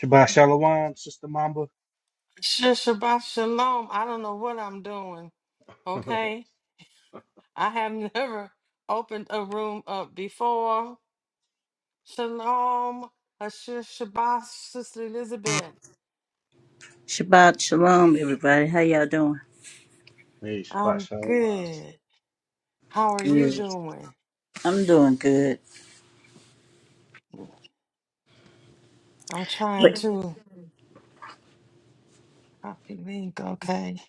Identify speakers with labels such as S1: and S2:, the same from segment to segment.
S1: Shabbat Shalom, Sister Mamba.
S2: Shabbat shalom. I don't know what I'm doing.
S1: hey,
S2: Okay. I have never opened a room up before. Shalom. Asher Shabbat, Sister Elizabeth.
S3: Shabbat shalom, everybody. How y'all doing?
S1: Shabbat
S2: I'm
S1: Shalom.
S2: good. How are you
S3: Good.
S2: doing?
S3: I'm doing good.
S2: I'm trying
S3: But-
S2: to copy link. Okay.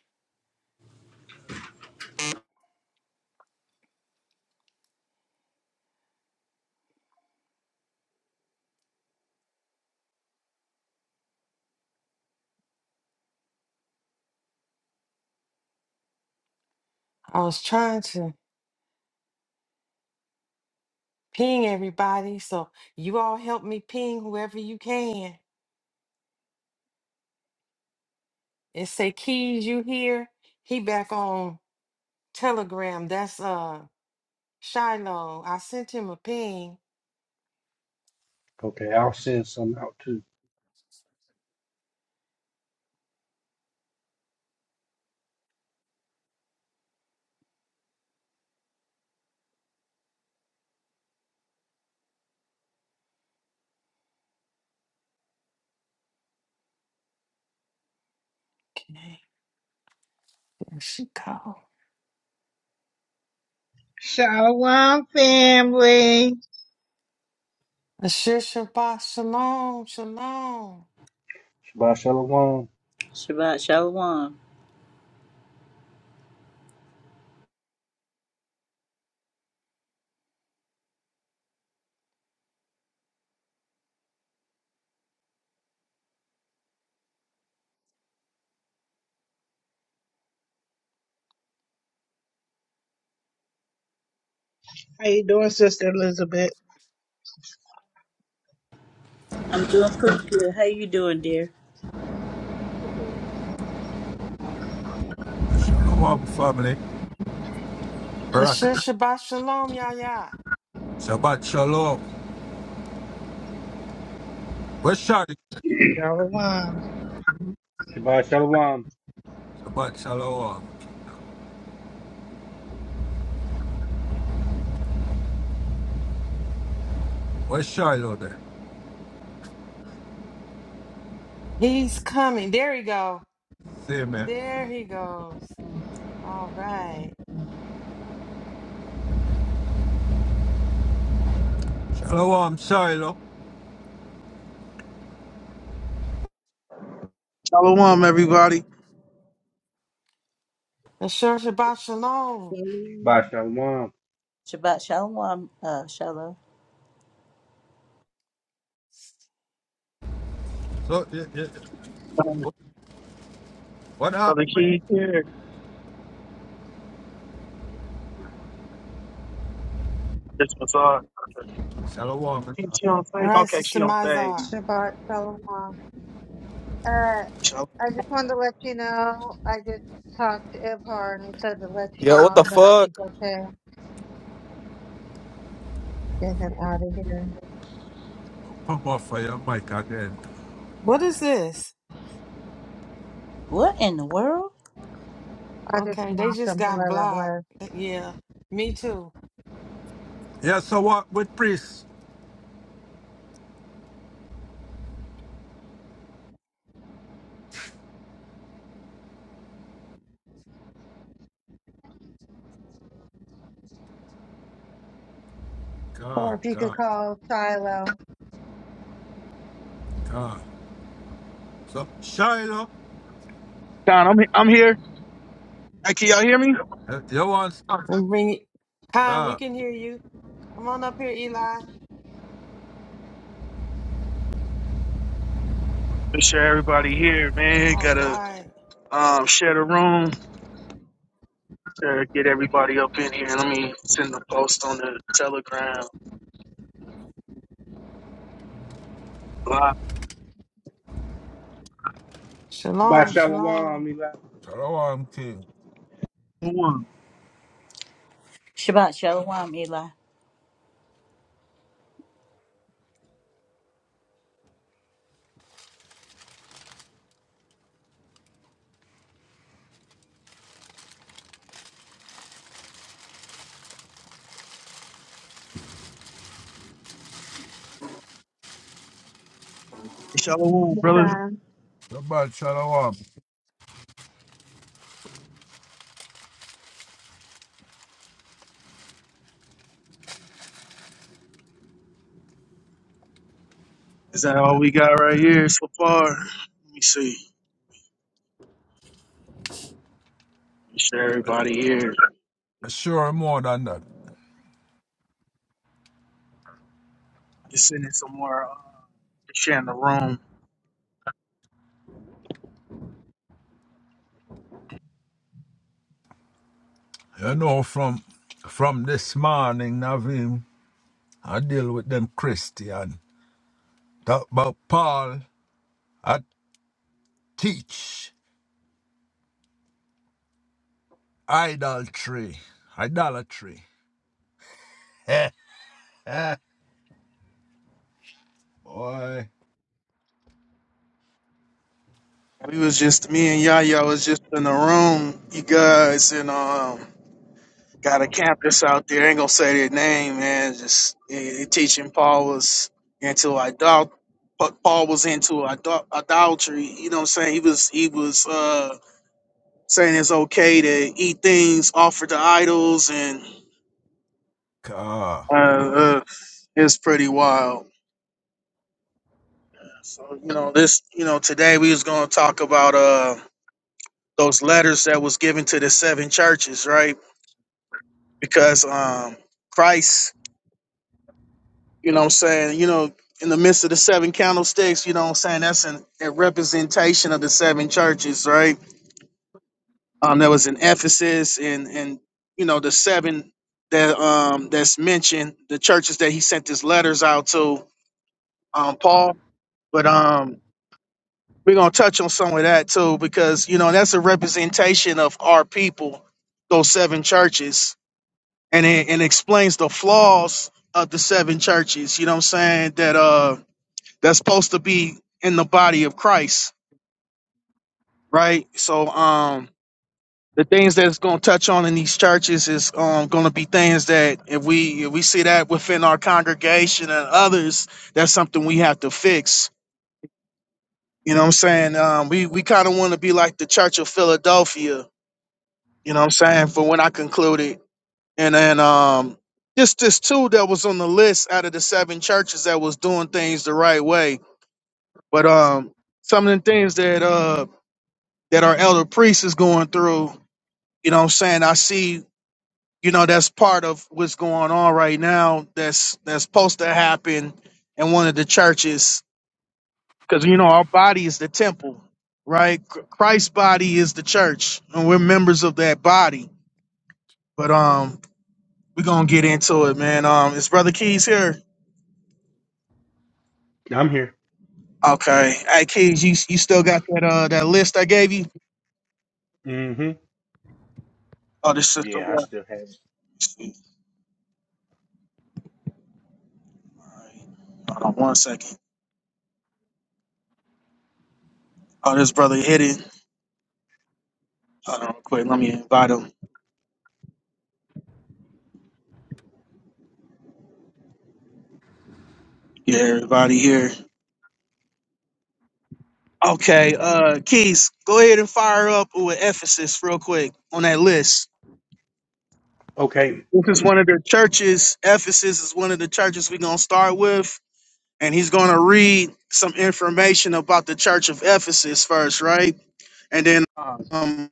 S2: I was trying to ping everybody. So you all help me ping whoever you can. and say, Keys, you here? He back on Telegram. That's uh Shiloh. I sent him a ping.
S1: Okay, I'll send some out too.
S2: Okay, there she go.
S4: Shalom, family.
S2: Asher Shabbat Shalom, Shalom.
S1: Shabbat Shalom.
S3: Shabbat shalom.
S4: How you doing, Sister Elizabeth?
S3: I'm doing pretty good. How you doing, dear?
S5: Come on, family. Rock.
S2: Asher Shabbat Shalom, Yah.
S5: Shabbat shalom. Where's Shiloh?
S4: Shalom.
S1: Shabbat Shalom.
S5: Shabbat shalom. Where's Shiloh there?
S2: He's coming. There he go.
S5: See me.
S2: There he goes. All right.
S5: Shalom, Shiloh.
S6: Shalom, everybody.
S2: Asher Shabbat Shalom.
S4: Shalom.
S1: Shabbat Shalom.
S3: Shabbat shalom, uh, shalom.
S5: So, yeah, yeah. yeah.
S6: Brother
S5: what happened?
S6: Keith here. This was uh,
S5: Shalom.
S6: she, she on
S2: All
S6: stage.
S2: right,
S6: Okay,
S2: Sister
S6: she on stage.
S2: Mizar.
S7: Shabbat Shalom. Mom. Uh, I just wanted to let you know, I just talked to Ibhar and he said to let you
S8: Yo, what the
S7: all know
S8: fuck?
S7: he's okay. Get him out of here.
S5: Come off of your mic again.
S2: What is this?
S3: What in the world?
S7: I just
S2: Okay, they
S7: lost
S2: just
S7: him,
S2: got
S7: whoever it
S2: blocked.
S7: was.
S2: Yeah, me too.
S5: Yeah, so what with priest?
S7: Or
S5: God,
S7: if you could
S5: God,
S7: call Shiloh,
S5: God. So, Shiloh,
S6: Don, I'm he- I'm here. Hey, can y'all hear me?
S5: eh, you want start?
S2: And bring it. Khan, we
S5: God.
S2: can hear you. Come on up here, Eli.
S6: Make sure everybody here, man.
S2: All
S6: Gotta
S2: right.
S6: um share the room. Sure, get everybody up in here. Let me send the post on the Telegram. Live.
S1: Shabbat
S2: Shalom,
S1: Shalom.
S2: shalom.
S1: Eli.
S5: Shalom, King.
S6: Shalom,
S3: Shabbat shalom, Eli.
S6: Shalom,
S7: the
S6: brother.
S7: son.
S5: Shabbat shalom.
S6: Is that all we got right here so far? Let me see. Make sure everybody here.
S5: Sure, more than that.
S6: Just sending some more. Uh, sharing the room.
S5: You know, from from this morning, Navim. I deal with them Christian. Talk about Paul. I teach idolatry. Idolatry. Boy.
S6: We was just me and Yaya was just in the room, you guys, and um got a campus out there. Ain't gonna say their name, man. Just eh, eh, teaching Paul was into idol, but Paul was into idol- idolatry. You know what I'm saying? He was he was uh saying it's okay to eat things offered to idols, and
S5: Car.
S6: uh, uh it's pretty wild. So you know this, you know today we was gonna talk about uh those letters that was given to the seven churches, right? because um Christ, you know what I'm saying, you know, in the midst of the seven candlesticks, you know what I'm saying, that's an, a representation of the seven churches, right? Um that was in Ephesus and and you know the seven that um that's mentioned, the churches that he sent his letters out to um Paul, but um we're going to touch on some of that too because you know that's a representation of our people, those seven churches and it, and explains the flaws of the seven churches. You know what I'm saying? That uh that's supposed to be in the body of Christ, right? So um the things that's going to touch on in these churches is um going to be things that if we if we see that within our congregation and others, that's something we have to fix. You know what I'm saying? Um we we kind of want to be like the Church of Philadelphia, you know what I'm saying? For when I concluded and then um just this two that was on the list out of the seven churches that was doing things the right way but um some of the things that uh that our elder priest is going through you know what i'm saying i see you know that's part of what's going on right now that's that's supposed to happen in one of the churches because you know our body is the temple right Ch- christ's body is the church and we're members of that body but um we're gonna get into it man um is brother keys here
S1: I'm here.
S6: Okay. Hey, kids, you you still got that uh that list I gave you?
S1: Mm-hmm.
S6: Oh, this sister
S1: Yeah, I
S6: left.
S1: still have it.
S6: All right. Hold on one second. Oh, this brother hidden. Hold on, real quick. Let me invite him. Yeah, everybody here. Okay, uh, Keys, go ahead and fire up with Ephesus real quick on that list.
S1: Okay.
S6: This is one of the churches. Ephesus is one of the churches we're gonna start with, and he's gonna read some information about the church of Ephesus first, right? and then um,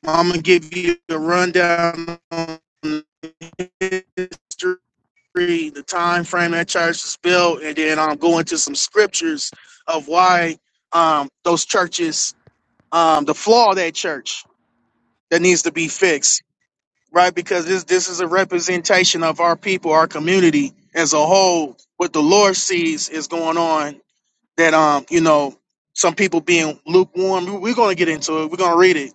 S6: I'm gonna give you a rundown on history, the time frame that church was built, and then I'm go into some scriptures of why um, those churches, um, the flaw of that church that needs to be fixed, right? Because this this is a representation of our people, our community as a whole. What the Lord sees is going on that um you know some people being lukewarm. We're gonna get into it. We're gonna read it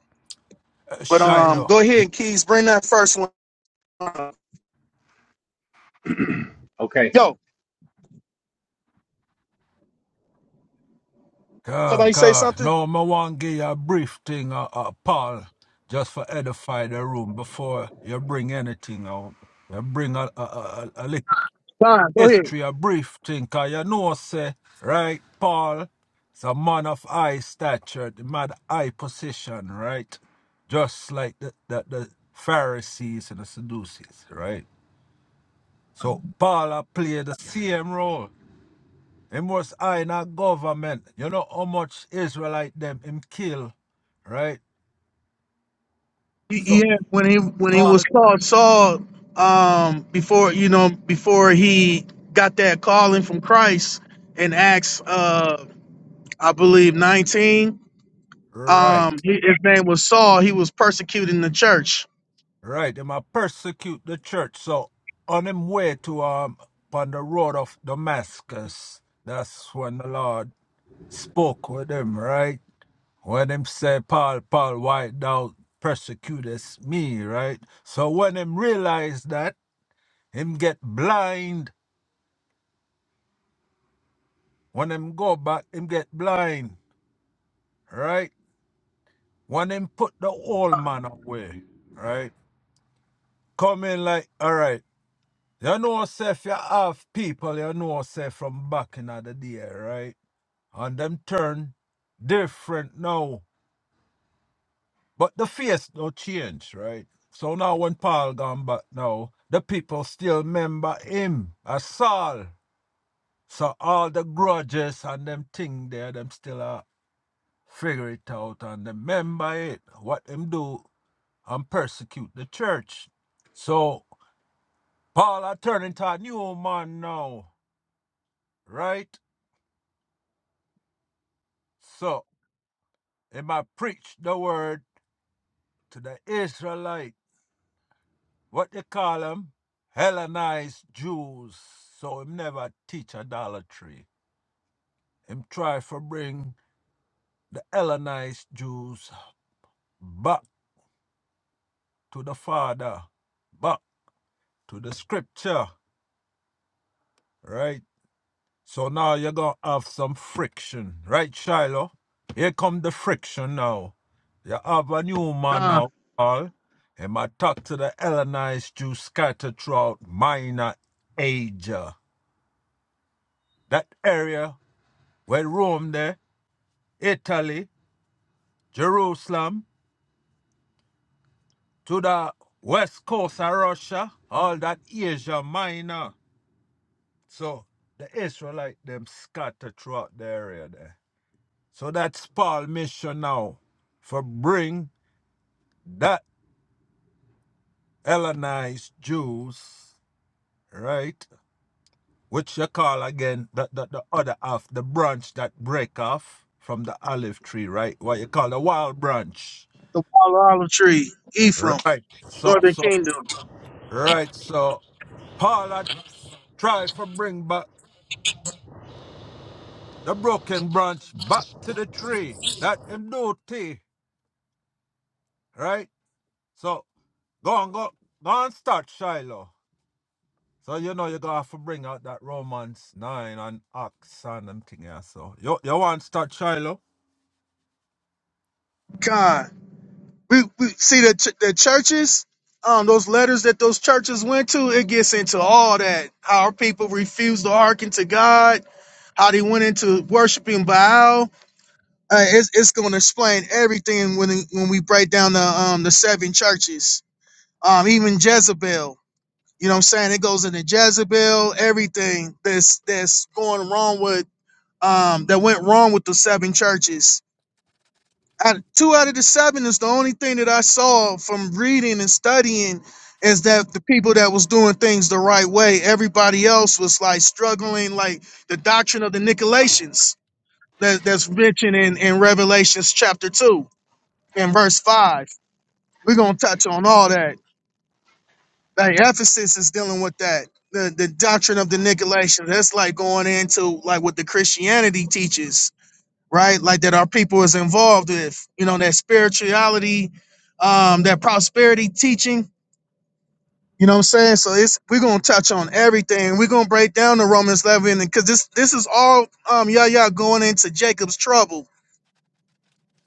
S6: But um,
S5: Shiloh.
S6: go ahead and Keys, bring that first one. up.
S1: okay.
S6: Yo,
S5: Car,
S6: somebody say
S5: car.
S6: something.
S5: No, I want to give you a brief thing, uh, uh, Paul, just for edify the room before you bring anything out. You bring a, a, a, a, a little
S6: Fine, go ahead.
S5: History a brief thing, 'cause you know, say, right, Paul, it's a man of high stature, the man high position, right? Just like the, the, the Pharisees and the Sadducees, right? So Paul a played the same role. Him was high in a government. You know how much Israelite them him kill, right?
S6: Y-
S5: So
S6: Yeah, when he when he
S5: Paul,
S6: was called Saul, um, before you know before he got that calling from Christ in Acts, uh, I believe nineteen. Um,
S5: right.
S6: he, his name was Saul. He was persecuting the church.
S5: Right, they might persecute the church. So on him way to um on the road of Damascus, that's when the Lord spoke with him, right? When him say, Paul, Paul, why thou persecutest me, right? So when him realize that, him get blind. When him go back, him get blind, right? When him put the old man away, right? Come in like, all right. You know, say if you have people, you know, say from back in the day, right? And them turn different now. But the face no change, right? So now when Paul gone back now, the people still remember him as Saul. So all the grudges and them thing there, them still uh, figure it out and them remember it, what them do and persecute the church. So Paul I turning to a new man now, right? So. him I preach the word to the Israelite, what they call 'em, Hellenized Jews. So him never teach idolatry. Him try for bring the Hellenized Jews back to the Father, back to the Scripture, right? So now you're gonna have some friction, right, Shiloh? Here come the friction now. You have a new man
S6: God,
S5: now, Paul. And my talk to the Hellenized Jews scattered throughout Minor Asia. That area where Rome there, Italy, Jerusalem, to the west coast of Russia, all that Asia Minor. So the Israelite them scattered throughout the area there. So that's Paul's mission now for bring that Hellenized Jews, right? Which you call again the, the, the other half, the branch that break off from the olive tree, right? What you call the wild branch.
S6: the wild olive tree, Ephraim,
S5: Right. So
S6: northern
S5: so
S6: kingdom.
S5: right, so Paul had try for bring back the broken branch back to the tree. That him do tea, right? So go on, go go and start Shiloh. So you know you gotta have to bring out that Romans nine and Acts and them thing here. So you you want to start Shiloh?
S6: God. we, we see the ch- the churches, um, those letters that those churches went to. It gets into all that how our people refused to hearken to God, how they went into worshiping Baal. Uh, it's it's going to explain everything when it- when we break down the um the seven churches, um even Jezebel. You know what I'm saying? It goes into Jezebel, everything that's that's going wrong with um that went wrong with the seven churches out two out of the seven is the only thing that I saw from reading and studying is that the people that was doing things the right way, everybody else was like struggling, like the doctrine of the Nicolaitans that, that's mentioned in, in Revelations chapter two and verse five. We're gonna touch on all that. Like Ephesus is dealing with that. The the doctrine of the Nicolaitans. That's like going into like what the Christianity teaches right? Like that our people is involved with, you know, that spirituality, um, that prosperity teaching. You know what I'm saying? So it's we're gonna touch on everything. We're gonna break down the Romans 11 because this this is all um yeah yeah going into Jacob's trouble.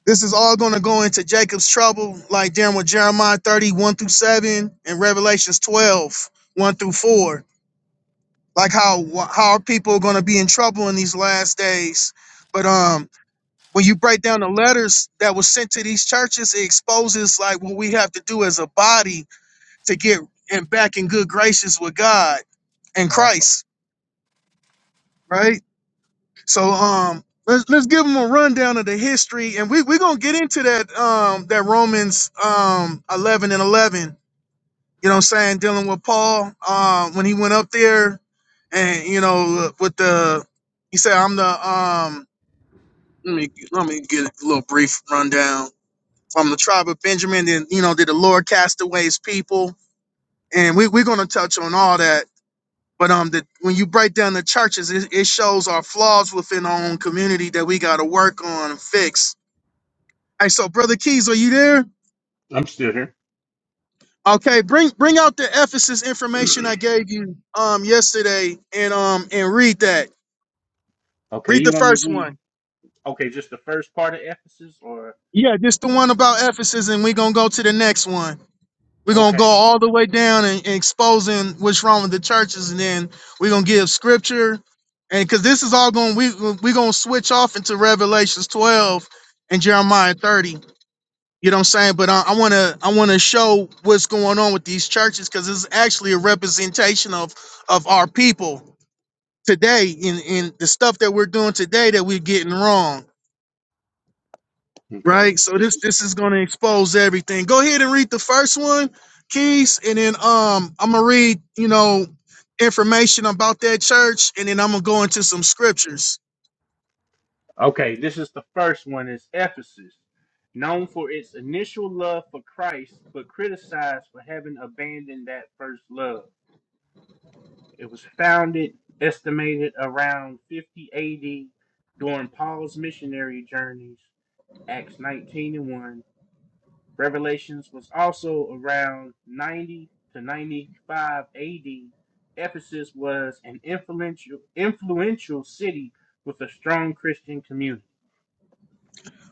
S6: This is all gonna go into Jacob's trouble, like dealing with Jeremiah 31 through 7 and Revelations 12, 1 through 4. Like how how are people gonna be in trouble in these last days? But um when you break down the letters that was sent to these churches, it exposes like what we have to do as a body to get and back in good graces with God and
S5: Yeah.
S6: Christ, right? So um let's let's give them a rundown of the history and we, we're gonna get into that um that Romans um eleven and eleven, you know what I'm saying, dealing with Paul uh, when he went up there and you know with the he said I'm the um let me let me get a little brief rundown from the tribe of Benjamin. Then you know, did the Lord cast away His people, and we, we're going to touch on all that. But um, the, when you break down the churches, it, it shows our flaws within our own community that we got to work on and fix. Hey, so brother Keys, are you there?
S1: I'm still here.
S6: Okay, bring bring out the Ephesus information I gave you um yesterday, and um and read that.
S1: Okay,
S6: Read
S1: you
S6: the
S1: want me to
S6: first
S1: read?
S6: one.
S1: Okay, just the first part of Ephesus or?
S6: Yeah, just the one about Ephesus, and we're gonna go to the next one. We're gonna go
S1: Okay.
S6: all the way down and, and exposing what's wrong with the churches, and then we're gonna give scripture, and because this is all going, we we're gonna switch off into Revelations 12 and Jeremiah 30. You know what I'm saying? But I, I wanna I wanna show what's going on with these churches because it's actually a representation of of our people today in in the stuff that we're doing today that we're getting wrong
S1: Okay.
S6: right? So this this is going to expose everything. Go ahead and read the first one, Keys, and then um I'm gonna read you know information about that church, and then I'm gonna go into some scriptures,
S1: Okay, this is the first one. Is Ephesus, known for its initial love for Christ, but criticized for having abandoned that first love. It was founded, estimated around 50 AD, during Paul's missionary journeys, Acts 19 and 1. Revelations was also around 90 to 95 AD. Ephesus was an influential, influential city with a strong Christian community.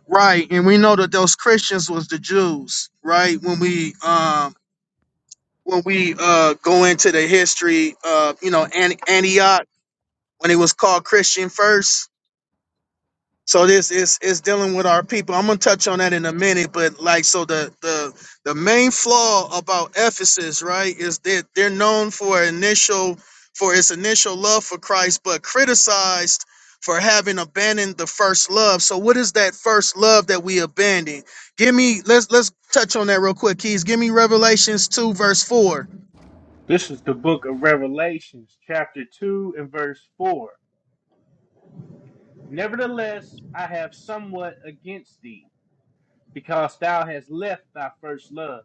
S6: right? And we know that those Christians was the Jews, right? When we um when we uh go into the history of you know An- Antioch when it was called Christian first So this is is dealing with our people. I'm gonna touch on that in a minute, but like so the the the main flaw about Ephesus, right, is that they're known for initial for its initial love for Christ, but criticized for having abandoned the first love. So what is that first love that we abandoned? Give me let's let's touch on that real quick, Keys. Give me Revelations 2, verse 4.
S1: This is the book of Revelations, chapter 2, and verse 4. Nevertheless, I have somewhat against thee, because thou hast left thy first love.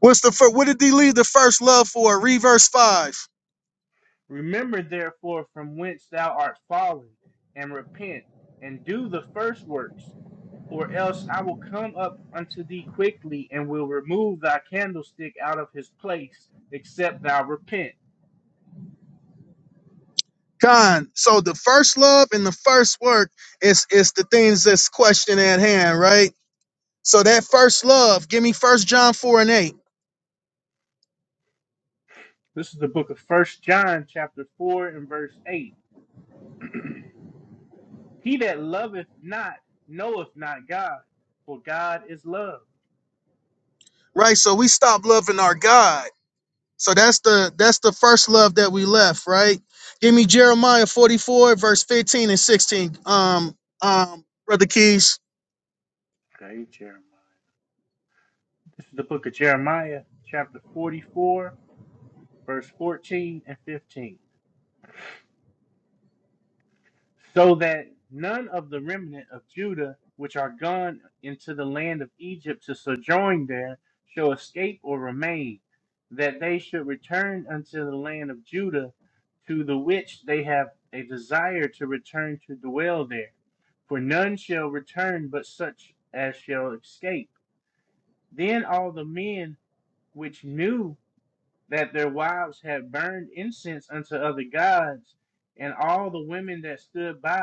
S6: What's the first what did they leave the first love for? Read verse 5.
S1: Remember therefore from whence thou art fallen, and repent, and do the first works, or else I will come up unto thee quickly, and will remove thy candlestick out of his place, except thou repent.
S6: Con. So the first love and the first work is is the things that's question at hand, right? So that first love, give me first John 4 and 8.
S1: This is the book of First John, chapter 4, and verse 8. He that loveth not knoweth not God, for God is love.
S6: Right. So we stop loving our God. So that's the that's the first love that we left, right? Give me Jeremiah 44, verse 15 and 16. Um, um, brother Keys.
S1: Okay, Jeremiah. This is the book of Jeremiah, chapter 44, verse 14 and 15. so that none of the remnant of Judah which are gone into the land of Egypt to sojourn there shall escape or remain, that they should return unto the land of Judah, to the which they have a desire to return to dwell there. For none shall return but such as shall escape. Then all the men which knew that their wives had burned incense unto other gods, and all the women that stood by,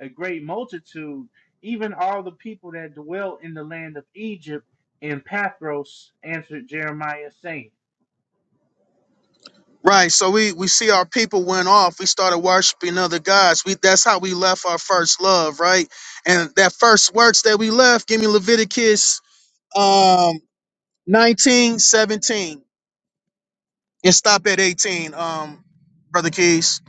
S1: a great multitude, even all the people that dwell in the land of Egypt and Pathros, answered Jeremiah, saying,
S6: Right. So we we see our people went off. We started worshiping other gods. We that's how we left our first love, right? And that first works that we left, give me Leviticus um 19, 17, and stop at 18 um brother keys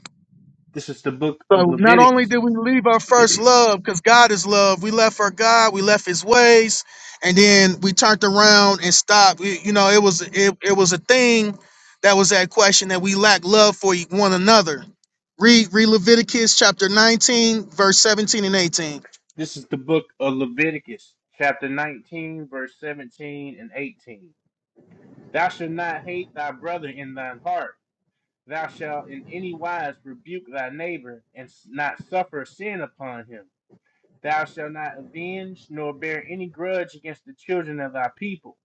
S1: This is the book of
S6: so not only
S1: Leviticus.
S6: did we leave our first love because god is love we left our god we left his ways and then we turned around and stopped We- you know it was it, it was a thing that was that question that we lack love for e, one another read read leviticus chapter 19 verse 17 and 18
S1: This is the book of Leviticus, chapter 19, verse 17 and 18. Thou shalt not hate thy brother in thine heart. Thou shalt in any wise rebuke thy neighbor, and not suffer sin upon him Thou shalt not avenge nor bear any grudge against the children of thy people,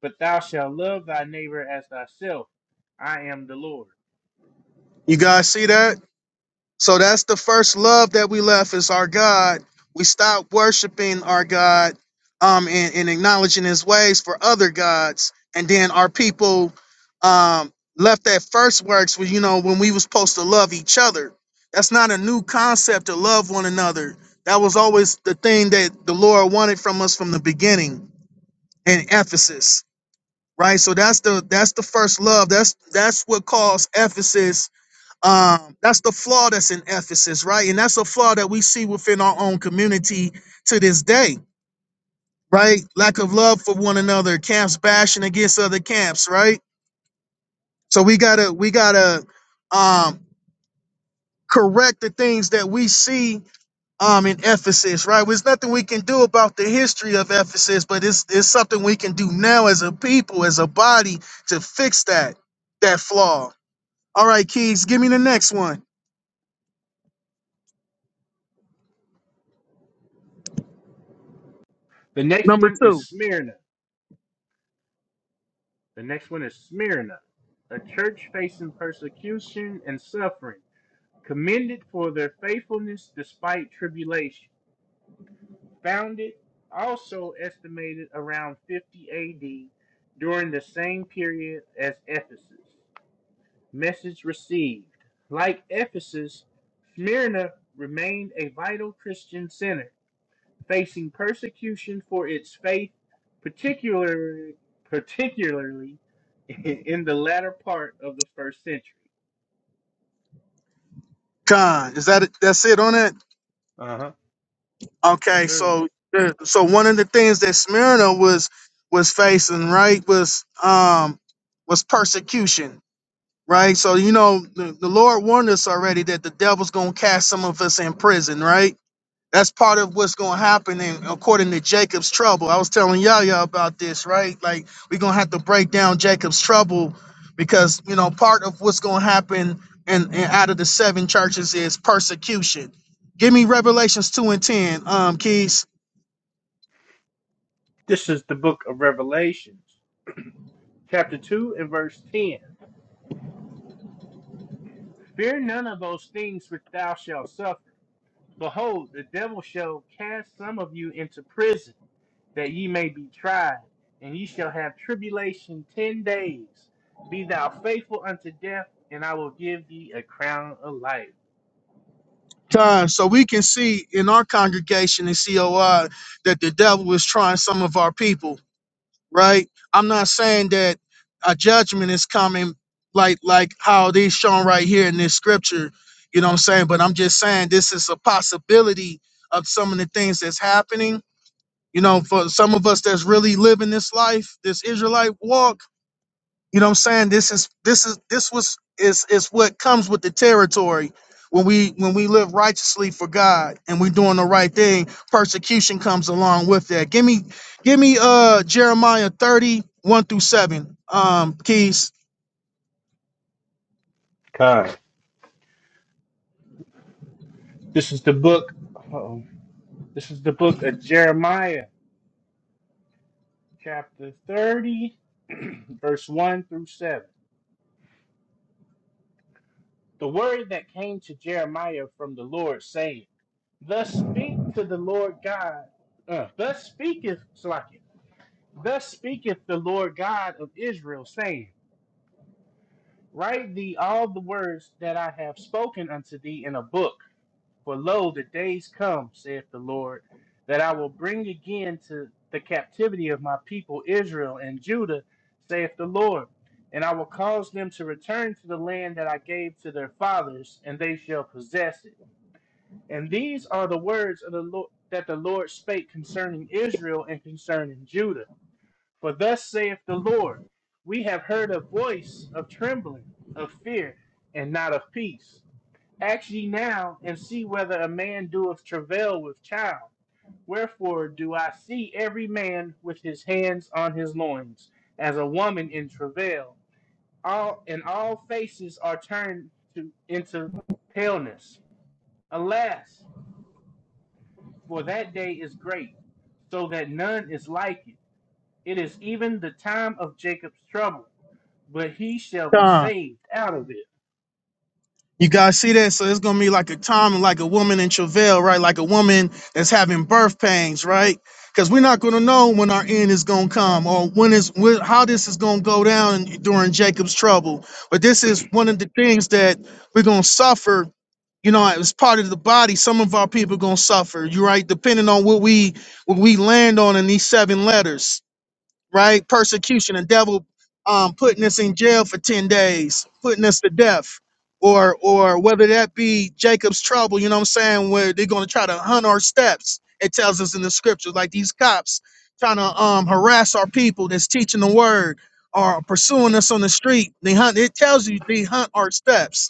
S1: but thou shalt love thy neighbor as thyself. I am the Lord.
S6: you guys see that So that's the first love that we left is our God. We stopped worshiping our God um, and, and acknowledging his ways for other gods. And then our people um, left that first works where, you know, when we was supposed to love each other. That's not a new concept to love one another. That was always the thing that the Lord wanted from us from the beginning in Ephesus. Right. So that's the that's the first love. That's that's what caused Ephesus um that's the flaw that's in ephesus right and that's a flaw that we see within our own community to this day right lack of love for one another camps bashing against other camps right so we gotta we gotta um correct the things that we see um in ephesus right there's nothing we can do about the history of ephesus but it's it's something we can do now as a people as a body to fix that that flaw all right keys give me the next one
S1: The next
S6: number
S1: one is
S6: two
S1: Smyrna. The next one is Smyrna, a church facing persecution and suffering, commended for their faithfulness despite tribulation. Founded, also estimated around 50 AD, during the same period as Ephesus. Message received. Like Ephesus, Smyrna remained a vital Christian center, facing persecution for its faith, particularly particularly in the latter part of the first century.
S6: Con, is that it- that's it on it?
S1: Uh huh. Yes,
S6: Okay,
S1: sir.
S6: so there- so one of the things that Smyrna was was facing, right, was um was persecution, right? So you know the, the Lord warned us already that the devil's gonna cast some of us in prison, right? that's part of what's going to happen and according to jacob's trouble i was telling yaya about this right like we're going to have to break down jacob's trouble because you know part of what's going to happen and, and out of the seven churches is persecution give me revelations 2 and 10 um keys
S1: This is the book of Revelations, chapter 2 and verse 10. Fear none of those things which thou shalt suffer. Behold, the devil shall cast some of you into prison that ye may be tried, and ye shall have tribulation ten days. Be thou faithful unto death, and I will give thee a crown of life.
S6: time so we can see in our congregation in coi that the devil is trying some of our people right? I'm not saying that a judgment is coming like like how it is shown right here in this scripture, you know what I'm saying? But I'm just saying this is a possibility of some of the things that's happening. You know, for some of us that's really living this life, this Israelite walk, you know what I'm saying? This is this is this was is is what comes with the territory when we when we live righteously for God and we are doing the right thing, persecution comes along with that. Give me give me uh Jeremiah 30, 1 through 7. Um keys.
S1: God. This is the book. Uh-oh. This is the book of Jeremiah, chapter 30, verse 1 through 7. The word that came to Jeremiah from the Lord, saying, Thus speak to the Lord God. Uh, thus speaketh Slakia. Thus speaketh the Lord God of Israel, saying, Write thee all the words that I have spoken unto thee in a book. For lo, the days come, saith the Lord, that I will bring again to the captivity of my people Israel and Judah, saith the Lord. And I will cause them to return to the land that I gave to their fathers, and they shall possess it. And these are the words of the Lord that the Lord spake concerning Israel and concerning Judah. For thus saith the Lord, we have heard a voice of trembling, of fear, and not of peace. Ask ye now, and see whether a man doeth travail with child. Wherefore do I see every man with his hands on his loins, as a woman in travail. All and all faces are turned to into paleness. Alas, for that day is great, so that none is like it. It is even the time of Jacob's trouble but he shall be saved out of it.
S6: You guys see that? So it's gonna be like a Tom and like a woman in travail, right? Like a woman that's having birth pains, right? Because we're not gonna know when our end is gonna come or when is when, how this is gonna go down during Jacob's trouble. But this is one of the things that we're gonna suffer. You know, as part of the body, some of our people gonna suffer. You right, depending on what we what we land on in these seven letters right? Persecution and devil um, putting us in jail for 10 days, putting us to death. Or, or whether that be Jacob's trouble, you know what I'm saying, where they're going to try to hunt our steps. It tells us in the scriptures, like these cops trying to um, harass our people that's teaching the word or pursuing us on the street. They hunt. It tells you they hunt our steps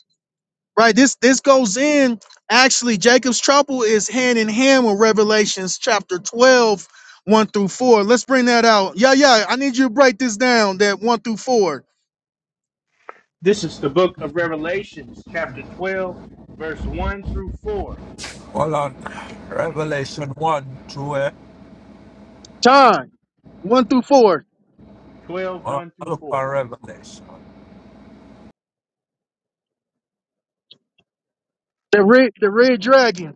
S6: Right. This this goes in. Actually, Jacob's trouble is hand in hand with Revelations chapter twelve, one through 4. Let's bring that out. Yeah, yeah. I need you to break this down. That one through four.
S1: This is the book of Revelations, chapter 12, verse 1 through 4.
S5: Hold on. Revelation one through eh?
S6: John, one through four.
S1: Twelve,
S5: Hold on,
S1: one through
S5: I look
S1: 4.
S5: for Revelation.
S6: The red the red dragon.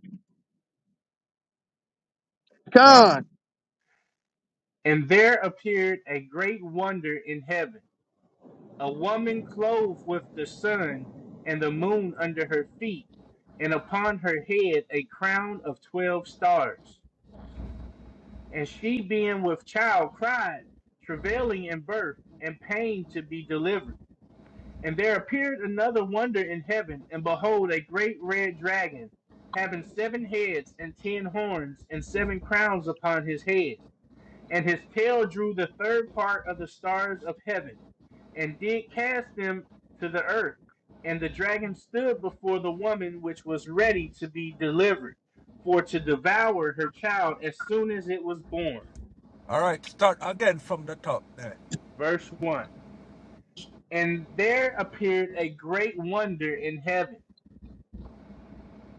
S1: Come.
S6: John,
S1: And there appeared a great wonder in heaven a woman clothed with the sun and the moon under her feet, and upon her head a crown of 12 stars. And she, being with child, cried, travailing in birth, and pain to be delivered. And there appeared another wonder in heaven, and behold, a great red dragon, having seven heads and ten horns, and seven crowns upon his head. And his tail drew the third part of the stars of heaven, and did cast them to the earth. And the dragon stood before the woman which was ready to be delivered, for to devour her child as soon as it was born.
S5: All right, start again from the top there.
S1: Verse 1. And there appeared a great wonder in heaven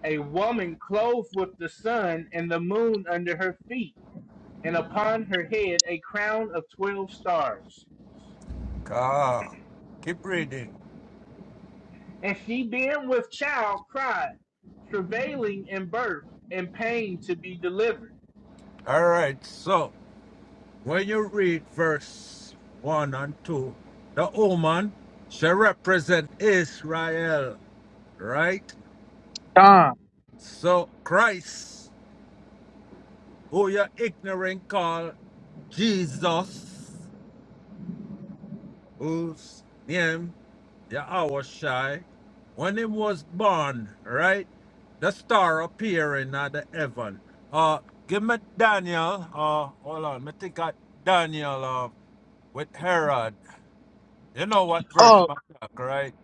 S1: a woman clothed with the sun and the moon under her feet, and upon her head a crown of twelve stars.
S5: Ah, keep reading.
S1: And she, being with child, cried, travailing in birth and pain to be delivered.
S5: All right, so when you read verse one and two, the woman shall represent Israel, right?
S6: John.
S5: So Christ, who you're ignorant call. Jesus, whose name Yahweh Shai, when he was born, right? The star appearing at the heaven. Uh, give me Daniel. Uh, hold on. Me think of Daniel uh, with Herod. You know what verse,
S6: Oh,
S5: my talk, right?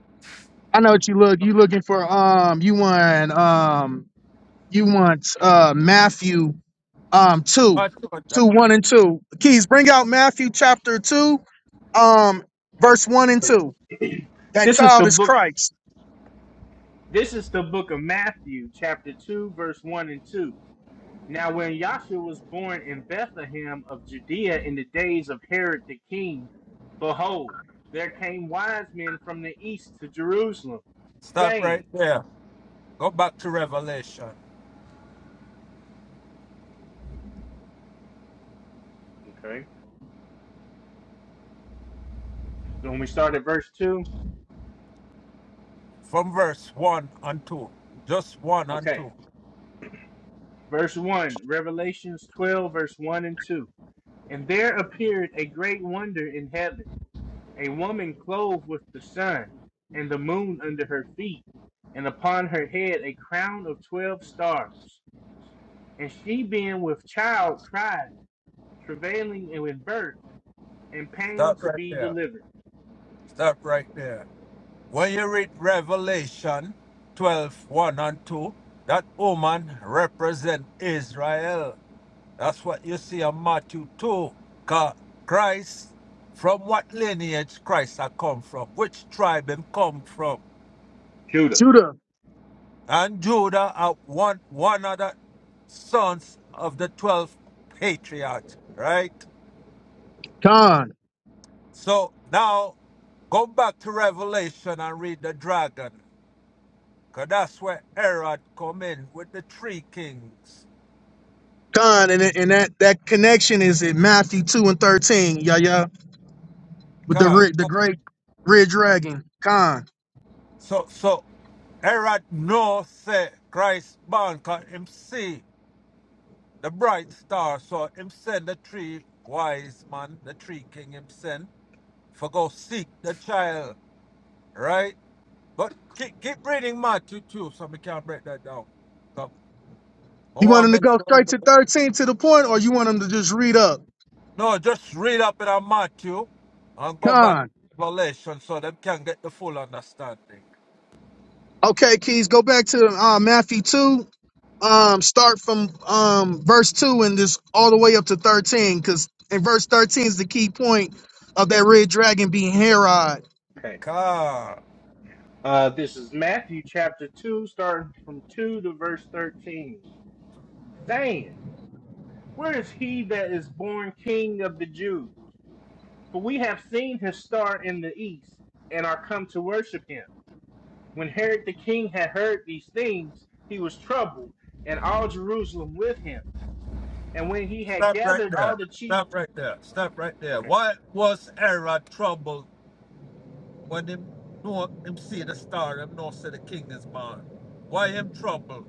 S6: I know what you look. You looking for um you want um you want uh Matthew um two.
S5: But
S6: Two, one and two. Keys, bring out Matthew chapter two, um, verse one and two. That
S1: This is
S6: child
S1: the
S6: is
S1: book.
S6: Christ.
S1: This is the book of Matthew, chapter two, verse one and two. Now, when Yahshua was born in Bethlehem of Judea in the days of Herod the king, behold, there came wise men from the east to Jerusalem,
S5: stop
S1: saying
S5: right there. Go back to Revelation
S1: Okay. So When we start at verse 2,
S5: from verse 1 and 2. Just 1 and
S1: okay.
S5: 2.
S1: Verse 1, Revelations 12, verse 1 and 2. And there appeared a great wonder in heaven, a woman clothed with the sun and the moon under her feet, and upon her head a crown of 12 stars. And she, being with child, cried, travailing in birth, and pain
S5: Stop
S1: to
S5: right
S1: be
S5: there.
S1: delivered.
S5: Stop right there. When you read Revelation twelve one and 2, that woman represent Israel. That's what you see in Matthew 2. Christ, from what lineage Christ had come from, which tribe him come from.
S1: Judah.
S6: Judah,
S5: And Judah are one, one of the sons of the 12 patriarchs, right?
S6: Con,
S5: So now go back to Revelation and read the dragon. Cause that's where Herod come in with the three kings.
S6: Con, and, and that that connection is in Matthew two and thirteen. Yeah, yeah, with the
S5: 'Cause-
S6: red, the great red dragon, Con.
S5: so so Herod know say Christ born cause him see the bright star. So him send the three wise man, the three king him send for go seek the child, right? But keep, keep reading Matthew too, so we can break that down. So I
S6: You want
S5: want to
S6: him to
S5: make
S6: go
S5: sure.
S6: straight to
S5: everybody-
S6: thirteen to the point, or you want him to just read up,
S5: No, just read up in Matthew and go back to
S6: Con?
S5: Revelation so them can get the full understanding.
S6: Okay, Keys, go back to uh, Matthew two. Um, start from um verse two and just all the way up to thirteen, because in verse thirteen is the key point of that red dragon being Herod.
S1: Okay.
S5: Car.
S1: Uh, this is Matthew chapter 2, starting from 2 to verse 13. Saying, Where is he that is born King of the Jews? For we have seen his star in the east, and are come to worship him. When Herod the king had heard these things, he was troubled, and all Jerusalem with him. And when he had
S5: Stop right
S1: gathered all
S5: there.
S1: the chief,
S5: Stop right there. Stop right there.
S1: okay,
S5: What was Era troubled when him know him see the star, him know say the king is born? Why him troubled?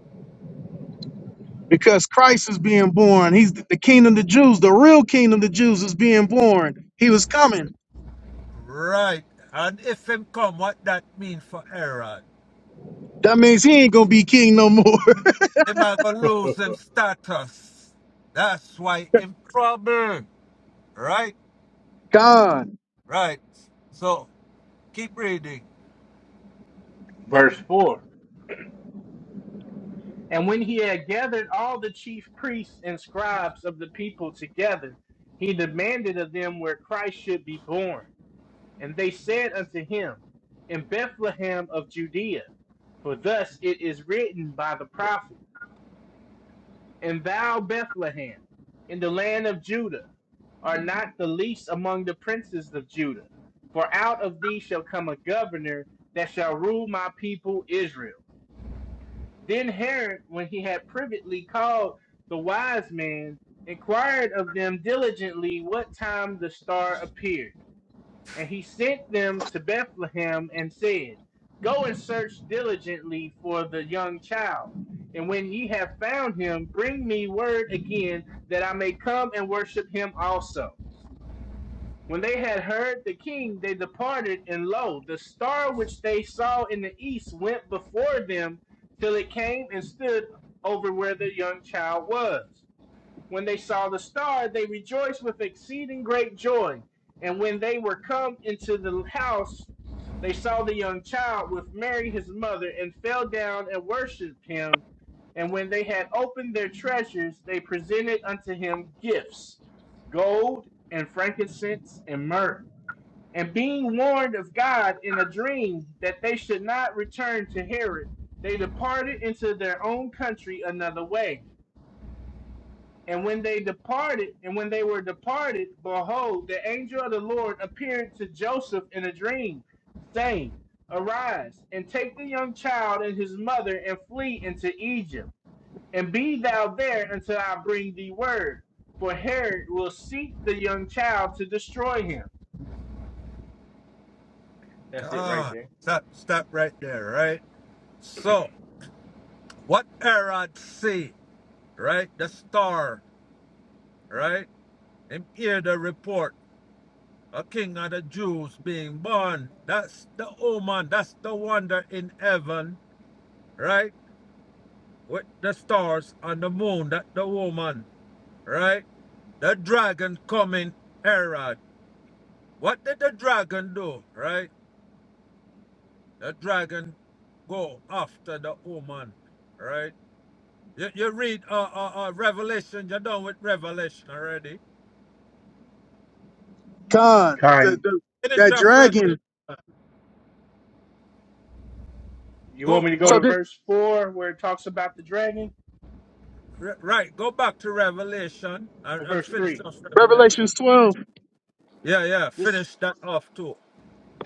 S6: because Christ is being born. He's the kingdom of the Jews, the real kingdom of the Jews is being born. He was coming.
S5: Right. And if him come, what that mean for Era?
S6: That means he ain't gonna be king no more.
S5: Him a go lose him status. That's why him troubled. Right?
S6: Gone,
S5: Right. So keep reading.
S1: verse 4 And when he had gathered all the chief priests and scribes of the people together, he demanded of them where Christ should be born. And they said unto him, In Bethlehem of Judea, for thus it is written by the prophet, And thou, Bethlehem, in the land of Judah, are not the least among the princes of Judah, for out of thee shall come a governor that shall rule my people Israel. Then Herod, when he had privately called the wise men, inquired of them diligently what time the star appeared. And he sent them to Bethlehem and said, Go and search diligently for the young child. And when ye have found him, bring me word again that I may come and worship him also. When they had heard the king, they departed, and lo, the star which they saw in the east went before them till it came and stood over where the young child was. When they saw the star, they rejoiced with exceeding great joy. And when they were come into the house, they saw the young child with Mary his mother, and fell down and worshipped him. And when they had opened their treasures, they presented unto him gifts, gold and frankincense and myrrh. And being warned of God in a dream that they should not return to Herod, they departed into their own country another way. And when they departed, and when they were departed, behold, the angel of the Lord appeared to Joseph in a dream, saying, Arise, and take the young child and his mother, and flee into Egypt, and be thou there until I bring thee word. For Herod will seek the young child to destroy him. That's it right
S5: God.
S1: there.
S5: Stop stop right there, right? So what Erod see? right? The star, right? And hear the report. A king of the Jews being born. That's the omen. That's the wonder in heaven, right? With the stars and the moon, that the woman, right? The dragon coming, Herod. What did the dragon do, right? The dragon go after the woman, right? You, you read uh, uh, uh, Revelation, you're done with Revelation already.
S6: gone. The,
S1: Kind.
S6: the,
S5: Finish
S6: that
S5: off Revelation.
S6: dragon.
S1: You want
S5: Go,
S1: me to go
S5: go
S1: to
S6: So this
S1: verse 4 where it talks about the dragon?
S5: R- right, go back to Revelation and,
S1: Or
S5: and
S1: verse
S5: finish
S1: 3?
S5: off Revelation.
S6: Revelations 12,
S5: Yeah, yeah,
S1: This
S5: finish that off too.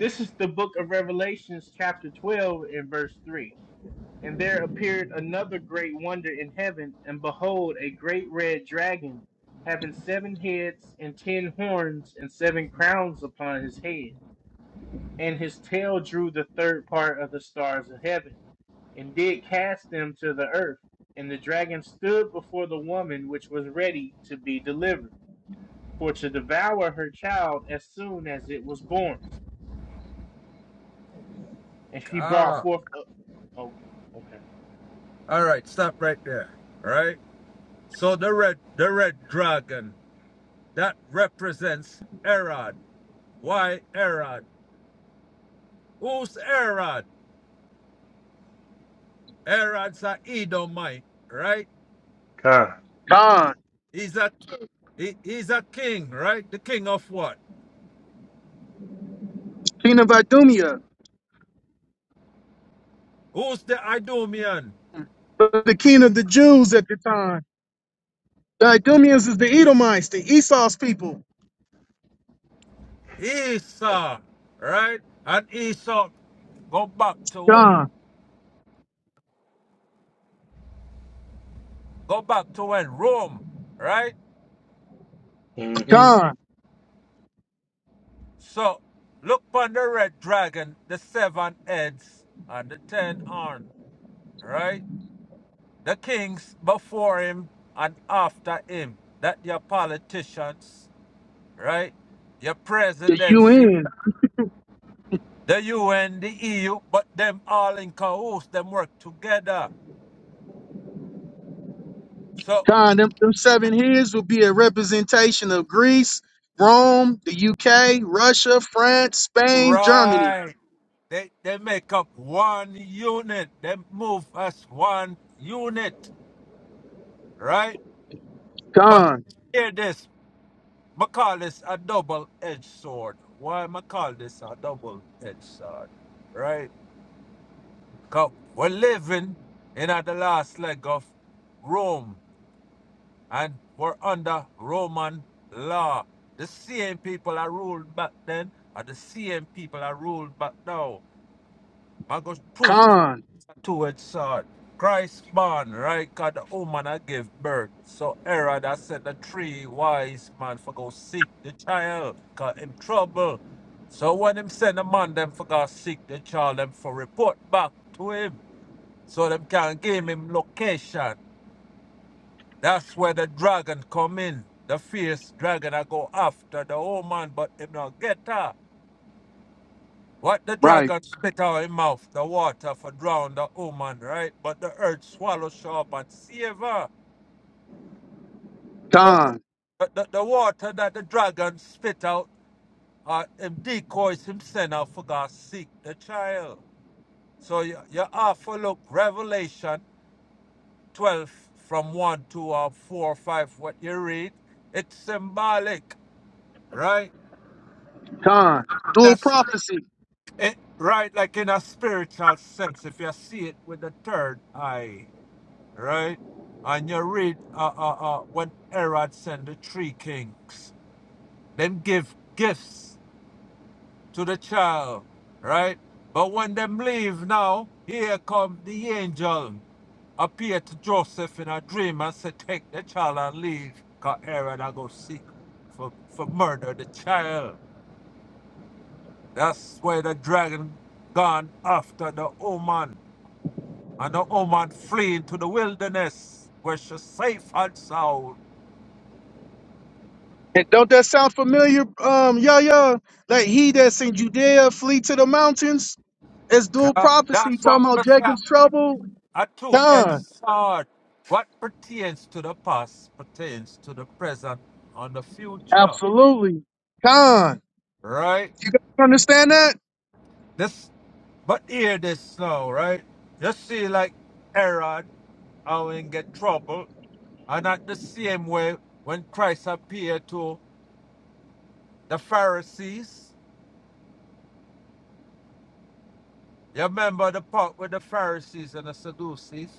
S1: this is the book of Revelations, chapter 12, and verse 3 And there appeared another great wonder in heaven, and behold, a great red dragon, having seven heads and ten horns and seven crowns upon his head. And his tail drew the third part of the stars of heaven, and did cast them to the earth. And the dragon stood before the woman which was ready to be delivered, for to devour her child as soon as it was born. And she brought
S5: Ah,
S1: forth. A, oh, okay.
S5: all right, stop right there. Right. So the red, the red dragon that represents Erod. Why Erod? Who's Erod? Erod's a Edomite, right?
S1: Con,
S6: gone.
S5: He's a he, he's a king, right? The king of what?
S6: Kingdom of Idumea,
S5: Who's the Idumean?
S6: but the king of the Jews at the time. The Idumeans is the Edomites, the Esau's people.
S5: Esau, right? And Esau go back to when?
S6: Gone,
S5: Go back to when Rome, right?
S1: Mm-hmm.
S6: gone.
S5: So look upon the red dragon, the seven heads, and the ten horns, right? The kings before him and after him. That your politicians, right? Your
S6: The
S5: presidency,
S6: UN.
S5: the UN, the EU, but them all in cahoots, them work together. So
S6: Con, them, them seven years will be a representation of Greece, Rome, the UK, Russia, France, Spain, Germany.
S5: right. They they make up one unit. They move as one unit, right? But
S6: Con,
S5: hear this, I call this a double-edged sword. Why am I call this a double-edged sword? Right? Right? 'Cause we're living in at the last leg of Rome, and we're under Roman law. The same people are ruled back then, and the same people are ruled back now. I got proof to,
S6: con,
S5: towards uh, Christ born, right? God, the woman I give birth. So Herod that said the three wise man for go seek the child, cause him trouble. So when him send a man them for go seek the child, them for report back to him. So them can give him location. That's where the dragon come in. The fierce dragon I go after the woman, but him not get her. What the
S6: right,
S5: dragon spit out his mouth, the water for drown the woman, right? But the earth swallow her up and save her. So
S6: con,
S5: the, the, the water that the dragon spit out, uh, him decoys him send out for God seek the child. So you, you have to look Revelation 12 from 1 to uh, 4 or 5, what you read. It's symbolic, right?
S6: con. Dual
S5: That's
S6: prophecy.
S5: it, right, like in a spiritual sense, if you see it with the third eye. right? And you read uh, uh, uh, when Herod sent the three kings, them give gifts to the child, right? But when them leave now, here come the angel appear to Joseph in a dream and say, take the child and leave, because Herod I go seek for, for murder the child. That's why the dragon gone after the woman, and the woman flee into the wilderness where she's safe and sound.
S6: And don't that sound familiar? Um, yeah, yeah. Like he that's in Judea flee to the mountains. It's dual
S5: Tha-
S6: prophecy
S5: That's what
S6: talking about
S5: I say.
S6: Jacob's trouble.
S5: A two-edged
S6: Con,
S5: sword. What pertains to the past pertains to the present and the future.
S6: absolutely. Con,
S5: Right?
S6: you guys understand that?
S5: This but hear this now, right? You see like Herod how he get trouble. And at the same way when Christ appeared to the Pharisees, you remember the part with the Pharisees and the Sadducees?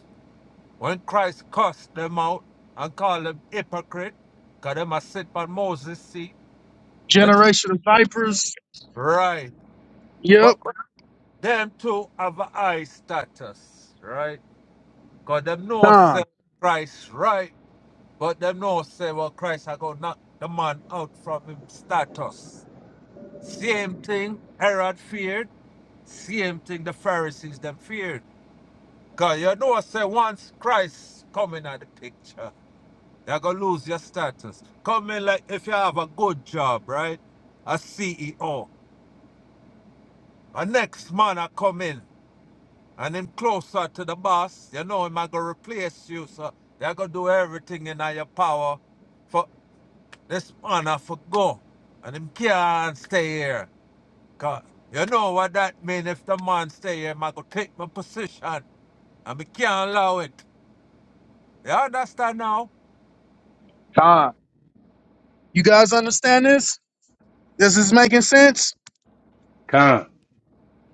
S5: When Christ cussed them out and called them hypocrite, because them a sit on Moses' seat. The truth.
S6: Generation of vipers.
S5: Right.
S6: Yep.
S5: But them too have a high status, right? Because them know say
S6: Con,
S5: Christ right, but them know say, well, Christ are going to knock the man out from him status. Same thing Herod feared, same thing the Pharisees them feared. Because you know say once Christ come in at the picture, You're gonna lose your status. Come in like if you have a good job, right? A CEO. A next man I come in and him closer to the boss, you know him I gonna replace you, so they're gonna do everything in your power for this man I for go. And him can't stay here. Cause you know what that mean if the man stay here, I gonna take my position and we can't allow it. You understand now?
S6: con. You guys understand this? This is making sense.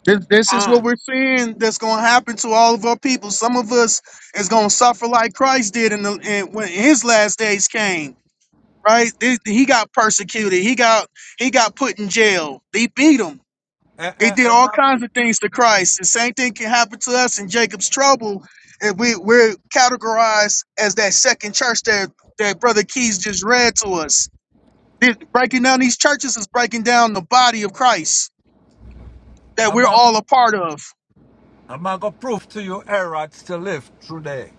S6: This, this is what
S2: Khan,
S6: we're seeing that's going to happen to all of our people. Some of us is going to suffer like Christ did in the in, when his last days came. Right? They- he got persecuted. He got he got put in jail. They beat him.
S5: And,
S6: They
S5: and,
S6: did
S5: and
S6: all kinds of things to Christ. The same thing can happen to us in Jacob's trouble if we we're categorized as that second church that that brother Keys just read to us. This- breaking down these churches is breaking down the body of Christ that
S5: I'm
S6: we're
S5: I'm
S6: all a part of.
S5: I'm going to prove to you Herod still live through there.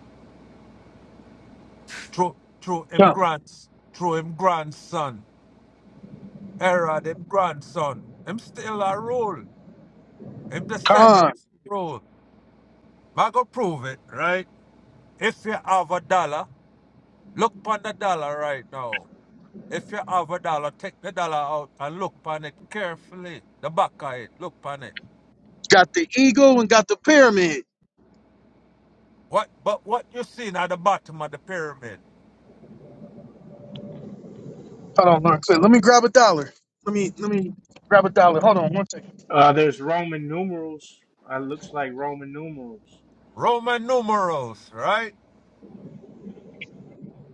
S5: Through, through him
S6: Yeah.
S5: grands, through him grandson. Herod, him grandson. Him still a rule. Him
S6: Con
S5: descendants rule. I'm going to prove it, right? If you have a dollar, look upon the dollar right now. If you have a dollar, take the dollar out and look upon it carefully. The back of it, look upon it.
S6: got the eagle and got the pyramid.
S5: What? But what you seen at the bottom of the pyramid?
S6: Hold on, Mark. Let me grab a dollar. Let me let me grab a dollar. Hold on one second.
S1: Uh, there's Roman numerals. Uh, looks like Roman numerals.
S5: Roman numerals, right?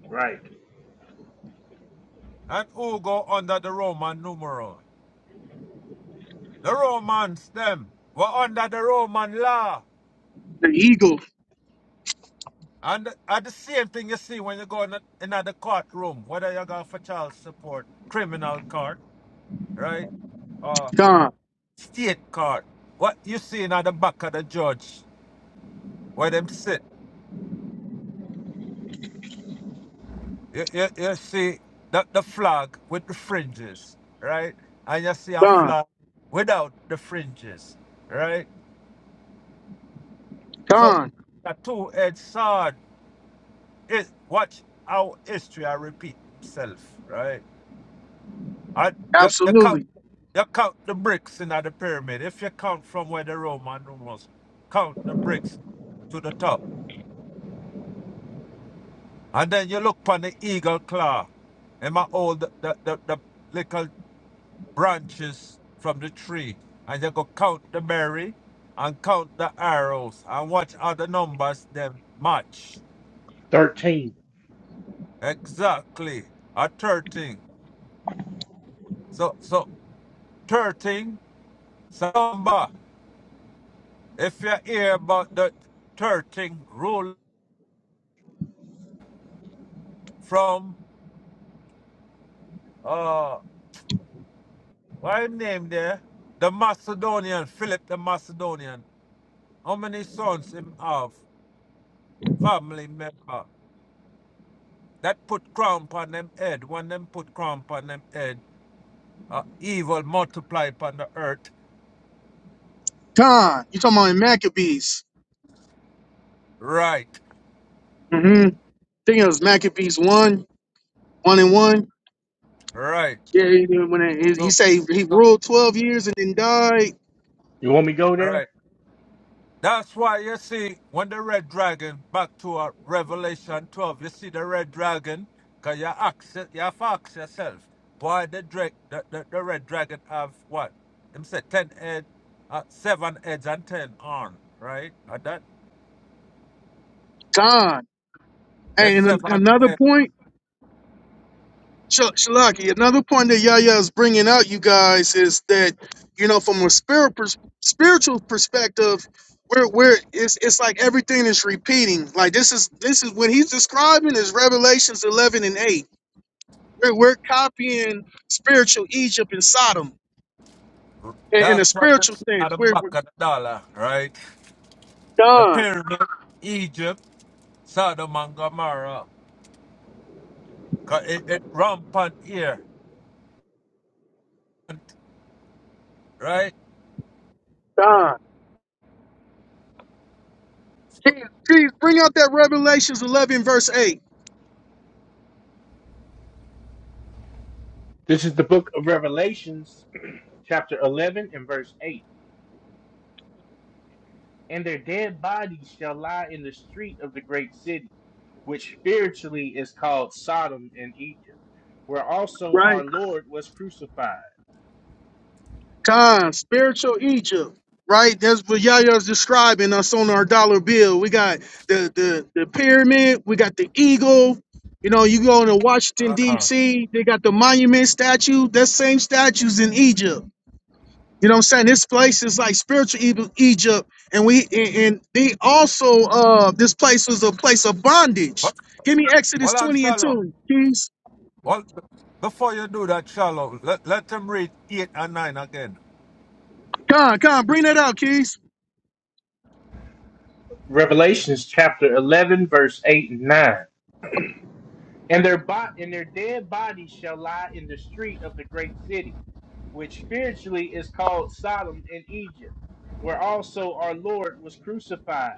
S1: Right.
S5: and who go under the Roman numeral. The Romans, them, were under the Roman law.
S6: The eagle.
S5: And at the same thing you see when you go in the courtroom, whether you go for child support, criminal court, right, or
S6: Con.
S5: state court. What you see in the back of the judge, where them sit, you, you, you see the, the flag with the fringes, right? And you see a
S6: Con.
S5: flag without the fringes, right? So,
S6: Con.
S5: a two-edged sword It, watch how history I repeat itself, right? I, you, you count
S6: Absolutely.
S5: you count the bricks in the pyramid. If you count from where the Roman was, count the bricks to the top. And then you look upon the eagle claw. and my old the, the, the, the little branches from the tree. And you go count the berry and count the arrows and watch how the numbers them match.
S1: 13.
S5: Exactly. A 13. So so 13 Samba, if you hear about that thirteen rule from uh what him name there? The Macedonian, Philip the Macedonian. How many sons him have? Family member. That put crown on them head. When them put crown on them head, uh, evil multiply upon the earth.
S6: Con. You talking about in Maccabees?
S5: Right,
S6: Mm-hmm. I Think it was Maccabees one, one and one.
S5: right.
S6: Yeah, he, when he, he
S5: So
S6: say he ruled twelve years and then died.
S1: You want me to go
S5: right.
S1: there?
S5: That's why you see when the red dragon back to uh, Revelation 12, you see the red dragon, cause you access you have to ask yourself, why the drake the, the, the red dragon have what? Him say ten head, uh, seven heads and ten on, right? And that
S6: Con.
S5: the
S6: Hey, And an-
S5: seven
S6: another
S5: head,
S6: point. Sh- Shalaki, another point that Yahya is bringing out, you guys, is that you know from a spirit pers- spiritual perspective, where where it's it's like everything is repeating. Like this is this is when he's describing is Revelations eleven and eight. We're we're copying spiritual Egypt and Sodom in, in a
S5: that's what you
S6: spiritual
S5: see at
S6: sense.
S5: the
S6: We're,
S5: back
S6: we're
S5: of the dollar, right? The
S6: Don
S5: pyramid, Egypt, Sodom and Gomorrah, 'cause it, it rampant here, right?
S6: Don. Please, please bring out that Revelations eleven verse eight.
S1: This is the book of Revelations, chapter 11 and verse 8. And their dead bodies shall lie in the street of the great city, which spiritually is called Sodom and Egypt, where also
S6: Right.
S1: our Lord was crucified.
S6: Con, spiritual Egypt, right? That's what Yaya's describing us on our dollar bill. We got the the the pyramid, we got the eagle. You know, you go to Washington
S5: Uh,
S6: D.C., they got the monument statue. That same statue's in Egypt. You know what I'm saying? This place is like spiritual Eb- Egypt, and we and, and they also uh this place was a place of bondage.
S5: but
S6: Give me Exodus
S5: well and
S6: 20 and
S5: shalom.
S6: 2, Keys.
S5: Well, before you do that, Shalom, let, let them read 8 and 9 again.
S6: Con, con, bring that out, Keys.
S1: Revelations chapter 11, verse 8 and 9. And their bo- and their dead bodies shall lie in the street of the great city, which spiritually is called Sodom in Egypt, where also our Lord was crucified.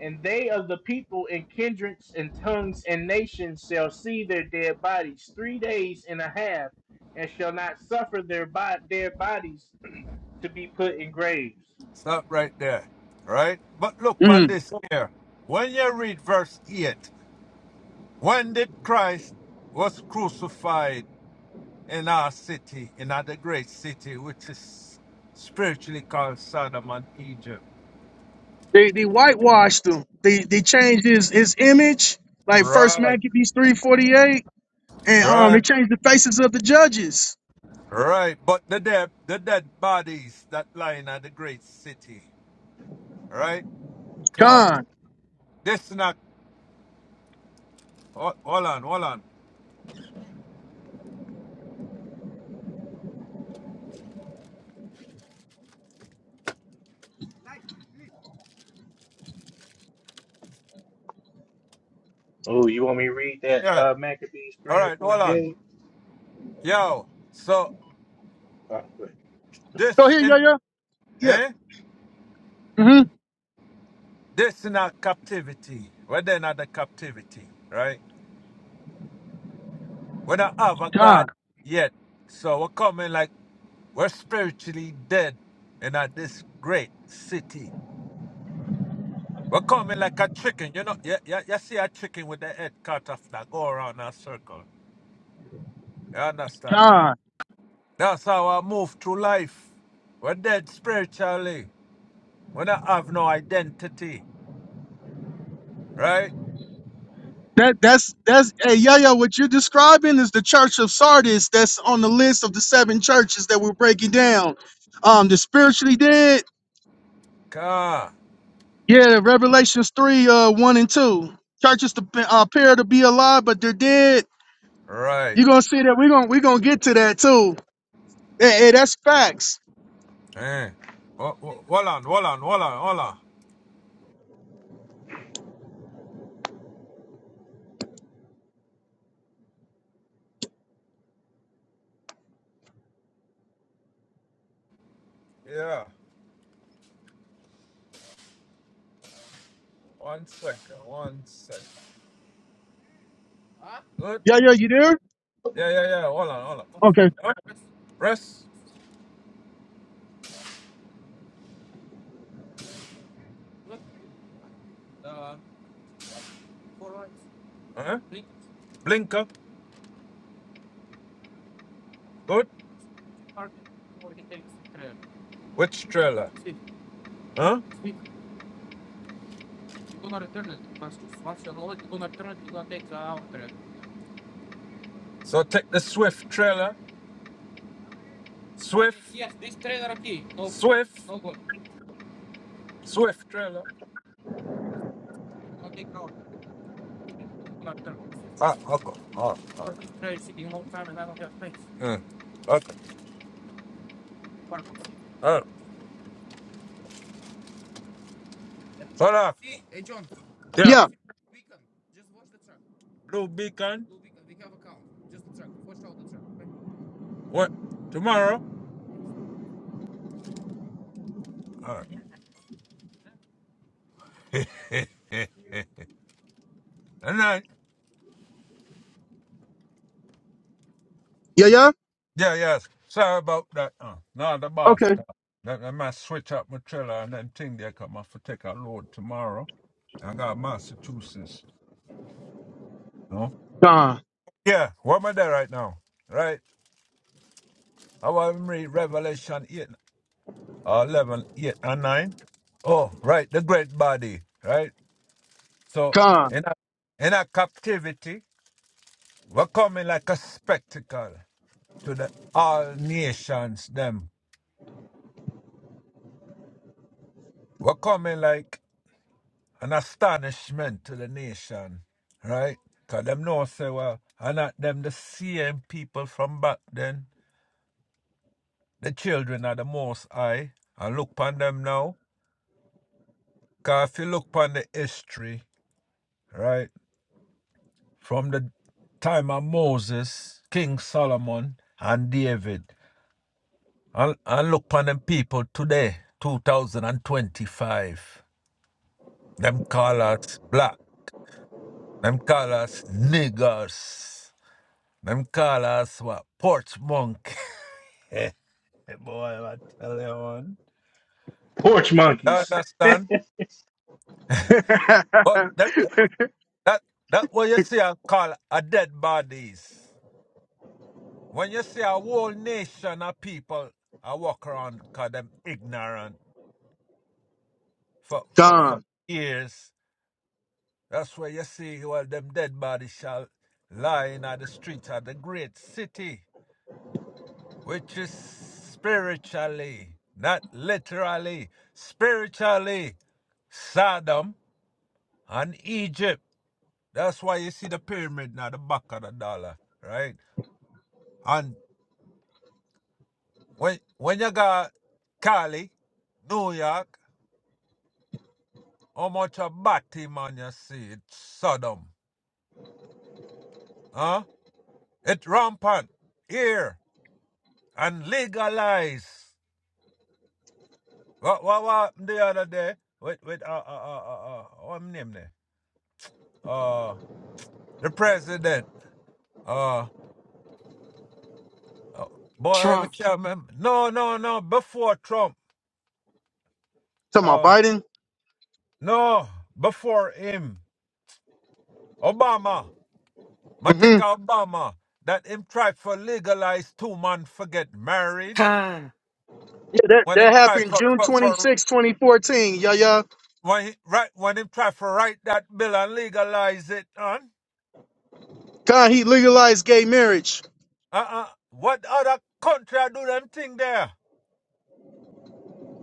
S1: And they of the people and kindreds and tongues and nations shall see their dead bodies three days and a half, and shall not suffer their bo- dead bodies to be put in graves.
S5: Stop right there. Right? But look
S6: Mm.
S5: on this here. When you read verse 8, when did Christ was crucified in our city, in other great city, which is spiritually called Sodom and Egypt?
S6: They they whitewashed him. They they changed his his image, like First
S5: Right,
S6: Maccabees three forty eight, and um
S5: right,
S6: they changed the faces of the judges.
S5: right. But the dead, the dead bodies that lie in the great city, right? Cause
S6: Con.
S5: this not, hold on, hold on.
S1: Oh, you want me to read that
S5: Yeah.
S1: uh, Maccabees
S5: All
S1: three and
S5: right. Hold on.
S1: forty-eight?
S5: Yo. So
S1: Oh, good.
S6: Go
S5: this
S6: here, yo
S5: in
S6: yo. Yeah.
S5: eh?
S6: Mm-hmm.
S5: This in our captivity. We're then at the captivity, right? We don't have a
S6: Con.
S5: God yet. So we're coming like we're spiritually dead in at this great city. We're coming like a chicken. You know, you, you, you see a chicken with the head cut off that go around a circle. You understand?
S6: Con.
S5: That's how I move through life. We're dead spiritually. We don't have no identity, right?
S6: That that's that's hey yo yo. What you're describing is the Church of Sardis. That's on the list of the seven churches that we're breaking down. Um, the spiritually dead.
S5: Ah,
S6: Yeah, Revelations three, uh, one and two. Churches to, uh, appear to be alive, but they're dead.
S5: Right.
S6: You're gonna see that we're gonna we're gonna get to that too Hey, hey, that's facts.
S5: Eh. Ho- ho- Hold on, hold on, hold on, hold on. Yeah. One second, one second. Good.
S6: Yeah, yeah, you there?
S5: Yeah, yeah, yeah. Hold on, hold on.
S6: Okay.
S5: Huh? Press. Huh? Blinker. Good. Which trailer? Huh? So take the Swift trailer. Swift. Yes, this trailer aquí. No, Swift. No good. Swift trailer. Ah, okay. Oh, okay. Trailer is sitting a long time and I don't have space. Mm. Okay. Oh. Hold on. See, Hey, John. Yeah.
S6: Yeah,
S5: Blue Beacon what tomorrow? All right. and then
S6: yeah, yeah.
S5: yeah, yes. Sorry about that. Uh, now the boss.
S6: Okay.
S5: come. Then I must switch up my trailer and then thing there come off to take a load tomorrow. I got Massachusetts. No?
S6: Gone,
S5: Yeah, what am I there right now? Right? I want to read Revelation 8, uh, 11, eight, and 9. Oh, right, the great body, right? So
S6: gone,
S5: in a, in a captivity, We're coming like a spectacle to the all nations, them. We're coming like an astonishment to the nation, right? Because them know say, well, and not them the same people from back then. The children are the most high. And look upon them now. Because if you look upon the history, right, from the time of Moses, King Solomon, and David, and, and look upon them people today, 2025. Them call us black. Them call us niggers. Them call us what? Porch monk.
S1: Porch
S5: You
S1: monkeys.
S5: understand? But that that that what you see I call a dead bodies. When you see a whole nation of people I walk around call them ignorant for, for, for
S6: gone.
S5: years. That's where you see well them dead bodies shall lie in the streets of the great city. which is spiritually, not literally, spiritually Sodom and Egypt. That's why you see the pyramid now, the back of the dollar, right? And when when you got Cali, New York, how much of Batman you see? It's Sodom. Huh? It's rampant here and legalized. What what what happened the other day with with uh uh uh uh, uh what him name there? Uh the president. Uh, uh, boy,
S2: Trump,
S5: McCall, man. No, no, no. Before Trump.
S6: Talking about
S5: Uh,
S6: Biden?
S5: no, before him. Obama. I think
S6: Mm-hmm.
S5: Obama that him try for legalize two man for get married.
S2: Khan,
S6: Yeah, that,
S5: When
S6: that
S5: him try
S6: happened
S5: for
S6: June
S5: for, for
S6: 26, 2014. Yeah, yeah.
S5: when he right when him try for write that bill and legalize it, on.
S6: God, he legalized gay marriage.
S5: Uh uh. What other country do them thing there?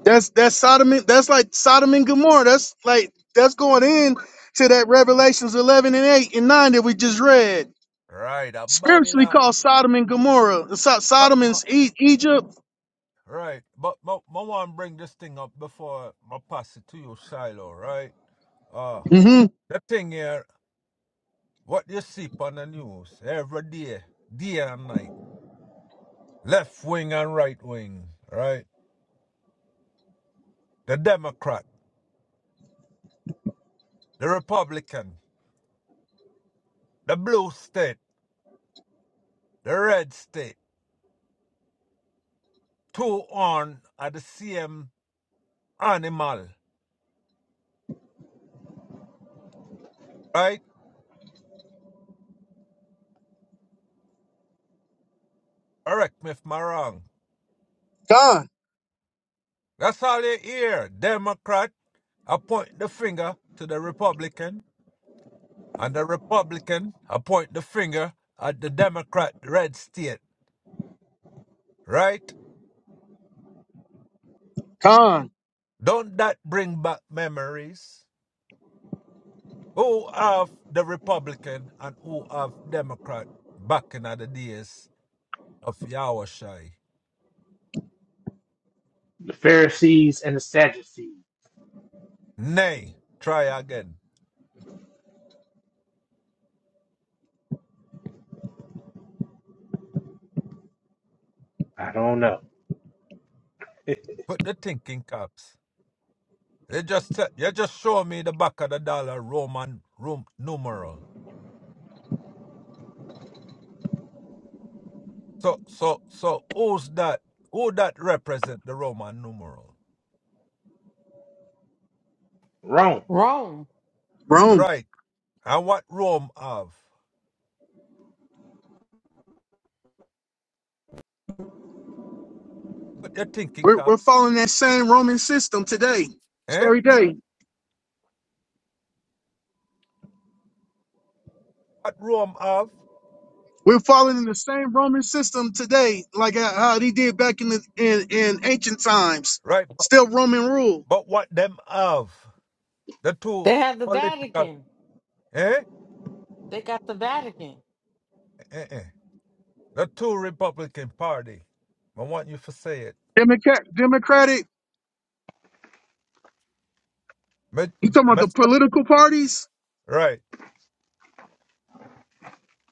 S6: That's that's Sodom. and- That's like Sodom and Gomorrah. That's like that's going in to that Revelations 11 and 8 and 9 that we just read.
S5: Right, a
S6: Spiritually
S5: Babylon.
S6: called Sodom and Gomorrah. So,
S5: But,
S6: Sodom
S5: but,
S6: is e- Egypt.
S5: right, but I want to bring this thing up before I pass it to you, Shiloh, right? Uh,
S6: Mm-hmm.
S5: the thing here, what you see on the news every day, day and night, left wing and right wing, right? The Democrat, the Republican, the blue state, the red state, two on are the same animal, right? Correct me if I'm wrong.
S6: Gone,
S5: That's all you hear. Democrat, I point the finger to the Republican, and the Republican, I point the finger at the Democrat red state, right?
S6: gone.
S5: Don't that bring back memories? Who have the Republican and who have Democrat back in the days of Yahushai?
S1: the Pharisees and the Sadducees.
S5: Nay, try again.
S1: I don't know.
S5: Put the thinking caps. You just te- you just show me the back of the dollar Roman room numeral. So so so who's that? Who that represent the Roman numeral?
S1: Rome,
S2: Rome.
S6: Rome.
S5: Right. And what Rome have? Put your thinking
S6: We're, we're
S5: caps.
S6: following that same Roman system today. It's
S5: Eh?
S6: every day.
S5: What Rome have?
S6: We're following the same Roman system today, like uh, how they did back in the in, in ancient times.
S5: Right
S6: Still Roman rule.
S5: But what them have, the two
S2: They have the
S5: political,
S2: Vatican.
S5: eh?
S2: They got the Vatican.
S5: eh, eh, The two Republican party. I want you to say it.
S6: Democrat, Democratic.
S5: Me-
S6: You talking about
S5: me-
S6: the political parties?
S5: Right.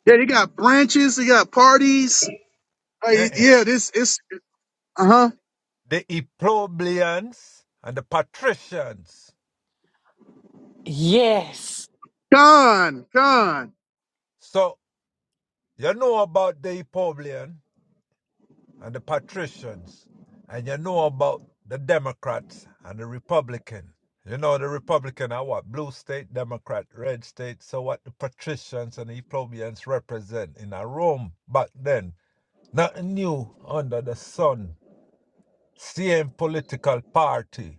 S6: Yeah, they got branches. They got parties. Uh,
S5: Eh, eh.
S6: yeah, this it's uh huh.
S5: The Epoblians and the Patricians.
S2: Yes,
S6: Con, con,
S5: So, you know about the Epoblian. and the patricians, and you know about the Democrats and the Republican. You know the Republican are what blue state, Democrat, red state. So what the patricians and the plebeians represent in a Rome back then. Nothing new under the sun. Same political party,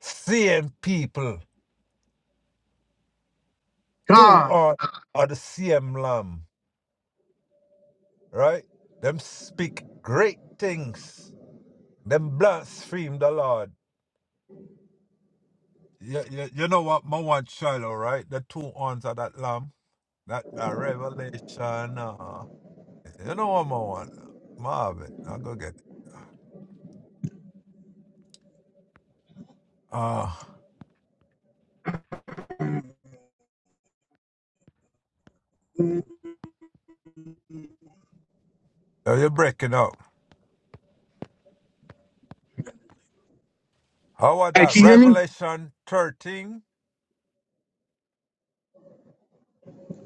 S5: same people,
S6: con.
S5: two are are the same lamb, right? Them speak great things. Them blaspheme the Lord You, you, you know what, my one child, all right? The two horns of that lamb, that, that revelation. Uh, you know what, my one? Marvin, I'll go get it. Uh, oh, you're breaking up. How about
S6: Hey,
S5: that?
S6: can you hear me?
S5: Revelation 13?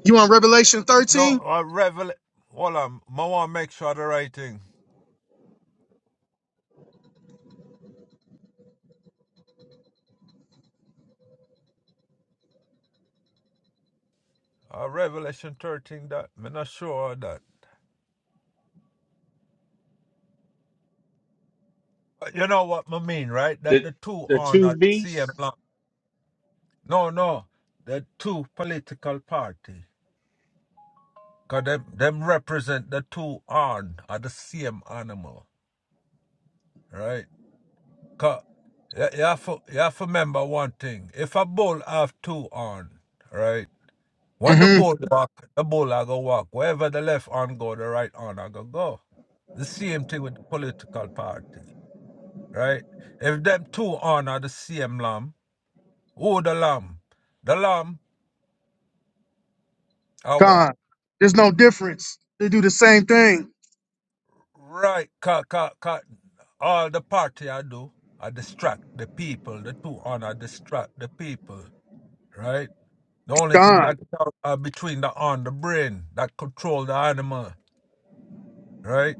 S6: You on Revelation
S5: No,
S6: thirteen?
S5: uh, Revel. Hold on, my one, make sure the right thing. Uh, Revelation 13, that, I'm not sure of that. Uh, You know what I mean, right? That
S1: the
S5: the two
S1: the
S5: are
S1: two
S5: not CM
S1: beasts.
S5: Lam- No, no, the two political party. Cause them them represent the two on are the same animal, right? Cause you, you have to you have to remember one thing. If a bull have two on, right? When the
S6: Mm-hmm.
S5: bull walk, the bull are gonna walk. Wherever the left on go, the right on are gonna go. The same thing with the political party, right? If them two on are the same lamb, who the lamb? The lamb are what?
S6: Con. There's no difference. They do the same thing.
S5: Right, cut, cut, cut. All the party I do, I distract the people. The two on, I distract the people. Right. The only thing
S6: Con,
S5: that out are between the on the brain that control the animal. Right.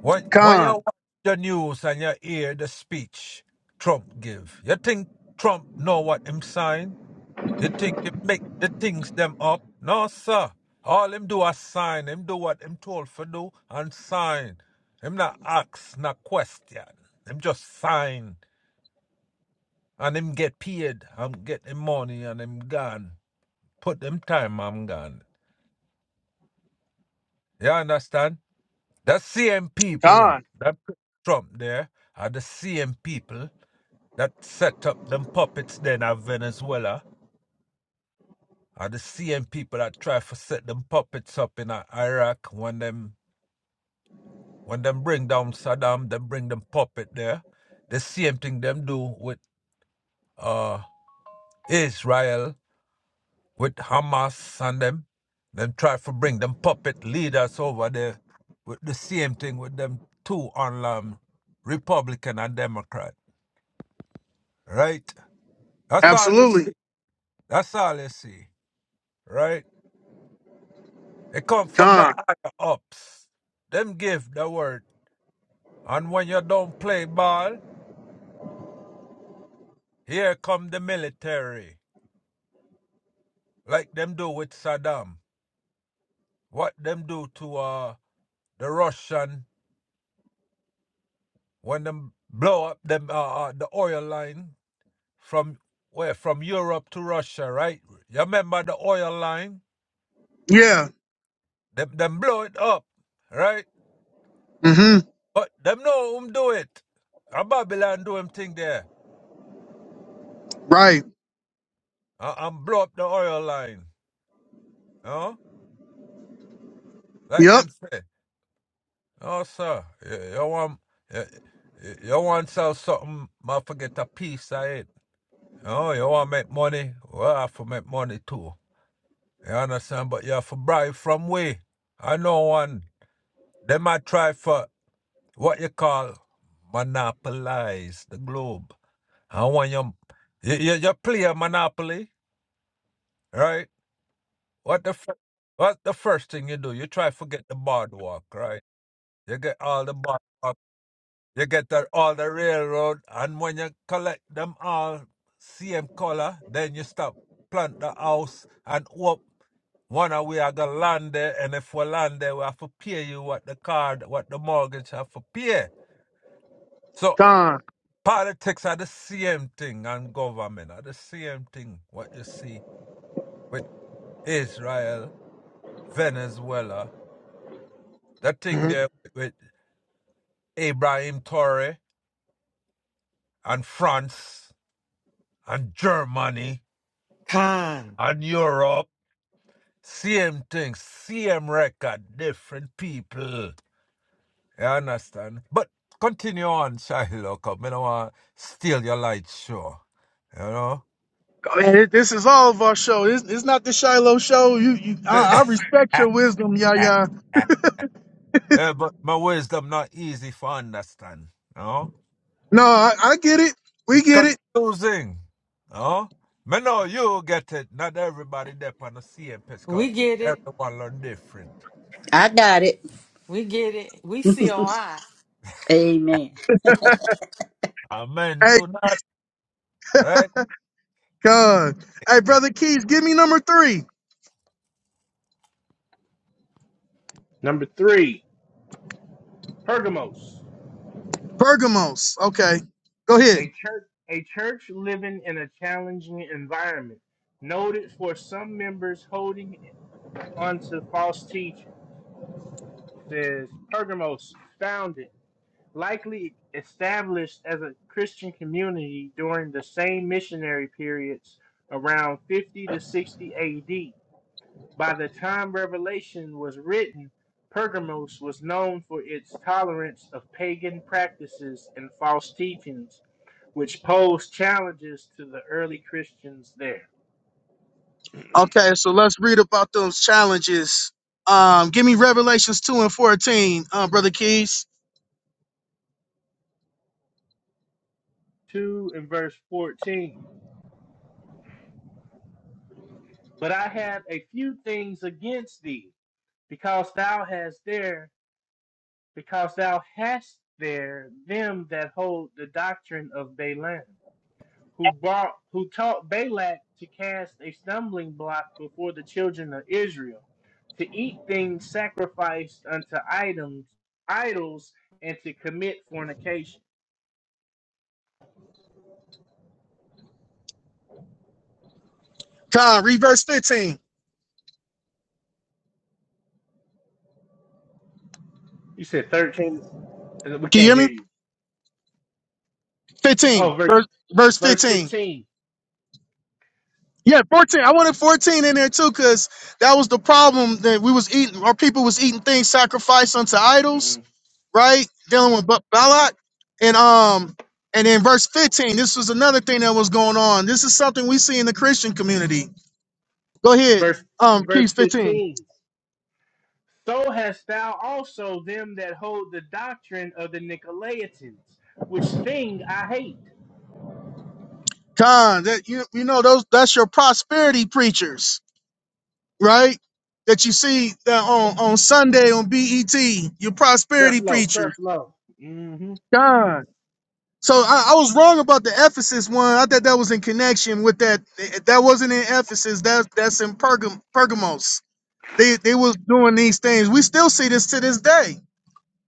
S5: When when you
S6: con,
S5: watch the news and you hear the speech Trump give, you think Trump know what him sign? You think him make the things them up? No, sir. All him do is sign. Him do what him told for do and sign. Him not ask, not question. Him just sign. And him get paid. And get him money and him gone. Put them time, I'm gone. You understand? The same people
S6: con.
S5: that put Trump there are the same people that set up them puppets then at Venezuela. Are the same people that try to set them puppets up in uh, Iraq when them When them bring down Saddam, them bring them puppet there. The same thing them do with uh Israel, with Hamas and them. Them try to bring them puppet leaders over there. With the same thing with them two on um, Republican and Democrat. Right? That's all you
S6: Absolutely.
S5: see. That's all you see. Right? It come from the
S6: Con.
S5: higher ups. Them give the word. And when you don't play ball, here come the military. like them do with Saddam, what them do to uh the Russian when them blow up them uh, uh the oil line from where from Europe to Russia, right? You remember the oil line?
S6: Yeah.
S5: Them them blow it up, right?
S6: hmm
S5: But them know whom do it. A Babylon do him thing there.
S6: Right.
S5: Uh, and blow up the oil line. Huh? Like
S6: Yep.
S5: them say. Oh sir, you, you want you, you want sell something, I forget a piece of it. Oh, you want to make money? Well, I have to make money too. You understand? But you have to bribe from way. I know one. They might try for what you call monopolize the globe. I want you, you, you, play a monopoly, right? What the fir- what's the first thing you do? You try to get the boardwalk, right? You get all the boardwalk You get the, all the railroad, and when you collect them all, same color, then you stop plant the house and up. One of we are gonna land there, and if we land there, we have to pay you what the card, what the mortgage have to pay. So
S6: Con.
S5: politics are the same thing, and government are the same thing. What you see with Israel, Venezuela, the thing
S6: hmm
S5: there with Abraham Torre and France and Germany
S2: Khan.
S5: and Europe. Same thing, same record, different people. You understand? But continue on, Shiloh, because I don't want to steal your light show. You know?
S6: this is all of our show. It's, it's not the Shiloh show. You, you I, I respect your wisdom, yeah, yeah.
S5: Eh, but my wisdom not easy for understand. You know?
S6: No, I, I get it.
S5: It
S6: We get it.
S5: confusing. You know? Me know you get it. Not everybody there on the same page, 'cause
S2: We get it.
S5: everyone look different.
S3: I got it.
S2: We get it. We COI.
S3: Amen.
S5: Amen
S6: Hey,
S5: to that, right?
S6: God. Hey, brother Keys, give me number three.
S1: Number three, Pergamos,
S6: Bergamos. Okay, go ahead.
S1: a church a church living in a challenging environment, noted for some members holding onto false teaching. Says Pergamos, founded, likely established as a Christian community during the same missionary periods around 50 to 60 AD By the time Revelation was written, Pergamos was known for its tolerance of pagan practices and false teachings, which posed challenges to the early Christians there.
S6: Okay, so let's read about those challenges. Um, give me Revelations two and fourteen, uh, brother Keys.
S1: 2 and verse 14. But I have a few things against thee, because thou hast there, because thou hast there them that hold the doctrine of Balaam who brought who taught Balak to cast a stumbling block before the children of Israel, to eat things sacrificed unto items idols, and to commit fornication.
S6: Con, read verse fifteen.
S1: You said thirteen. and We
S6: Can you
S1: can't
S6: hear
S1: hear
S6: me?
S1: you.
S6: Fifteen,
S1: Oh, verse
S6: verse, verse
S1: verse
S6: fifteen.
S1: 15
S6: Yeah, 14. I wanted 14 in there too, because that was the problem that we was eating. Our people was eating things sacrificed unto idols,
S1: hmm
S6: right? Dealing with Ba- Balak. And um, and then verse 15, this was another thing that was going on. This is something we see in the Christian community. Go ahead.
S1: Verse
S6: Um,
S1: verse
S6: Keys 15.
S1: fifteen. So hast thou also them that hold the doctrine of the Nicolaitans, which thing I hate.
S6: Con, that you you know those that's your prosperity preachers, right? That you see that on, on Sunday on BET, your prosperity
S1: Creflo,
S6: preachers.
S1: Creflo. hmm
S6: So I, I was wrong about the Ephesus one. I thought that was in connection with that. That wasn't in Ephesus. That's that's in Pergam, Pergamos. They they was doing these things. We still see this to this day.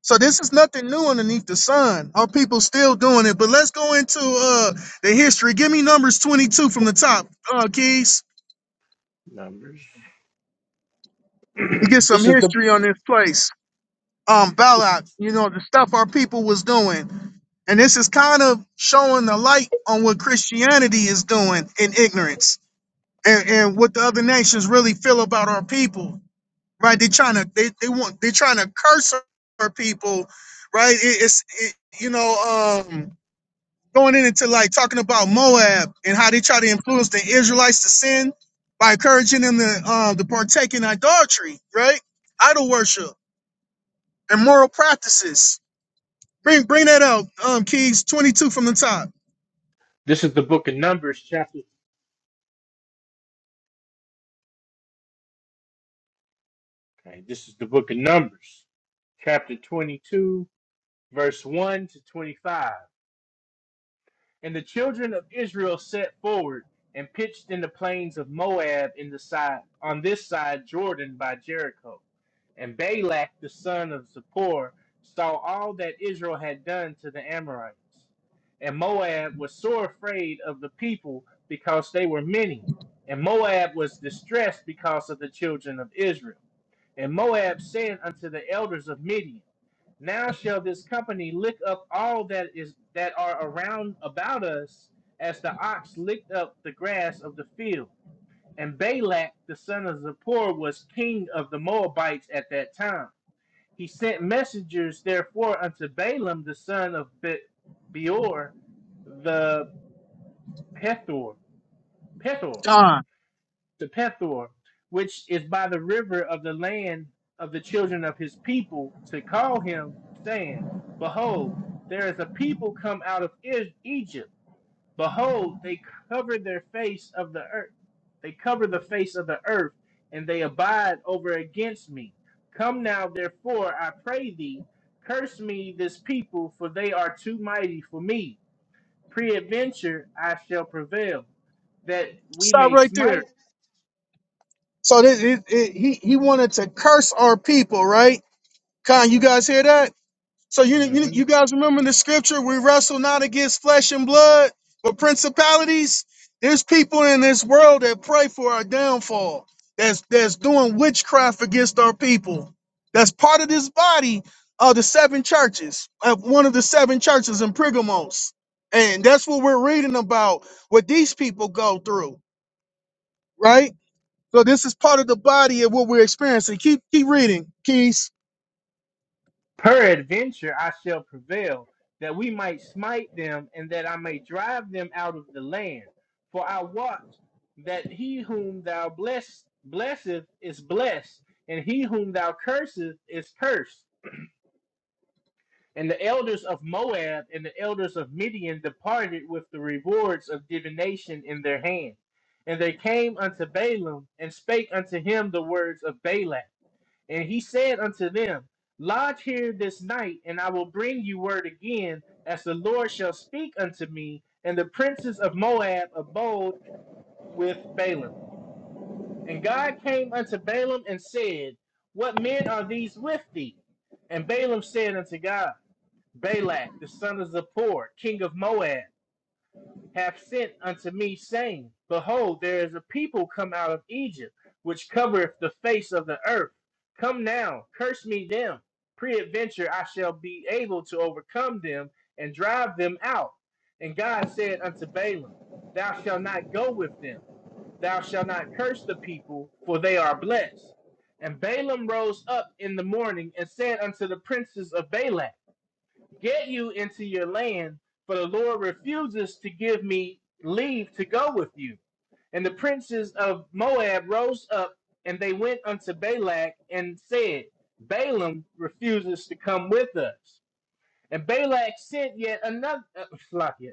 S6: So this is nothing new underneath the sun. Our people still doing it. But let's go into uh the history. Give me numbers twenty two from the top, uh, Keys,
S1: Numbers.
S6: and get some
S1: this is the
S6: history on this place. Um,
S1: this is
S6: Balak, you know the stuff our people was doing, and this is kind of showing the light on what Christianity is doing in ignorance. and, and what the other nations really feel about our people, right? They're trying to they, they want they're trying to curse our people, right? It, it's it, you know um, going in into like talking about Moab and how they try to influence the Israelites to sin by encouraging them to uh, to partake in idolatry, right? Idol worship and moral practices. Bring bring that out, um, Keys twenty two from the top.
S1: this is the book of Numbers chapter. Okay, this is the book of Numbers chapter 22, verse 1 to 25. And the children of Israel set forward and pitched in the plains of Moab in the side on this side Jordan by Jericho. And Balak the son of Zippor saw all that Israel had done to the Amorites. And Moab was sore afraid of the people because they were many. And Moab was distressed because of the children of Israel. And Moab said unto the elders of Midian, Now shall this company lick up all that is that are around about us, as the ox licked up the grass of the field. And Balak the son of Zippor was king of the Moabites at that time. He sent messengers therefore unto Balaam the son of Be- Beor the Pethor, Pethor
S6: God,
S1: to Pethor, which is by the river of the land of the children of his people, to call him, saying, Behold, there is a people come out of E- Egypt. Behold, they cover their face of the earth. They cover the face of the earth, and they abide over against me. Come now, therefore, I pray thee, curse me this people, for they are too mighty for me. Preadventure I shall prevail, that we
S6: stop
S1: may
S6: right there.
S1: smite.
S6: So this, it, it, he he wanted to curse our people, right? Con, you guys hear that? So you, you
S1: Mhm.
S6: you guys remember the scripture? We wrestle not against flesh and blood, but principalities. There's people in this world that pray for our downfall. That's that's doing witchcraft against our people. That's part of this body of the seven churches, of one of the seven churches in Pergamos, and that's what we're reading about. What these people go through, right? So this is part of the body of what we're experiencing. Keep keep reading, Keys.
S1: Peradventure I shall prevail, that we might smite them, and that I may drive them out of the land. For I wot that he whom thou bless, blesseth is blessed, and he whom thou curseth is cursed. And the elders of Moab and the elders of Midian departed with the rewards of divination in their hand. And they came unto Balaam and spake unto him the words of Balak. And he said unto them, Lodge here this night, and I will bring you word again, as the Lord shall speak unto me. And the princes of Moab abode with Balaam. And God came unto Balaam and said, What men are these with thee? And Balaam said unto God, Balak, the son of Zippor, king of Moab hath sent unto me, saying, Behold, there is a people come out of Egypt, which covereth the face of the earth. Come now, curse me them. Preadventure I shall be able to overcome them and drive them out. And God said unto Balaam, Thou shalt not go with them, thou shalt not curse the people, for they are blessed. And Balaam rose up in the morning and said unto the princes of Balak, get you into your land, for the Lord refuses to give me leave to go with you. And the princes of Moab rose up, and they went unto Balak and said, Balaam refuses to come with us. And Balak sent yet another uh,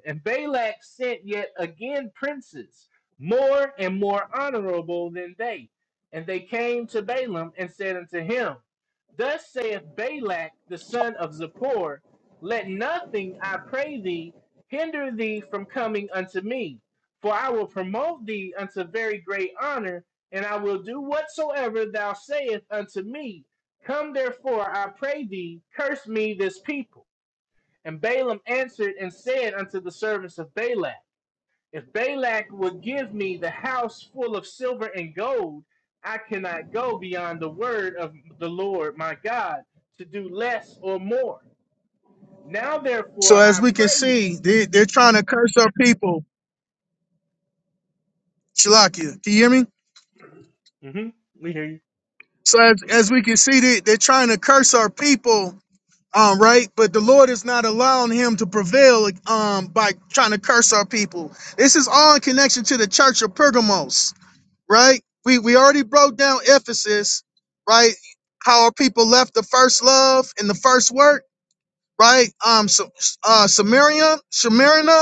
S1: And Balak sent yet again princes, more and more honorable than they. And they came to Balaam and said unto him, Thus saith Balak the son of Zippor, Let nothing, I pray thee, hinder thee from coming unto me, for I will promote thee unto very great honor, and I will do whatsoever thou sayest unto me. Come therefore, I pray thee, curse me this people. And Balaam answered and said unto the servants of Balak, If Balak would give me the house full of silver and gold, I cannot go beyond the word of the Lord my God to do less or more. Now
S6: So
S1: therefore
S6: as
S1: I
S6: we can
S1: pray
S6: see,
S1: you.
S6: they, they're trying to curse our people. Shalakia, can you hear me?
S1: hmm
S6: So as, as we can see, they, they're trying to curse our people, um, right? But the Lord is not allowing him to prevail um, by trying to curse our people. This is all in connection to the church of Pergamos, right? We, we already broke down Ephesus, right? How our people left the first love and the first work, right? Um, so, uh, Samaria, Samaria,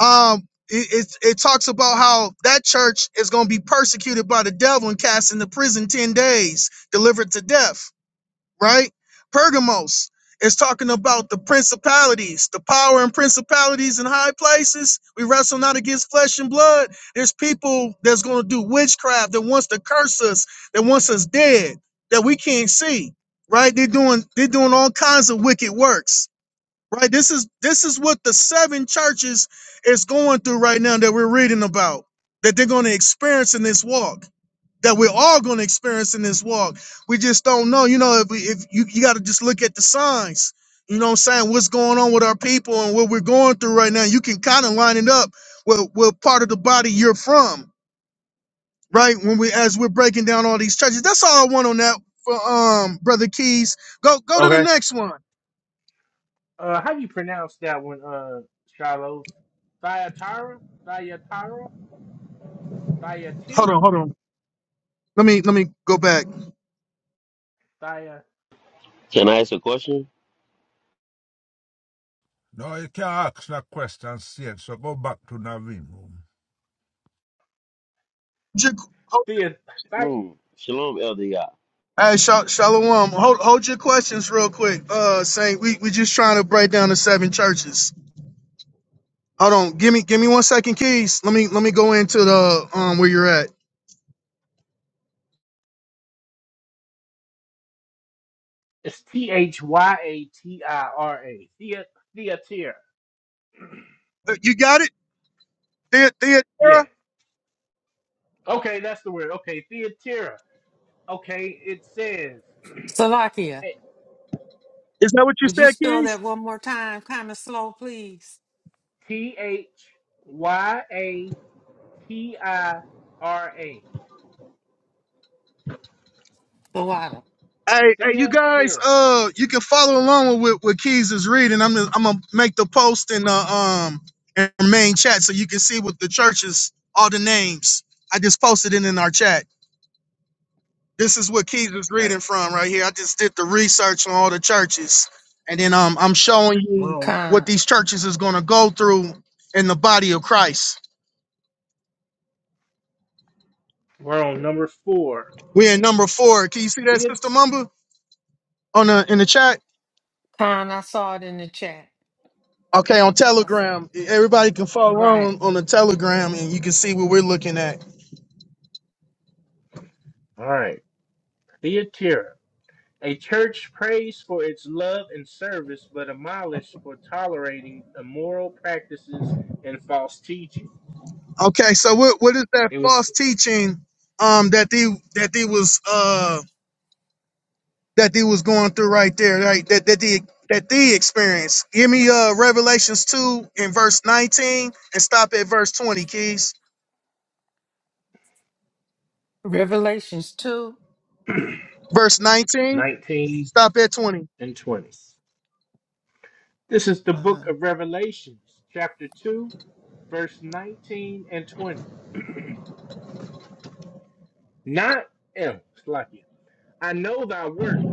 S6: um it, it it talks about how that church is going to be persecuted by the devil and cast into prison 10 days delivered to death right pergamos is talking about the principalities the power and principalities in high places we wrestle not against flesh and blood there's people that's going to do witchcraft that wants to curse us that wants us dead that we can't see right they're doing they're doing all kinds of wicked works Right? This is this is what the seven churches is going through right now that we're reading about. That they're going to experience in this walk. That we're all going to experience in this walk. We just don't know. You know, if we, if you, you got to just look at the signs. You know what I'm saying? What's going on with our people and what we're going through right now. You can kind of line it up with what part of the body you're from, right? When we as we're breaking down all these churches. That's all I want on that for um brother Keys. Go go to the
S1: Okay.
S6: next one.
S1: Uh, how do you pronounce that one, uh, Shiloh? Thyatira? Thyatira?
S6: Hold
S1: Thyatira?
S6: on, hold on. Let me let me go back.
S1: Thya,
S9: Can I ask a question?
S5: No, you can't ask no questions Satan. So go back to Navin room.
S6: your-
S1: thea, Thy-
S9: Room. Shalom, Elder Yah.
S6: Hey, Sha- Shalom. Hold, hold your questions real quick. Uh, Saint, we we just trying to break down the seven churches. Hold on, give me give me one second, Keys. Let me let me go into the um where you're at.
S1: it's T H Y A T I R A. Thea- Thyatira.
S6: Uh, You got it, Thea
S1: Yeah.
S6: Theodora.
S1: Okay, that's the word. Okay, Theatira. Okay, it says
S2: Slovakia,
S6: Is that what you
S2: would you
S6: said,
S2: spell
S6: Keys?
S2: that one more time? Kind of slow, please.
S1: T H Y A T I R A.
S2: Slovakia.
S6: Hey, hey, you guys.
S1: Theatira.
S6: Uh, you can follow along with what Keys is reading. I'm gonna, I'm gonna make the post in the um in our main chat so you can see what the churches, all the names. I just posted it in our chat. This is what Keys is
S1: Okay.
S6: reading from right here. I just did the research on all the churches, and then um, I'm showing you
S1: Well,
S6: what
S2: Khan.
S6: these churches is gonna go through in the body of Christ.
S1: We're on number four.
S6: We're in number four. Can you see that, Sister
S1: Theat-
S6: Mumba, on the in the chat?
S2: Khan, I saw it in the chat.
S6: Okay, on
S2: I saw. it.
S6: Telegram, everybody can
S2: You're
S6: follow
S2: right.
S6: on on the Telegram, and you can see what we're looking at.
S1: all right. Theatira. A church praised for its love and service, but admonished for tolerating immoral practices and false teaching.
S6: Okay, so what what is that
S1: It was
S6: false teaching um that they that they was uh that they was going through right there, right? That that they that they experienced. Give me uh Revelations 2 and verse 19 and stop at verse 20, keys.
S2: Revelations 2.
S6: Verse 19,
S1: 19
S6: stop at 20.
S1: and 20. This is the book of Revelations, chapter 2. verse 19 and 20. Not else, like it. I know thy works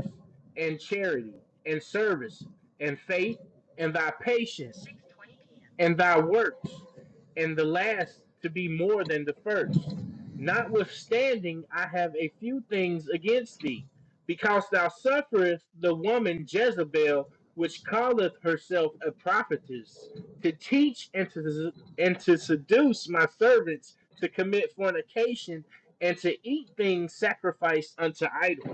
S1: and charity and service and faith and thy patience. and thy works, and the last to be more than the first. Notwithstanding, I have a few things against thee, because thou sufferest the woman Jezebel, which calleth herself a prophetess, to teach and to, and to seduce my servants to commit fornication and to eat things sacrificed unto idols.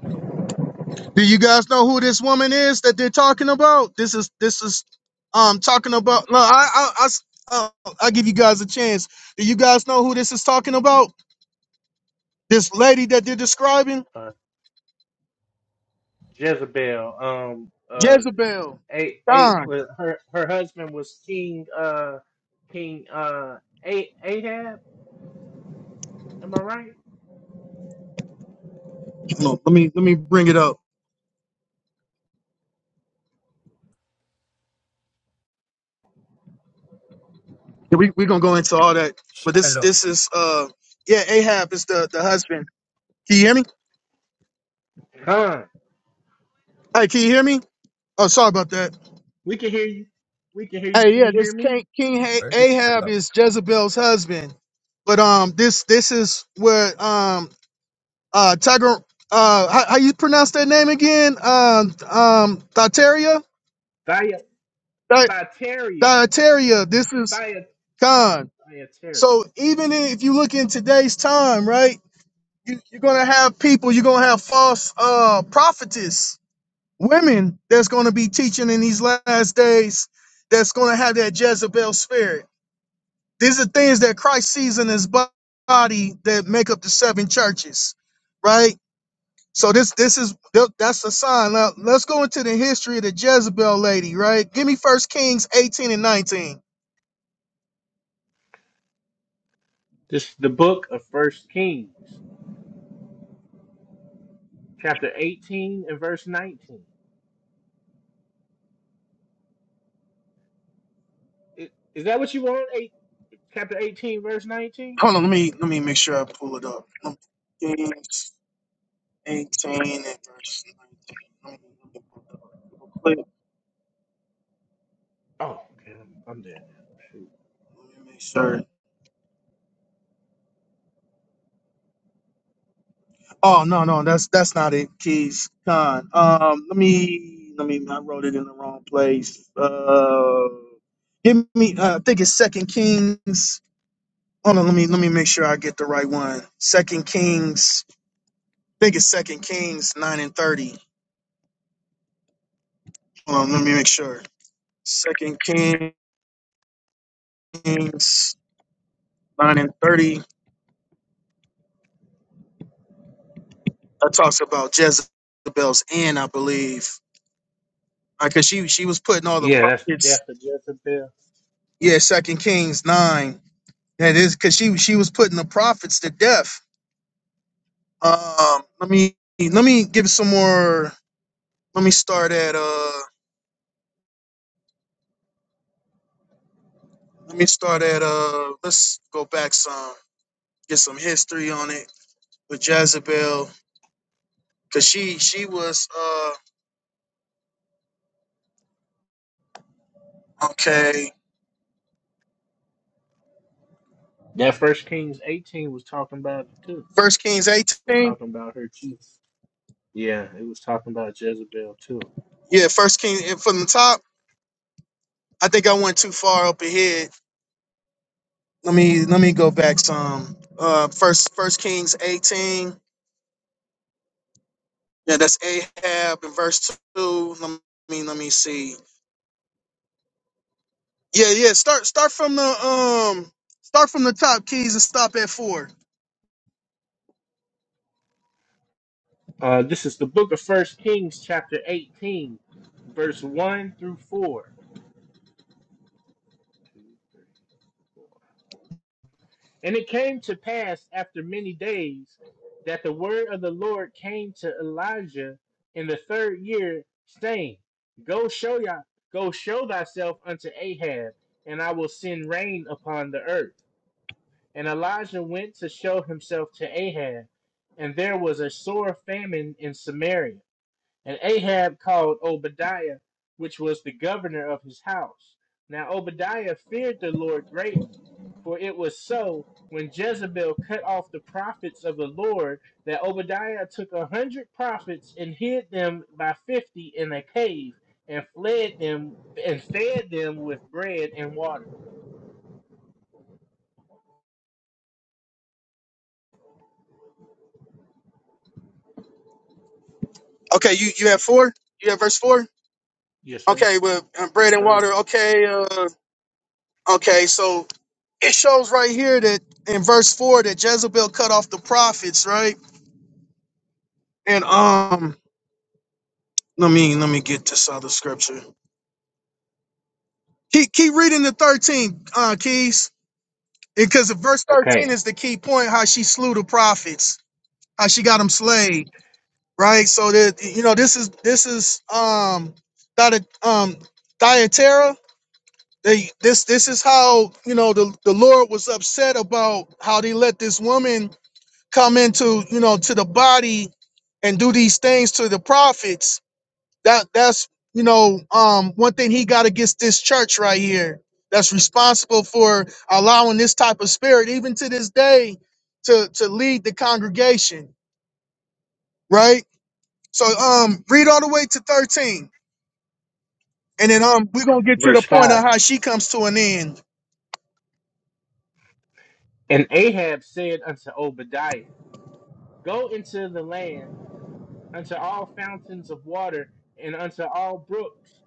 S6: Do you guys know who this woman is that they're talking about? This is this is um talking about no, I I I s- uh, I give you guys a chance. Do you guys know who this is talking about? This lady that they're describing?
S1: Uh, Jezebel, um, uh.
S6: Jezebel.
S1: eight eight
S6: Don.
S1: with her her husband was King uh King uh eight Ahab. Am I right?
S6: Hold on, Let me let me bring it up. Yeah, we we gonna go into all that, but this
S5: Shiloh.
S6: this is uh yeah Ahab is the the husband. Can you hear me?
S1: Khan.
S6: Hey, can you hear me? Oh, sorry about that.
S1: We can hear you. We can hear you.
S6: Hey,
S1: Can
S6: yeah,
S1: you
S6: this
S1: hear me?
S6: King King Ha-
S5: eh,
S6: Ahab
S5: Shiloh.
S6: is Jezebel's husband, but um this this is where um uh Tiger uh how, how you pronounce that name again? Um um Thyteria
S1: Thia
S6: Di
S1: Thyatira.
S6: Thyteria. This is
S1: Thia
S6: Khan.
S1: Thyatira.
S6: So even if you look in today's time, right? You, you're gonna have people. You're gonna have false uh prophetess women that's going to be teaching in these last days that's going to have that Jezebel spirit. These are things that Christ sees in his bo- body that make up the seven churches, right? So this this is th- that's a sign. Now let's go into the history of the Jezebel lady, right? Give me First Kings eighteen and nineteen.
S1: This is the book of First Kings, chapter eighteen and verse nineteen. I- Is that what you want? Eight chapter eighteen, verse nineteen?
S6: Hold on, let me let me make sure I pull it up. Um, Kings eighteen and verse nineteen. Let me, let me pull it up real quick.
S1: Oh, okay. I'm, I'm there now. Shoot.
S6: Let me make sure. Oh no, no, that's that's not it, Keys Khan. Um, let me let me. I wrote it in the wrong place. Uh, give me. Uh, I think it's Second Kings. Hold on, let me let me make sure I get the right one. Second Kings. I think it's Second Kings nine and thirty. Hold on, let me make sure. Second Kings nine and thirty. That talks about Jezebel's end, I believe, because she she was putting all the
S1: Yeah, that's the
S6: prophets.
S1: death of Jezebel.
S6: Yeah, Second Kings nine. That is because she she was putting the prophets to death. Um, let me let me give some more. Let me start at uh. Let me start at uh. Let's go back some. Get some history on it with Jezebel because she she was uh. Okay,
S1: That First Kings eighteen was talking about it too.
S6: First Kings
S1: We're
S6: eighteen.
S1: talking about her too. Yeah, it was talking about Jezebel too.
S6: Yeah, First King eh, from the top. I think I went too far up ahead. Let me let me go back some. Uh, first First Kings eighteen. Yeah, that's Ahab in verse two. Let me let me see. Yeah, yeah. Start start from the um start from the top keys and stop at four.
S1: Uh, this is the book of First Kings, chapter 18, verse 1 through 4. Two, three, four. And it came to pass after many days that the word of the Lord came to Elijah in the third year, saying, Go show ya, go show thyself unto Ahab, and I will send rain upon the earth. And Elijah went to show himself to Ahab, and there was a sore famine in Samaria. And Ahab called Obadiah, which was the governor of his house. Now Obadiah feared the Lord greatly, for it was so when Jezebel cut off the prophets of the Lord that Obadiah took a hundred prophets and hid them by fifty in a cave, and fled them and fed them with bread and water.
S6: Okay, you you have four. You have verse four.
S1: Yes, sir.
S6: Okay, with uh, bread
S1: Yes,
S6: and
S1: sir.
S6: water. Okay, uh, okay. So it shows right here that in verse four that Jezebel cut off the prophets, right? And um, let me let me get this other scripture. Keep keep reading the thirteen uh, keys because verse thirteen
S1: Okay.
S6: is the key point. How she slew the prophets. How she got them slain. right? So that you know, this is this is um Thyat- um Thyatira. They this this is how you know the the Lord was upset about how they let this woman come into you know to the body and do these things to the prophets. That that's you know um one thing he got against this church right here. That's responsible for allowing this type of spirit, even to this day, to to lead the congregation, right? So um, read all the way to thirteen, and then um, we're gonna get to the
S1: Verse
S6: point
S1: 5.
S6: of how she comes to an end.
S1: And Ahab said unto Obadiah, Go into the land, unto all fountains of water, and unto all brooks.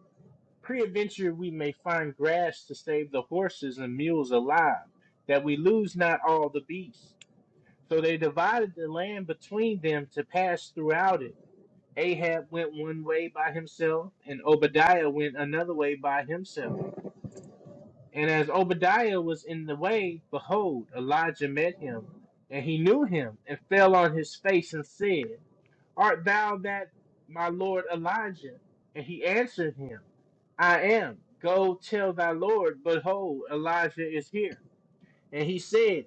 S1: Peradventure we may find grass to save the horses and mules alive, that we lose not all the beasts. So they divided the land between them to pass throughout it. Ahab went one way by himself, and Obadiah went another way by himself. And as Obadiah was in the way, behold, Elijah met him, and he knew him, and fell on his face and said, Art thou that my lord Elijah? And he answered him, I am. Go tell thy lord, behold, Elijah is here. And he said,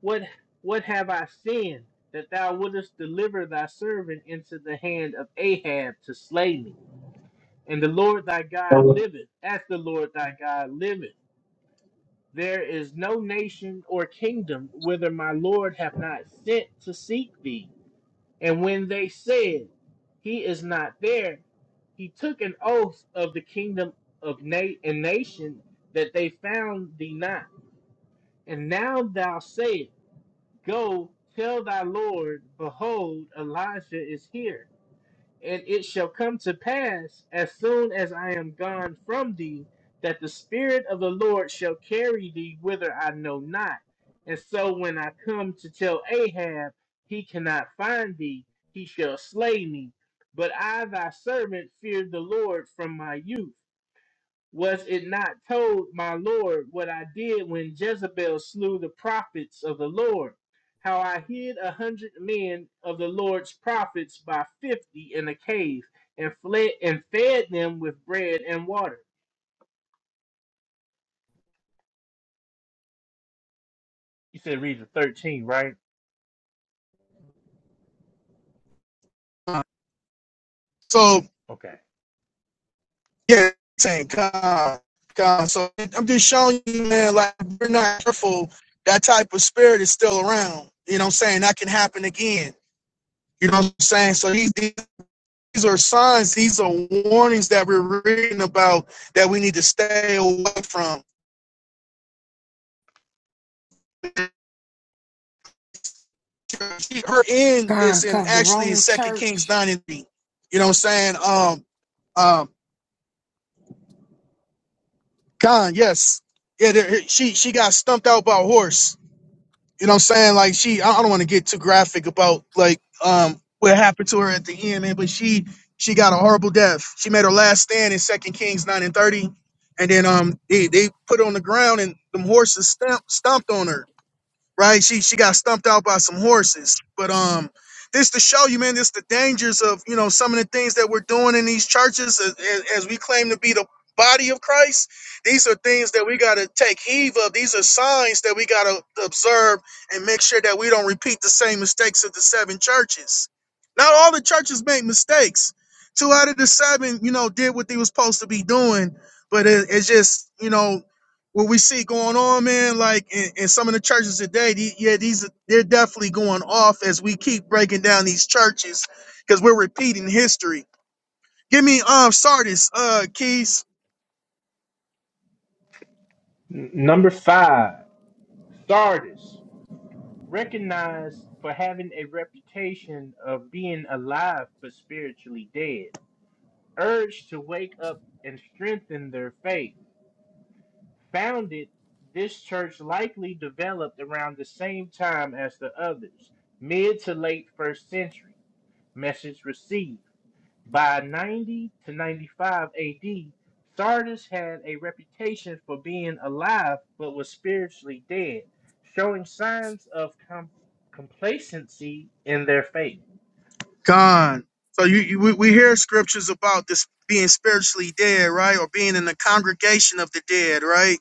S1: What what have I sinned that thou wouldest deliver thy servant into the hand of Ahab to slay me? And the Lord thy God liveth, as the Lord thy God liveth there is no nation or kingdom whither my Lord hath not sent to seek thee. And when they said, He is not there, he took an oath of the kingdom of na- and nation that they found thee not. And now thou sayest, Go tell thy Lord, behold, Elijah is here and it shall come to pass, as soon as I am gone from thee, that the Spirit of the Lord shall carry thee whither I know not. And so when I come to tell Ahab, he cannot find thee, he shall slay me. But I, thy servant, feared the Lord from my youth. Was it not told my Lord what I did when Jezebel slew the prophets of the Lord? How I hid a hundred men of the Lord's prophets by fifty in a cave and fled and fed them with bread and water. You said read the 13, right?
S6: So
S1: Okay.
S6: yeah, saying God, God. So I'm just showing you, man. Like if we're not careful, that type of spirit is still around. You know what I'm saying? That can happen again. You know what I'm saying? So these these are signs. These are warnings that we're reading about that we need to stay away from. She- Her end is
S2: God,
S6: in
S2: cover the
S6: actually
S2: Roman
S6: Second Kings
S2: church.
S6: nine and three. You know what I'm saying? um, Um. Con, yes. Yeah, there, she she got stumped out by a horse. You know what I'm saying? Like she I I don't want to get too graphic about like um what happened to her at the end, man, but she she got a horrible death. She made her last stand in Second Kings 9 and 30. And then um they, they put her on the ground and them horses stamp, stomped on her right? She she got stumped out by some horses. But um, this to show you, man, this the dangers of you know some of the things that we're doing in these churches as, as as we claim to be the body of Christ. These are things that we got to take heed of. These are signs that we got to observe and make sure that we don't repeat the same mistakes of the seven churches. Not all the churches make mistakes. Two out of the seven, you know, did what they was supposed to be doing, but it, it's just, you know, what we see going on, man, like in, in some of the churches today, the, yeah, these are- they're definitely going off as we keep breaking down these churches because we're repeating history. Give me um Sardis, uh Keys,
S1: N- number five, Sardis, recognized for having a reputation of being alive but spiritually dead, urged to wake up and strengthen their faith Founded, this church likely developed around the same time as the others, mid to late first century. Message received. By 90 to 95 AD, Sardis had a reputation for being alive but was spiritually dead, showing signs of com- complacency in their faith.
S6: gone. So you, you we, we hear scriptures about this being spiritually dead, right, or being in the congregation of the dead, right?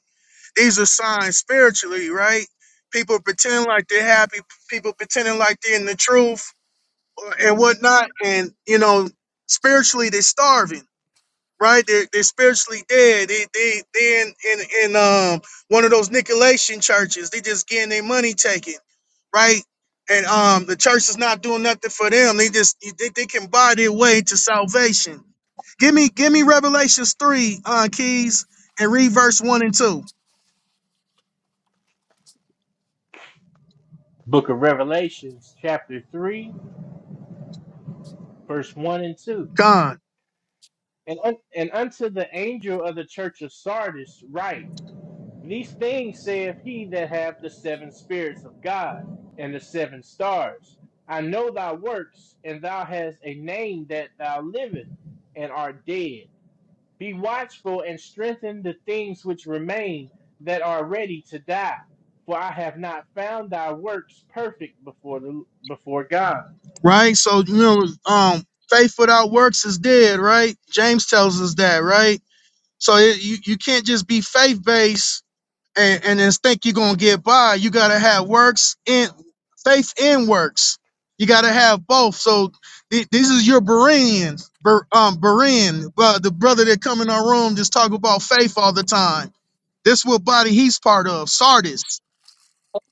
S6: These are signs spiritually, right? People pretend like they're happy, people pretending like they're in the truth uh, and whatnot, and you know, spiritually they're starving right? They're, they're spiritually dead. They they they in, in in um one of those Nicolaitan churches. They just getting their money taken, right? And um the church is not doing nothing for them. They just they, they can buy their way to salvation. Give me give me Revelations three uh, keys and read verse one and two.
S1: Book of Revelations, chapter 3, verse 1 and 2.
S6: Gone,
S1: And, un- and unto the angel of the church of Sardis, write, These things saith he that hath the seven spirits of God and the seven stars. I know thy works, and thou hast a name that thou livest and art dead. Be watchful and strengthen the things which remain that are ready to die, for I have not found thy works perfect before the before God.
S6: right? So you know um faith without works is dead, right? James tells us that, right? So it, you you can't just be faith based and, and then think you're gonna get by, you gotta have works in faith and works. You gotta have both. So th- this is your Bereans, Ber- um, Berean, uh, the brother that come in our room just talk about faith all the time. This what body he's part of, Sardis.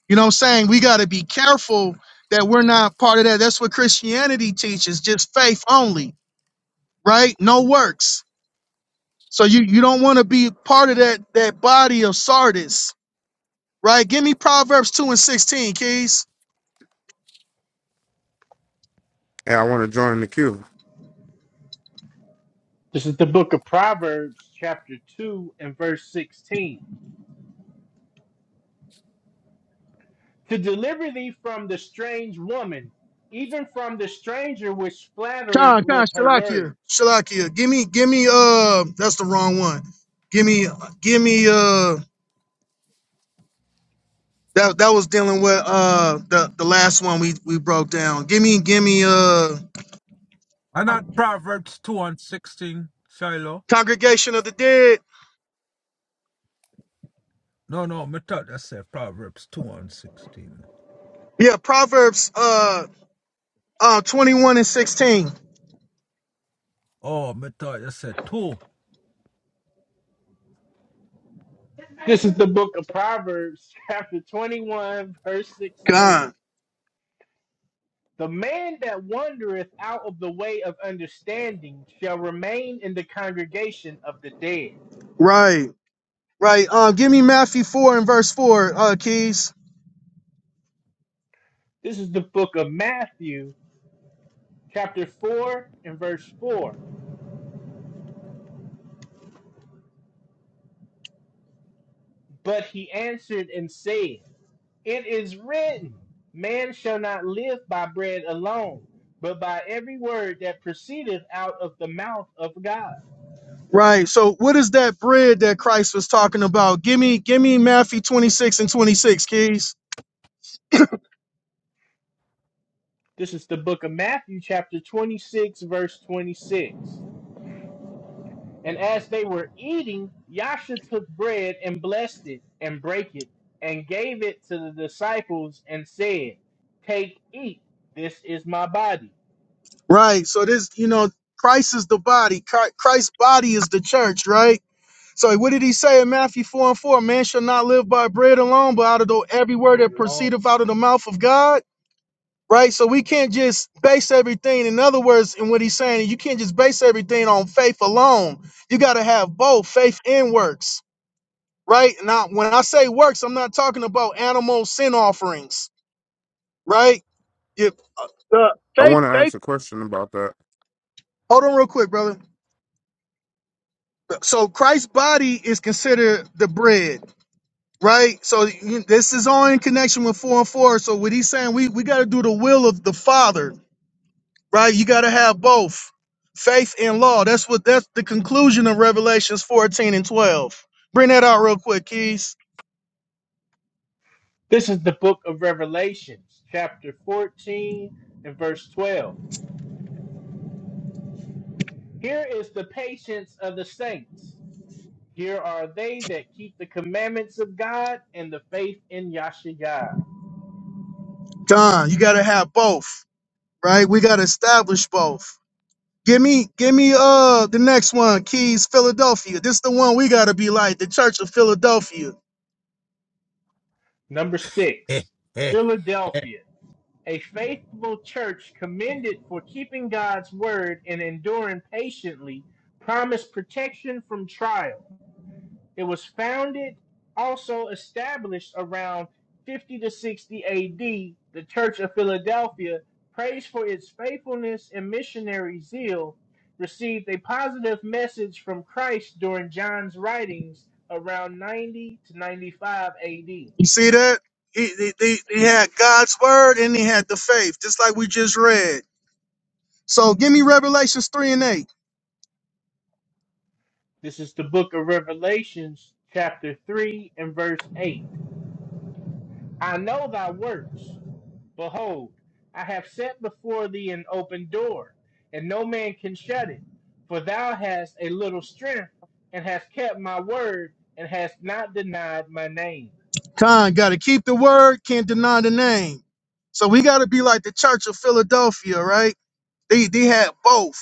S6: You know what I'm saying? We gotta be careful that we're not part of that. That's what Christianity teaches, just faith only, right? No works. So you you don't want to be part of that that body of Sardis Right? Give me Proverbs 2 and 16, Keys.
S10: and I want to join the queue.
S1: This is the book of Proverbs, chapter two and verse sixteen. to deliver thee from the strange woman, even from the stranger which flattereth
S6: Con, Con,
S1: with her
S6: Shalakia.
S1: words.
S6: Shalakia. Give me, give me uh that's the wrong one. Give me give me uh that that was dealing with uh the, the last one we, we broke down. Give me, give me uh
S5: And not Proverbs 2 and 16, Shiloh.
S6: Congregation of the Dead.
S5: No, no, me thought you said Proverbs 2 and 16.
S6: Yeah, Proverbs uh uh 21 and 16.
S5: Oh, me thought you said 2.
S1: This is the book of Proverbs, chapter 21, verse 16.
S6: God.
S1: The man that wandereth out of the way of understanding shall remain in the congregation of the dead.
S6: Right. Right. Um give me Matthew 4 and verse 4, uh Keys.
S1: This is the book of Matthew, chapter 4, and verse 4. But he answered and said, It is written, Man shall not live by bread alone, but by every word that proceedeth out of the mouth of God.
S6: Right. So what is that bread that Christ was talking about? Give me, give me Matthew 26 and 26, keys.
S1: This is the book of Matthew, chapter 26, verse 26. And as they were eating, Yasha took bread and blessed it and brake it and gave it to the disciples and said, Take, eat, this is my body.
S6: Right. So this, you know, Christ is the body. Chri- Christ's body is the church, right? So what did he say in Matthew 4 and 4? Man shall not live by bread alone, but out of the every word
S1: Bread
S6: that
S1: alone.
S6: proceedeth out of the mouth of God. Right. So we can't just base everything. In other words, in what he's saying, you can't just base everything on faith alone. You got to have both faith and works. right? Now, when I say works, I'm not talking about animal sin offerings, right? If the
S10: I
S6: faith,
S10: want to
S6: faith.
S10: ask a question about that.
S6: Hold on, real quick, brother. So Christ's body is considered the bread, right? So you- this is all in connection with four and four. So what he's saying, we we got to do the will of the Father, right? You got to have both faith and law. That's what that's the conclusion of Revelations 14 and 12. Bring that out real quick, Keys.
S1: This is the book of Revelations, chapter 14 and verse 12. Here is the patience of the saints. Here are they that keep the commandments of God and the faith in Yahshua.
S6: Don, you got to have both, right? We got to establish both. Give me, give me uh the next one, Keys Philadelphia. This the one we gotta be like, the Church of Philadelphia.
S1: Number six,
S5: Eh, eh, eh.
S1: Philadelphia. A faithful church commended for keeping God's word and enduring patiently promised protection from trial. It was founded, also established around 50 to 60 AD. The Church of Philadelphia, praised for its faithfulness and missionary zeal, received a positive message from Christ during John's writings around 90 to 95 AD.
S6: You see that? He- They, they, they had God's word and they had the faith, just like we just read. So give me Revelations 3 and 8.
S1: This is the book of Revelations, chapter 3 and verse 8. I know thy works. Behold, I have set before thee an open door, and no man can shut it. For thou hast a little strength, and hast kept my word, and hast not denied my name.
S6: Con gotta keep the word, can't deny the name. So we gotta be like the Church of Philadelphia, right? They they had both.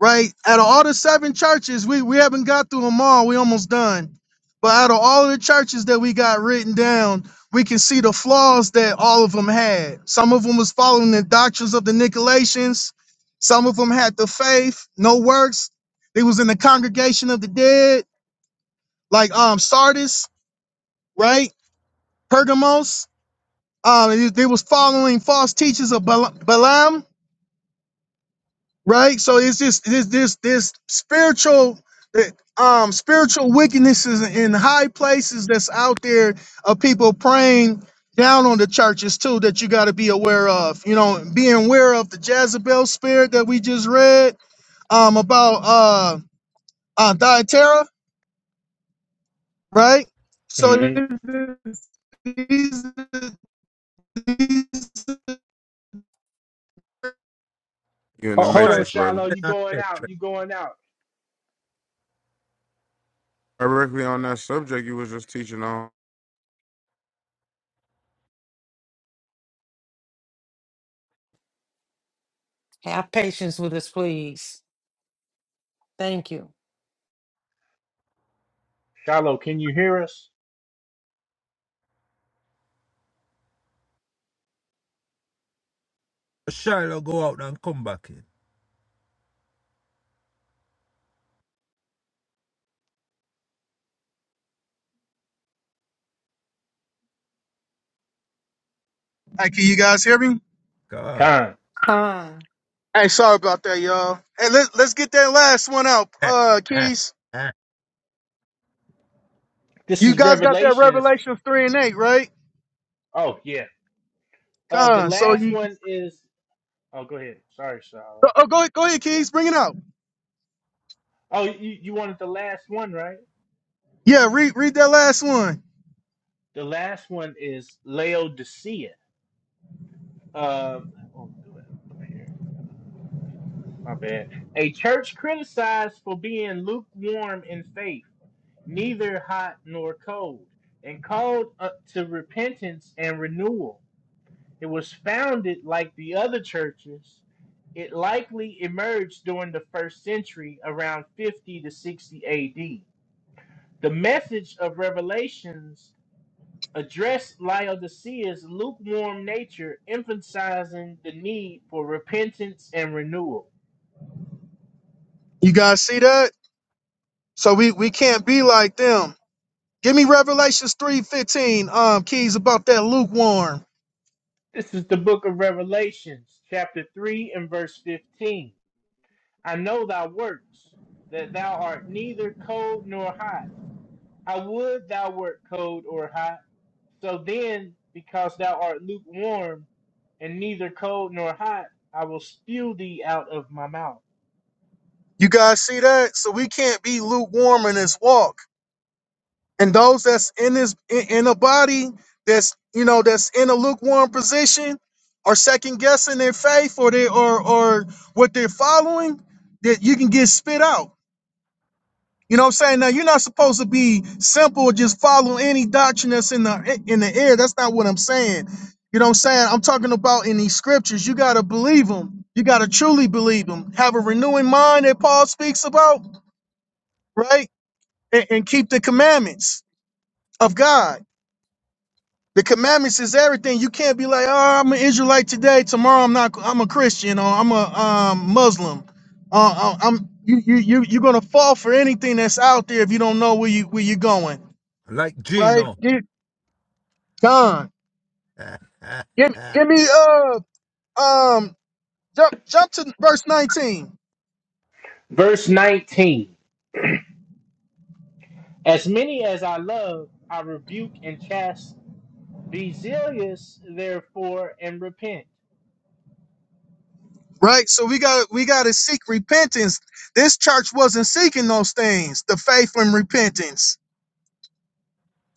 S6: right? Out of all the seven churches, we, we haven't got through them all. We almost done. But out of all of the churches that we got written down, we can see the flaws that all of them had. Some of them was following the doctrines of the Nicolaitans. Some of them had the faith, no works. They was in the congregation of the dead, like um Sardis, right? Pergamos. Um, they, they was following false teachers of Bala- Balaam right? So it's just this this this spiritual eh, um spiritual wickednesses in high places that's out there of people praying down on the churches too that you got to be aware of. You know, being aware of the Jezebel spirit that we just read um about uh uh Thyatira, right? So
S1: hmm
S6: these, these
S10: You in the
S1: Ho- hold on,
S5: Shiloh
S10: Matrix, brother.
S1: Shiloh. You
S5: and
S1: going out?
S5: Petra.
S1: You going out?
S10: Directly on that subject you was just teaching on.
S2: Have patience with us, please. Thank you.
S1: Shiloh, can you hear us?
S5: Shiloh go out and come back in.
S6: Hey, can you guys hear me?
S5: Ah.
S1: Con.
S2: Con,
S6: Hey, sorry about that, y'all. Hey, let, let's get that last one out,
S5: Eh,
S6: uh,
S5: eh,
S6: Keys.
S5: eh.
S1: This
S6: You
S1: is
S6: guys got that
S1: Revelations.
S6: Revelations three and eight, right?
S1: Oh yeah. Uh, the
S6: Con. So
S1: last
S6: you
S1: one is. Oh, go ahead. Sorry, Shiloh.
S6: oh, oh, go ahead, go ahead, Keys, bring it out.
S1: Oh, you, you wanted the last one, right?
S6: Yeah, read read that last one.
S1: The last one is Laodicea. Uh, oh, do that up here. My bad. A church criticized for being lukewarm in faith, neither hot nor cold, and called up to repentance and renewal. It was founded like the other churches. It likely emerged during the first century, around 50 to 60 AD. The message of Revelations addressed Laodicea's lukewarm nature, emphasizing the need for repentance and renewal.
S6: You guys see that? So we we can't be like them. Give me Revelations three fifteen, um, Keys about that lukewarm.
S1: This is the book of Revelations, chapter 3 and verse 15. I know thy works, that thou art neither cold nor hot. I would thou wert cold or hot. So then, because thou art lukewarm and neither cold nor hot, I will spew thee out of my mouth.
S6: You guys see that? So we can't be lukewarm in this walk. And those that's in this in, in a body that's you know that's in a lukewarm position or second guessing their faith or they or or what they're following, that you can get spit out. You know what I'm saying? Now you're not supposed to be simple, just follow any doctrine that's in the in the air. That's not what I'm saying. You know what I'm saying? I'm talking about in these scriptures. You gotta believe them. You gotta truly believe them. Have a renewing mind that Paul speaks about, right? And, and keep the commandments of God. The commandments is everything. You can't be like, oh, I'm an Israelite today. Tomorrow I'm not. I'm a Christian or I'm a um, Muslim. Uh, uh, I'm you you you you're gonna fall for anything that's out there if you don't know where you where you're going.
S5: Like
S6: right?
S5: Gino.
S6: Get gone.
S5: Eh, eh,
S6: Give
S5: eh.
S6: give me uh um jump jump to verse 19.
S1: Verse 19 As many as I love, I rebuke and chasten. Be zealous, therefore, and repent.
S6: Right? So we got we gotta seek repentance. This church wasn't seeking those things, the faith and repentance,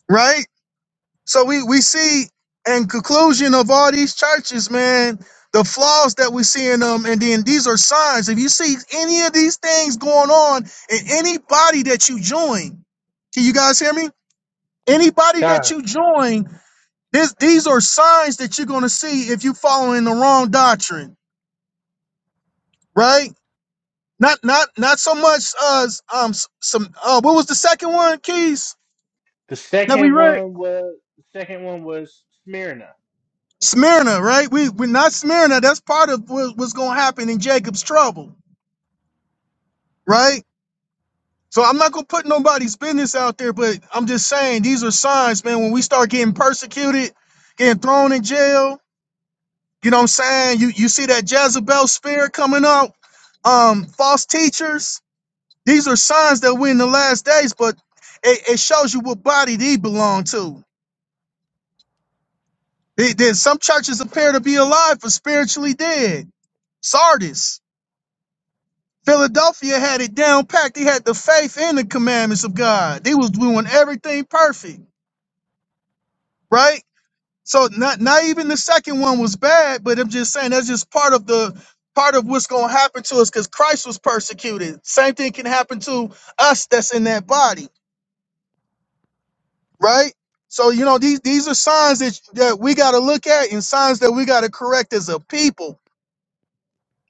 S6: right? So we we see in conclusion of all these churches, man, the flaws that we see in them, and then these are signs. If you see any of these things going on in any body that you join, can you guys hear me? Anybody
S1: God.
S6: that you join This, these are signs that you're going to see if you're following the wrong doctrine, right? Not, not, not so much as um s- some. Uh, what was the second one, Keys?
S1: The
S6: That we
S1: second
S6: read
S1: one was the second one was Smyrna.
S6: Smyrna, right? We we're not Smyrna. That's part of what, what's going to happen in Jacob's trouble, right? So I'm not going to put nobody's business out there, but I'm just saying these are signs, man. When we start getting persecuted, getting thrown in jail, you know what I'm saying? You you see that Jezebel spirit coming out, um, false teachers These are signs that we're in the last days, but it, it shows you what body they belong to. They, there- some churches appear to be alive but spiritually dead. Sardis, Philadelphia had it down packed. They had the faith and the commandments of God. They was doing everything perfect, right? So not not even the second one was bad, but I'm just saying that's just part of the part of what's gonna happen to us because Christ was persecuted. Same thing can happen to us that's in that body. right? So you know these these are signs that that we got to look at and signs that we got to correct as a people.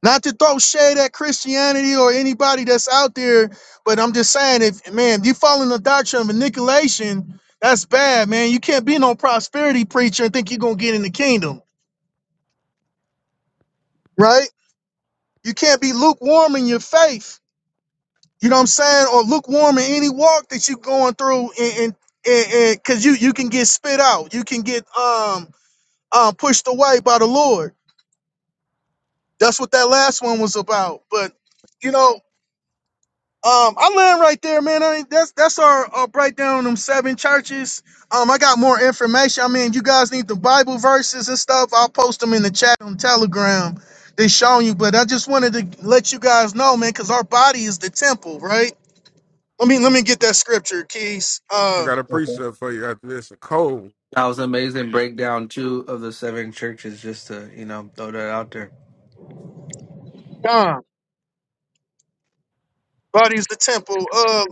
S6: Not to throw shade at Christianity or anybody that's out there, but I'm just saying if man, if you following the doctrine of manipulation, that's bad, man. You can't be no prosperity preacher and think you're gonna get in the kingdom, right? You can't be lukewarm in your faith. You know what I'm saying? Or lukewarm in any walk that you're going through and, and and because you you can get spit out, you can get um um, pushed away by the Lord. That's what that last one was about. But you know, um, I land right there, man. I mean, that's that's our, our breakdown on them seven churches. Um, I got more information. I mean, you guys need the Bible verses and stuff. I'll post them in the chat on Telegram. They showing you, but I just wanted to let you guys know, man, because our body is the temple, right? Let me let me get that scripture, Keys.
S10: I
S6: Uh,
S10: got a
S1: Okay.
S10: precept for you after this, a code.
S11: That was an amazing breakdown too of the seven churches. Just to you know throw that out there.
S6: John. Body's the temple. Uh,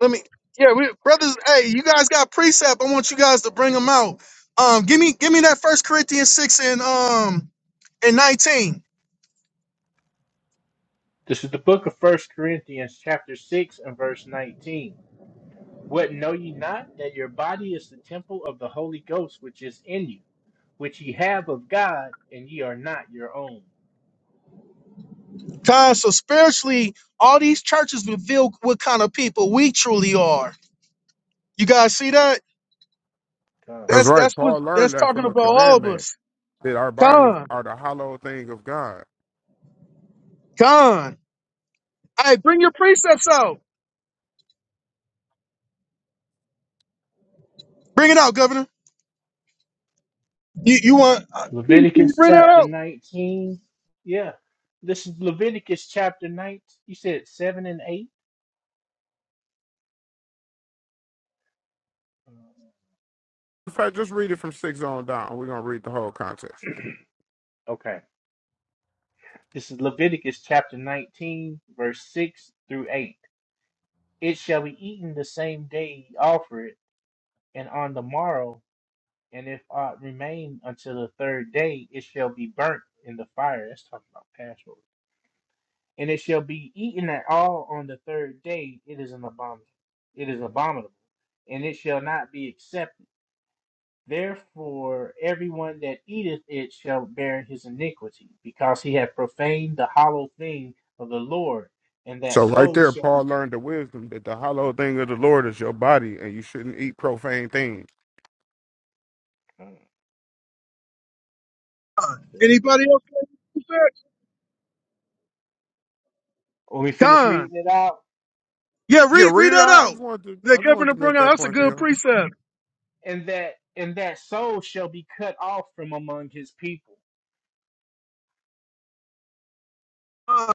S6: let me. Yeah, we brothers. Hey, you guys got precept. I want you guys to bring them out. Um, give me, give me that First Corinthians six and um and nineteen.
S1: This is the book of First Corinthians, chapter six and verse nineteen. What know ye not that your body is the temple of the Holy Ghost which is in you, which ye have of God, and ye are not your own.
S6: Guys, so spiritually, all these churches reveal what kind of people we truly are. You guys see that?
S1: God.
S10: That's
S6: That's
S10: right.
S6: that's what
S10: Paul
S6: that's
S10: learned that
S6: talking
S10: from a
S6: about all of
S10: commandment
S6: us.
S10: that our bodies
S6: Con,
S10: are the hollow thing of God.
S6: con. Hey, bring your precepts out. Bring it out, Governor. You you want? Uh, can- can you
S1: Leviticus
S6: bring that
S1: chapter
S6: out?
S1: nineteen. Yeah. This is Leviticus chapter nine. You said seven and eight?
S10: In fact, just read it from six on down. We're gonna read the whole context.
S1: Okay. This is Leviticus chapter nineteen, verse six through eight. It shall be eaten the same day ye offer it, and on the morrow, and if aught remain until the third day, it shall be burnt in the fire. That's talking about Passover. And it shall be eaten at all on the third day. It is an abomin. It is abominable, and it shall not be accepted. Therefore, everyone that eateth it shall bear his iniquity, because he hath profaned the hollow thing of the Lord, and that
S10: So right
S1: soul
S10: there,
S1: shall be.
S10: Paul learned the wisdom that the hollow thing of the Lord is your body, and you shouldn't eat profane things.
S1: When
S6: Anybody else? got any
S1: we finish
S6: precepts?
S1: reading it out.
S6: Yeah,
S10: Yeah,
S6: read read
S10: read it.
S6: that
S10: out. I
S6: out.
S10: just wanted to. I
S6: That
S10: just wanted
S6: Governor
S10: to
S6: brought
S10: make
S6: out.
S10: that
S6: That's a
S10: point for
S6: good
S10: y'all.
S6: precept.
S1: and that and that soul shall be cut off from among his people.
S6: Uh,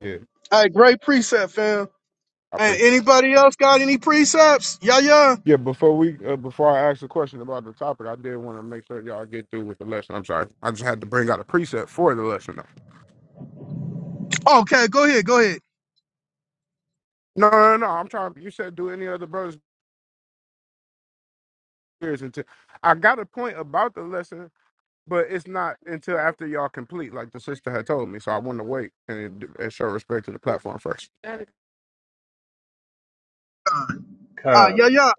S10: Yeah,
S6: Hey, great precept, fam.
S10: I
S6: Hey,
S10: appreciate. it.
S6: anybody else got any precepts? Yeah, yeah.
S10: Yeah, before we uh, before I ask the question about the topic, I did want to make sure y'all get through with the lesson. I'm sorry, I just had to bring out a preset for the lesson. Though.
S6: Okay, go ahead, go ahead.
S10: No, no, no. no, I'm trying. You said do any other brothers peers until I got a point about the lesson, but it's not until after y'all complete, like the sister had told me. So I want to wait and, and show respect to the platform first. Got it.
S6: Uh, uh,
S1: Come.
S6: yeah, yeah.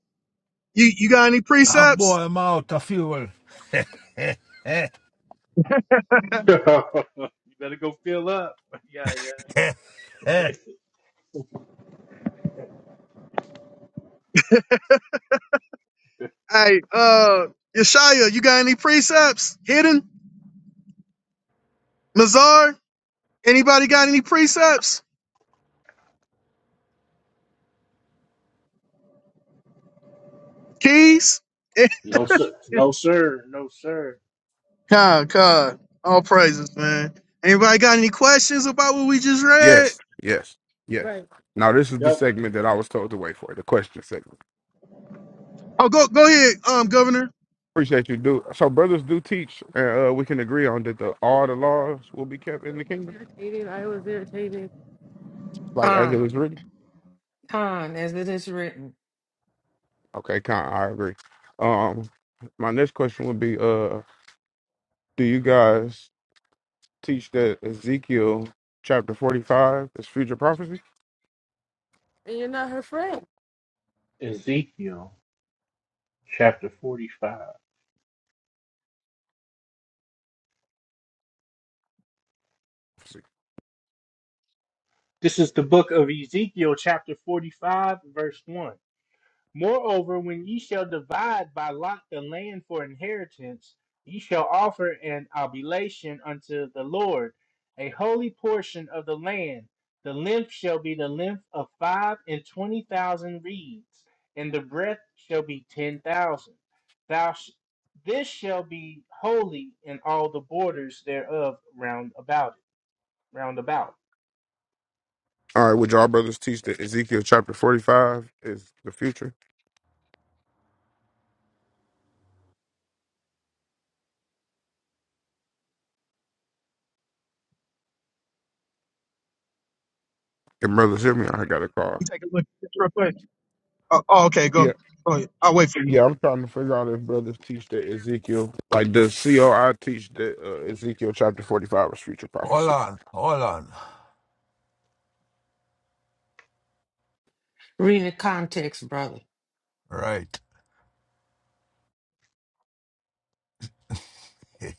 S6: You you got any
S5: Ah,
S6: precepts?
S5: boy, I'm out of fuel.
S1: you better go fill up. Yeah, yeah.
S6: Hey, uh, Yeshaya, you got any precepts? Hidden, Mazar. Anybody got any precepts? Keys.
S1: No, sir. No, sir. No, sir.
S6: God, God. All praises, man. Anybody got any questions about what we just read?
S10: Yes, yes, yes. Right. Now this is the
S1: Yep.
S10: segment that I was told to wait for, the question segment.
S6: Oh, go go ahead, um, Governor. Let
S10: Appreciate you, do So brothers do teach, and uh, we can agree on that the all the laws will be kept in the kingdom, Irritated. I was irritated. like as it
S2: con,
S10: was written.
S2: con, as it is written.
S10: Okay, kind I agree. Um, my next question would be, uh, do you guys teach that Ezekiel chapter forty-five is future prophecy? And you're not her friend.
S1: Ezekiel chapter 45. This is the book of Ezekiel, chapter 45, verse 1. Moreover, when ye shall divide by lot the land for inheritance, ye shall offer an oblation unto the Lord, a holy portion of the land. The length shall be the length of five and twenty thousand reeds, and the breadth shall be ten thousand. Thou sh- this shall be holy in all the borders thereof round about it. Round about
S10: All right, would y'all brothers teach that Ezekiel chapter forty-five is the future? And brothers, hear me. I got a call.
S6: me Take a look. at this real quick. Oh, oh, okay, go.
S10: Yeah.
S6: go I'll wait for you.
S10: Yeah, I'm trying to figure out if brothers teach that Ezekiel, like does COI teach that uh, Ezekiel chapter 45 is future
S5: Hold
S10: prophecy?
S5: on, hold on.
S2: Read the context, brother.
S5: Right. Eh,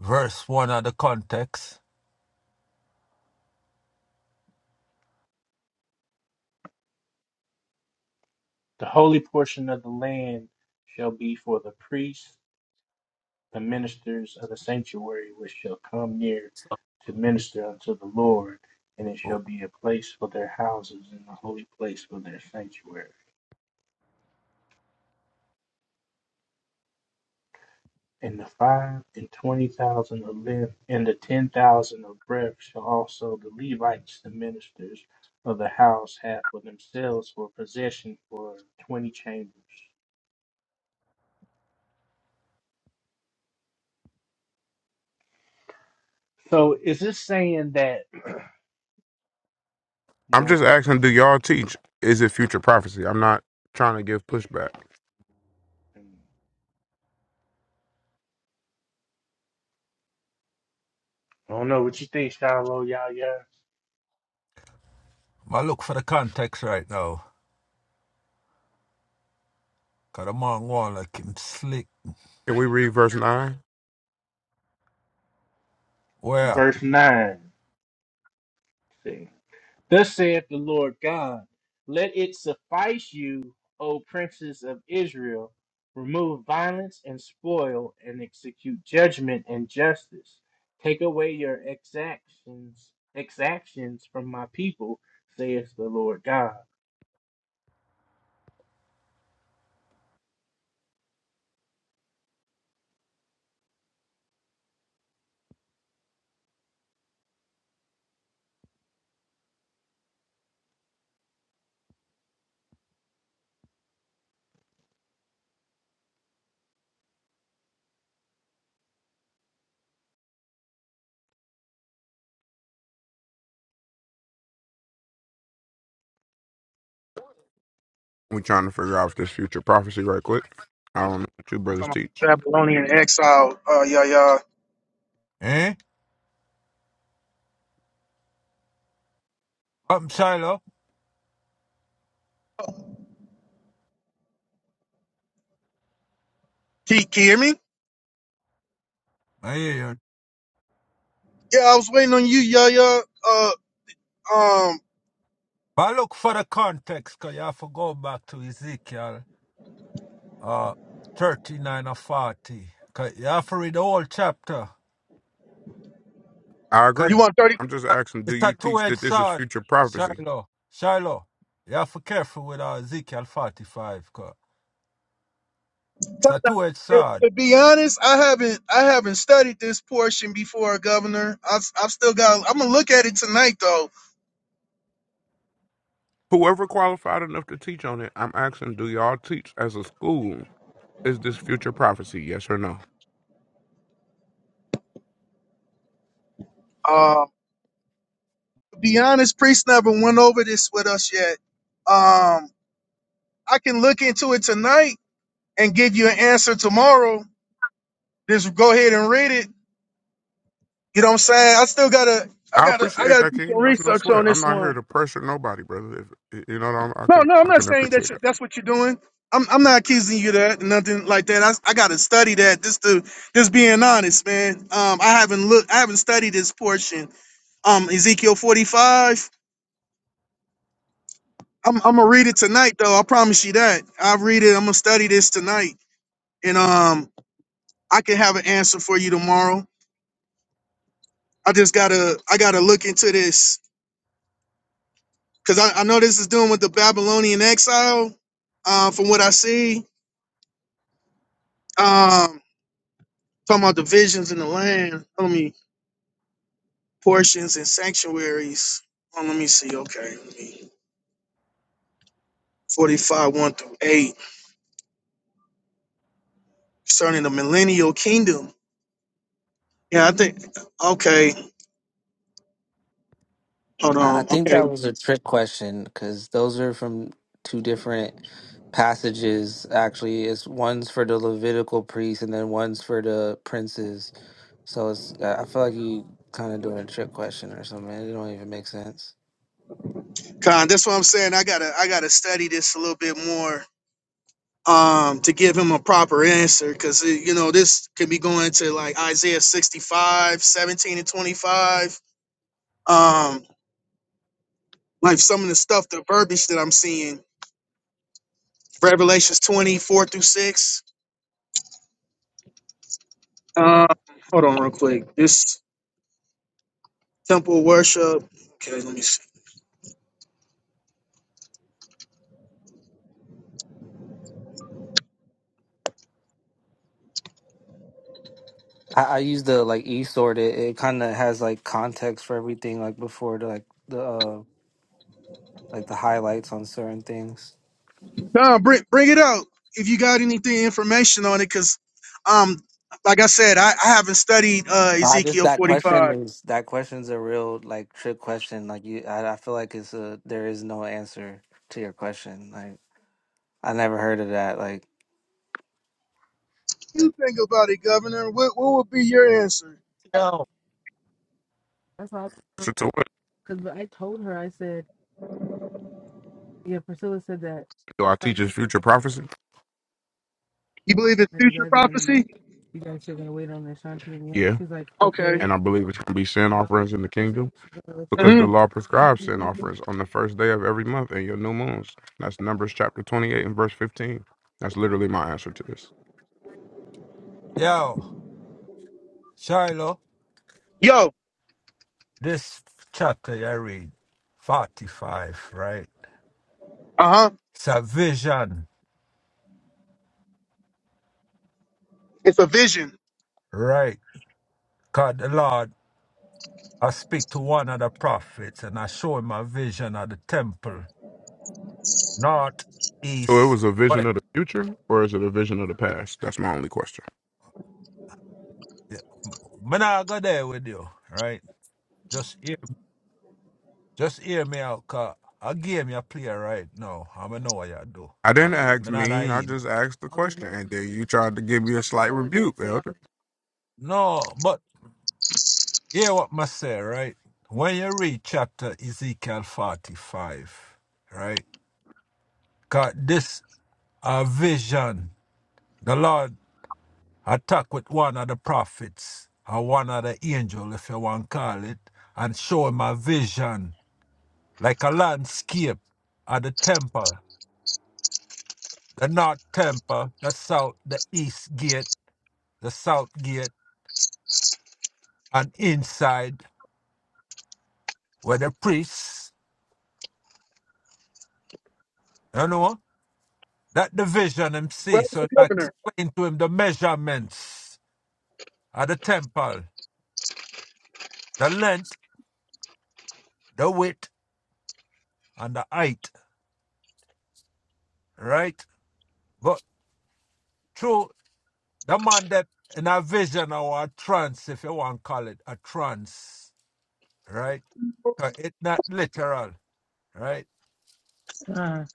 S5: Verse 1 of the context.
S1: the holy portion of the land shall be for the priests the ministers of the sanctuary which shall come near to minister unto the Lord, and it shall
S5: Oh,
S1: be a place for their houses and a holy place for their sanctuary. And the five and twenty thousand of length and the ten thousand of breadth shall also the Levites, the ministers of the house, have for themselves for possession for twenty chambers. So is this saying that
S10: I'm
S1: more of
S10: just asking, do
S1: a
S10: y'all teach is it future prophecy? I'm not trying to give pushback.
S1: I don't know what you think, Shiloh, y'all, yeah.
S5: I look for the context right now. Because the man want like him slick.
S10: Can we read verse 9?
S5: Where?
S1: Verse 9. Thus saith the Lord God, let it suffice you, O princes of Israel. Remove violence and spoil, and execute judgment and justice. Take away your exactions, exactions from my people, saith the Lord God.
S10: we trying to figure out if this future prophecy right quick. I don't know what you brothers
S6: Come on.
S10: teach.
S6: Babylonian exile. Uh, yeah, yeah.
S5: Eh? I'm Shiloh.
S6: Can, can you hear me?
S5: I hear you.
S6: Yeah, I was waiting on you, yeah, yeah. Uh, um,
S5: But I look for the context because you have to go back to Ezekiel uh, 39 or 40. 'Cause you have to read the whole chapter.
S10: I
S5: Because
S6: you
S10: agree.
S6: want thirty?
S10: I'm just asking, do
S5: it's a
S10: you teach
S5: two-edged
S10: that this is
S5: sword,
S10: future prophecy?
S5: Shiloh. Shiloh. You have to be careful with uh, Ezekiel 45. It's a two-edged
S6: To
S5: sword.
S6: to be honest, I haven't, I haven't studied this portion before, Governor. I've, I've still got. I'm gonna look at it tonight, though.
S10: Whoever qualified enough to teach on it, I'm asking, do y'all teach as a school, is this future prophecy, yes or no?
S6: Uh, to be honest, priest never went over this with us yet. Um, I can look into it tonight and give you an answer tomorrow. Just go ahead and read it You know what I'm saying? I still gotta, I
S10: I
S6: gotta, I
S10: appreciate
S6: gotta
S10: that,
S6: do
S10: King.
S6: some
S10: That's no
S6: research
S10: sweat.
S6: on
S10: I'm
S6: this
S10: not here
S6: one.
S10: to pressure nobody, brother. If, you know, what I'm, I
S6: No,
S10: can
S6: no, I'm
S10: I
S6: not
S10: can
S6: saying that
S10: appreciate
S6: you,
S10: that.
S6: that's what you're doing. I'm, I'm not accusing you of that, nothing like that. I, I gotta study that. Just to, just being honest, man. Um, I haven't looked, I haven't studied this portion. Um, Ezekiel 45. I'm, I'm gonna read it tonight, though. I promise you that. I read it. I'm gonna study this tonight, and um, I can have an answer for you tomorrow. I just gotta, I gotta look into this because I, I know this is doing with the Babylonian exile, uh, from what I see. Um, talking about divisions in the land. Let me portions and sanctuaries. Oh, let me see. Okay, let me, forty-five one through eight concerning the millennial kingdom. Yeah, I think. Okay, hold
S11: I I
S6: on.
S11: think that
S6: Okay,
S11: was a trick question because those are from two different passages. Actually, it's one's for the Levitical priests and then one's for the princes. So it's I I feel like you kind of doing a trick question or something. It don't even make sense.
S6: Con, that's what I'm saying. I gotta, I gotta study this a little bit more um to give him a proper answer because you know this could be going to like isaiah 65 17 and 25 um like some of the stuff, the verbiage that I'm seeing, Revelations 24 through 6. Uh, hold on real quick. This temple worship. Okay, let me see.
S11: I, I use the like e sort. It, it kind of has like context for everything, like before the like the uh, like the highlights on certain things.
S6: No, bring bring it out if you got anything information on it, because um, like I said, I, I haven't studied uh
S11: Nah, I just
S6: Ezekiel
S11: that question
S6: 45.
S11: is that question's a real like trick question. Like you, I, I feel like it's a there is no answer to your question. Like I never heard of that. Like
S6: You think about it, Governor. What what would be your answer?
S5: Yo.
S10: That's why I told Pressure to what? because I told her I said yeah. Priscilla said that Do I like teach his future prophecy?
S6: You believe it's
S10: that you
S6: future
S10: guys are gonna be
S6: prophecy?
S10: you guys are gonna wait on the Ashanti and Yoni. Yeah, She's like okay.
S6: Okay.
S10: and I believe it's gonna be sin So offerings in the I said kingdom She's like, let's wait. because it.
S6: hmm
S10: the law prescribes sin offerings on the first day of every month and your new moons. That's Numbers chapter 28 and verse 15. That's literally my answer to this.
S5: Yo, Shiloh,
S6: Yo.
S5: this chapter I read, 45, right?
S6: Uh huh.
S5: It's a vision,
S6: It's a vision.
S5: right? God, the Lord, I speak to one of the prophets and I show him a vision of the temple, north,
S10: So it
S5: east,
S10: was a vision
S5: west.
S10: of the future, or is it a vision of the past? That's my only question.
S5: Man, I go there with you, right? Just hear, just hear me out, cause a game you play right now, I know what you do,
S10: I didn't
S5: but
S10: ask
S5: me not a
S10: mean. I
S5: idiot.
S10: just asked the question, and then you tried to give me a slight rebuke, elder.
S5: No, but Hear what must say, right? When you read chapter Ezekiel 45, right? Cause this a vision. The Lord attack with one of the prophets or one of the angel, if you want to call it, and show him a vision, like a landscape of the temple, the north temple, the south, the east gate, the south gate, and inside where the priests, you know, That division him
S6: Where's
S5: see,
S6: the
S5: so I
S6: governor?
S5: explained to him the measurements of the temple, the length, the width, and the height, right? But through the man that in a vision or a trance, if you want to call it a trance, right? So It's not literal, right?
S2: Con,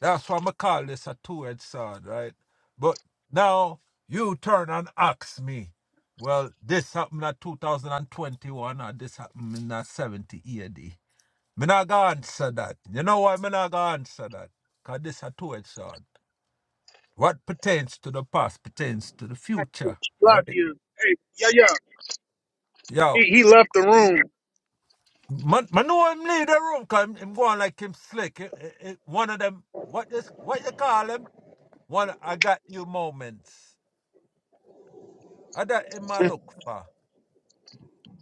S5: That's why I call this a two-edged sword, right? But now you turn and ask me, well, this happened in 2021 or this happened in uh, 70 AD. Me not gonna answer that. You know why me not gonna answer that? Cause this a two-edged sword. What pertains to the past pertains to the future,
S6: Lock
S5: right?
S6: you. Hey, yeah, yeah. He,
S5: Yo,
S6: he left the room.
S5: man, man know him leave the room cause him, him going like him slick. Eh, eh, eh, one of them, what this, what you call him? One, of I got you moments. I that him a look for,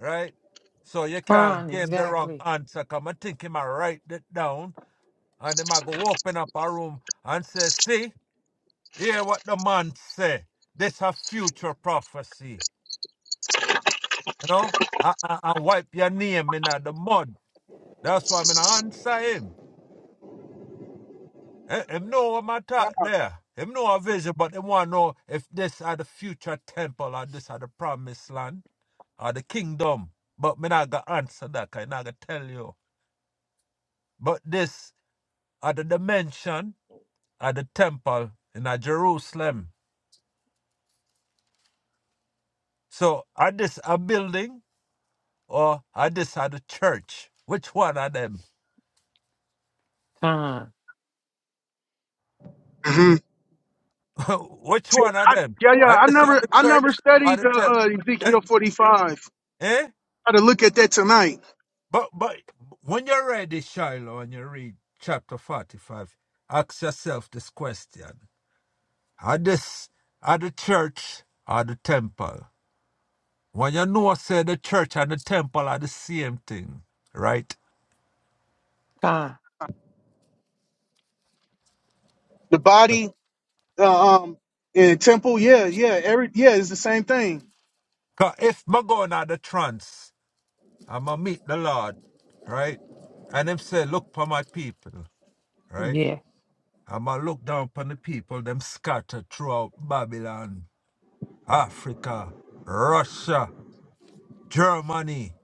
S5: right? So you can't
S2: con,
S5: give him the wrong
S2: exactly.
S5: answer cause I think him a write it down and him a go open up a room and say, see? Hear what the man say. This a future prophecy. You know? I, I, I wipe your name in the mud. That's why I'm gonna answer him. Eh, Him know what my talk there. Him know a vision, but him want to know if this are the future temple or this are the promised land or the kingdom. But me not gonna answer that, 'cause I not gonna tell you. But this are the dimension of the temple in a Jerusalem. So are this a building? or I decided church. Which one of them?
S2: Con,
S6: hmm
S5: Which one of
S6: I,
S5: them?
S6: yeah, yeah.
S5: I
S6: I
S5: decided
S6: never, I never
S5: church or
S6: studied
S5: the
S6: the
S5: temple.
S6: uh,
S5: Eh?
S6: Ezekiel forty five.
S5: eh?
S6: Got to look at that tonight.
S5: But but when you're ready, Shiloh, and you read chapter forty-five, ask yourself this question: Are this are the church or the temple? When you know, say the church and the temple are the same thing, right?
S2: con.
S6: The body, uh, um, and temple. Yeah, yeah. Every yeah, it's the same thing.
S5: 'Cause if I go out the trance, I'ma meet the Lord, right? And him say, look for my people. right?
S2: Yeah,
S5: I'm going to look down upon the people, them scattered throughout Babylon, Africa, Russia, Germany,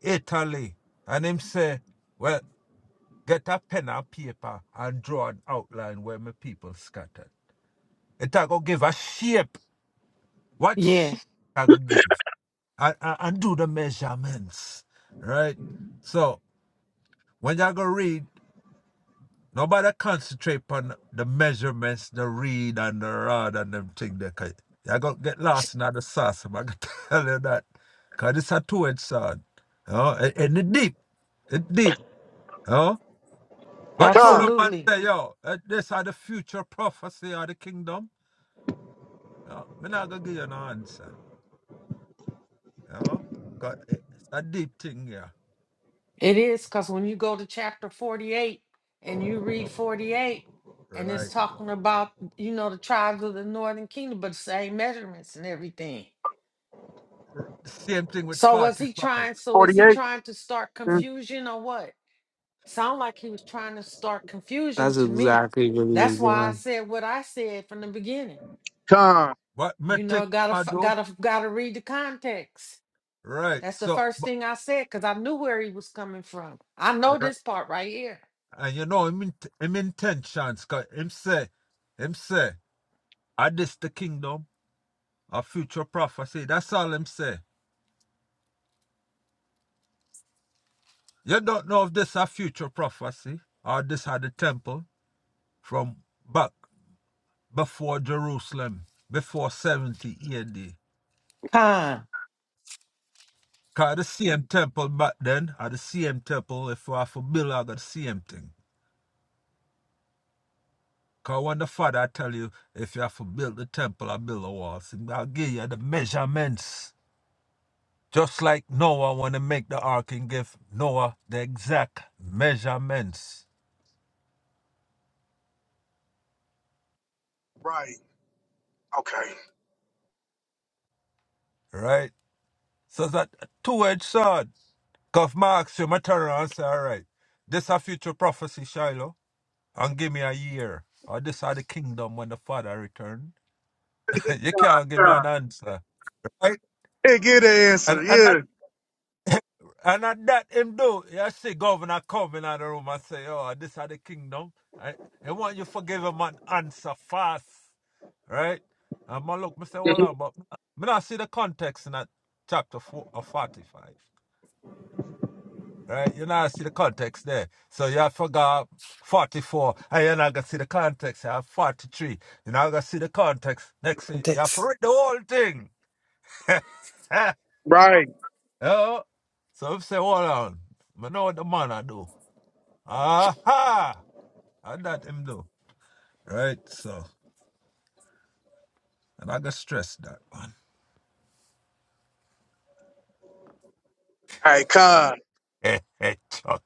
S5: Italy. And him say, well, get a pen and paper and draw an outline where my people scattered. It I go give a shape. What
S2: yeah,
S5: shape I go give? And, and, and do the measurements, right? So when you go read Nobody concentrate on the measurements, the read and the rod and them thing there. Cause you gonna get lost in the sauce. I'm gonna tell you that. Cause it's a two-edged sword. You know, and, and it deep. It deep. You know? But through the man
S2: absolutely.
S5: say, yo, eh, this are the future prophecy of the kingdom. You know? Me not gonna give you no answer. You know? 'Cause it- it's a deep thing here.
S2: It is because when you go to chapter 48 and you read 48, and it's
S5: Right.
S2: talking about, you know, the tribes of the northern kingdom, but same measurements and everything.
S5: R- Same thing with
S2: So was
S5: 45.
S2: he trying? So
S6: Forty
S2: was he
S6: eight.
S2: trying to start confusion or what? Sound like he was trying to start confusion
S11: that's
S2: to me.
S11: exactly what he was
S2: That's why I
S11: doing.
S2: said what I said from the beginning.
S6: Time.
S5: What me
S2: You know,
S5: think
S2: gotta
S5: I
S2: f-
S5: do?
S2: gotta gotta read the context.
S5: Right.
S2: That's the
S5: So,
S2: first
S5: but
S2: thing I said because I knew where he was coming from. I know this part right here.
S5: And you know him, int- him intentions, cause him say, him say, are this the kingdom of future prophecy? That's all him say. You don't know if this a future prophecy or this had the temple from back before Jerusalem, before 70 AD.
S2: Context.
S5: Cause the same temple back then are the same temple if you have to build I got the same thing. Cause when the father tell you if you have to build the temple or build the walls, I'll give you the measurements Just like Noah, when he make the ark and give Noah the exact measurements,
S6: Right. Okay.
S5: right? So that two-edged sword. Cause Marx, you might turn around and say, all right, this a future prophecy, Shiloh, and give me a year. Or this are the kingdom when the father return. you can't give me
S6: Time.
S5: an answer, right?
S6: Yeah, get the
S5: And
S6: answer.
S5: and that
S6: Yeah.
S5: And at that him do, you see governor come in the room and say, oh, this are the kingdom. Right? He want you forgive him and answer fast. Right? And my look, me say, hold
S6: Mhm.
S5: on, but me not see the context in that chapter four, or 45. Right? You not see the context there. So you have forgot 44, and you're not going to see the context. You have 43. You're not going to see the context. Next, thing, you have to read the whole thing. you
S6: Right.
S5: know? So I say, hold on. I know what the man I do. Aha! How that him do? Right, so. And I got stress that one.
S6: Hey, con,
S5: Hey, Chuck.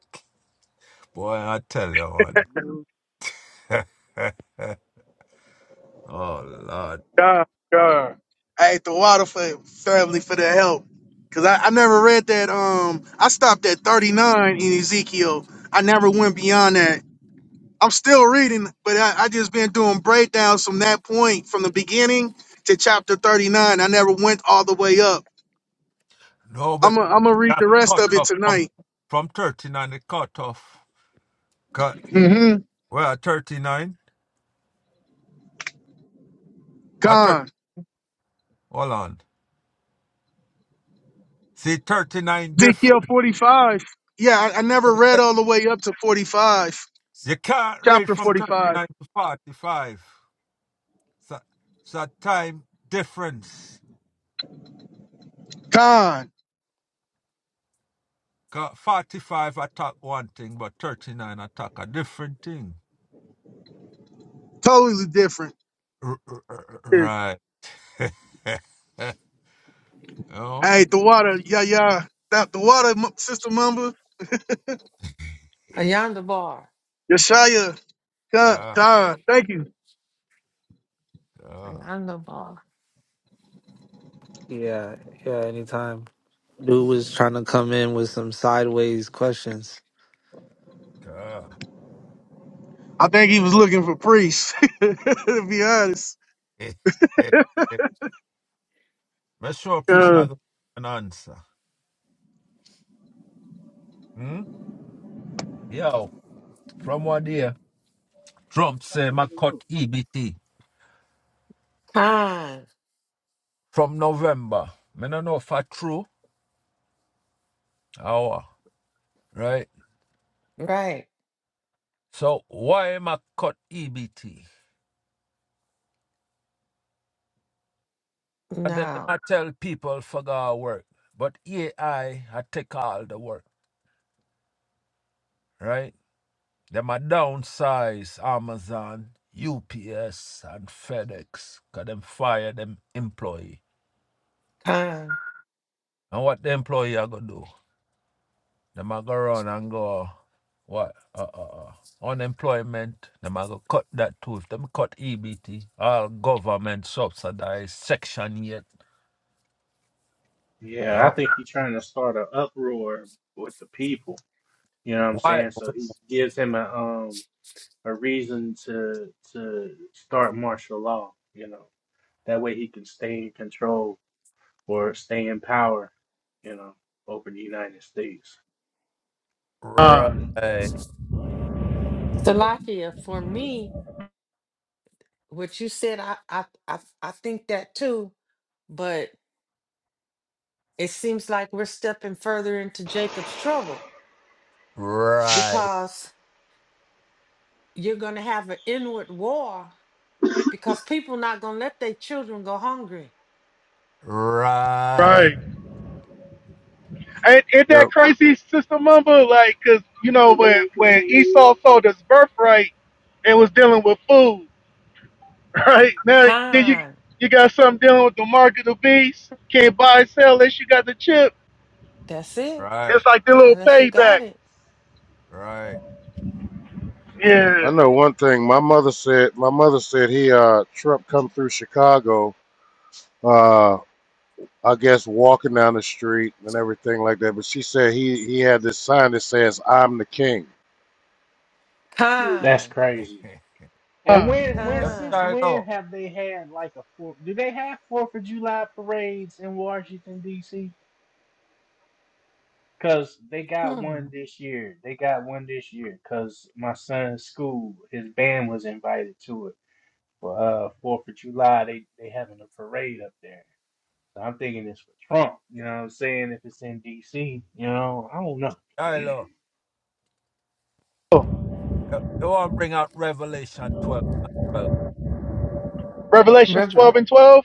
S5: Boy, I tell you
S12: The rules
S5: one. oh Lord.
S6: con, con. Hey, the water for family for the help. Cause I, I never read that. Um, I stopped at thirty nine in Ezekiel. I never went beyond that I'm still reading, but I, I just been doing breakdowns from that point from the beginning to chapter 39. I never went all the way up.
S5: No,
S6: I'm
S5: but
S6: gonna I'm gonna read
S5: that
S6: the rest
S5: cut
S6: of it
S5: off from
S6: tonight.
S5: from thirty nine it cut off. Cut
S6: Mm-hmm.
S5: well thirty nine? I thirty
S6: Gone.
S5: hold on. See thirty nine
S6: Ezekiel
S5: different
S6: 45. Yeah, I, I never read all the way up to 45.
S5: you can't read
S6: Chapter
S5: from thirty
S6: 45.
S5: nine to forty five. So, so time difference.
S6: Gone.
S5: 45 attack one thing, but 39 attack a different thing.
S6: Totally different.
S5: R- r- r- r- Right. no.
S6: Hey, the water. Yeah, yeah. That the water, M- Sister Mumba.
S2: Yonder bar.
S6: Yeshaya. God,
S5: God,
S6: God. Thank you.
S5: God,
S2: Yonder bar.
S11: Yeah, yeah. Anytime dude was trying to come in with some sideways questions.
S5: God.
S6: I think he was looking for priests. to be honest.
S5: Make sure priest not an answer. Hmm? Yo, from what day
S12: for the
S5: Trump say
S12: topic of
S5: my
S12: the room.
S5: cut EBT
S2: Con.
S5: from November. Me no know if I true or right?
S2: Right.
S5: So why am I cut EBT? And then I
S2: Now.
S5: tell people for God work. But AI, I I take all the work, right? Them a downsize Amazon, UPS, and FedEx, because them fire them employee.
S2: Con.
S5: And what the employee are going to do? Them a go run and go, what? Uh, uh, uh, unemployment. Them a go cut that too. If them cut EBT, all government subsidized, Section 8.
S1: Yeah, I
S5: Huh?
S1: think he's trying to start an uproar with the people. You know what I'm
S5: Why?
S1: saying? So he gives him a um a reason to to start martial law. You know that way he can stay in control for staying in power, you know, over the United States.
S6: Uh,
S5: Right,
S12: That's exactly what he.
S2: Salakia, for me, what you said, I, I I I think that too, but it seems like we're stepping further into Jacob's trouble
S5: right.
S2: because you're gonna have an inward war because people not gonna let their children go hungry.
S5: Right,
S6: right. And in
S13: Yep.
S6: that crazy system number? like, cause you know when when Esau sold his birthright and was dealing with food, right? Now then you
S2: Kind,
S6: you got something dealing with the mark of the beast. Can't buy and sell unless you got the chip.
S2: that's it.
S5: right,
S6: It's like the little
S2: Unless you
S6: payback.
S2: got it.
S5: right.
S6: Yeah.
S13: I know one thing. My mother said. My mother said he uh Trump come through Chicago. Uh, I guess walking down the street and everything like that. But she said he he had this sign that says "I'm the King."
S1: That's
S2: Kind,
S1: crazy. And when when
S5: yes,
S1: since
S5: I
S2: kind.
S1: when
S5: know.
S1: have they had like a four? Do they have Fourth of July parades in Washington D.C.? Cause they got
S2: Hmm.
S1: one this year. They got one this year. Cause my son's school, his band was invited to it for uh Fourth of July. They they having a parade up there. So I'm thinking it's for Trump. You know what I'm saying? If it's in D.C., you know, I don't know.
S5: I know.
S6: Oh,
S5: You you want to bring out Revelation 12. 12.
S6: Revelations twelve
S2: Revel-
S6: and twelve.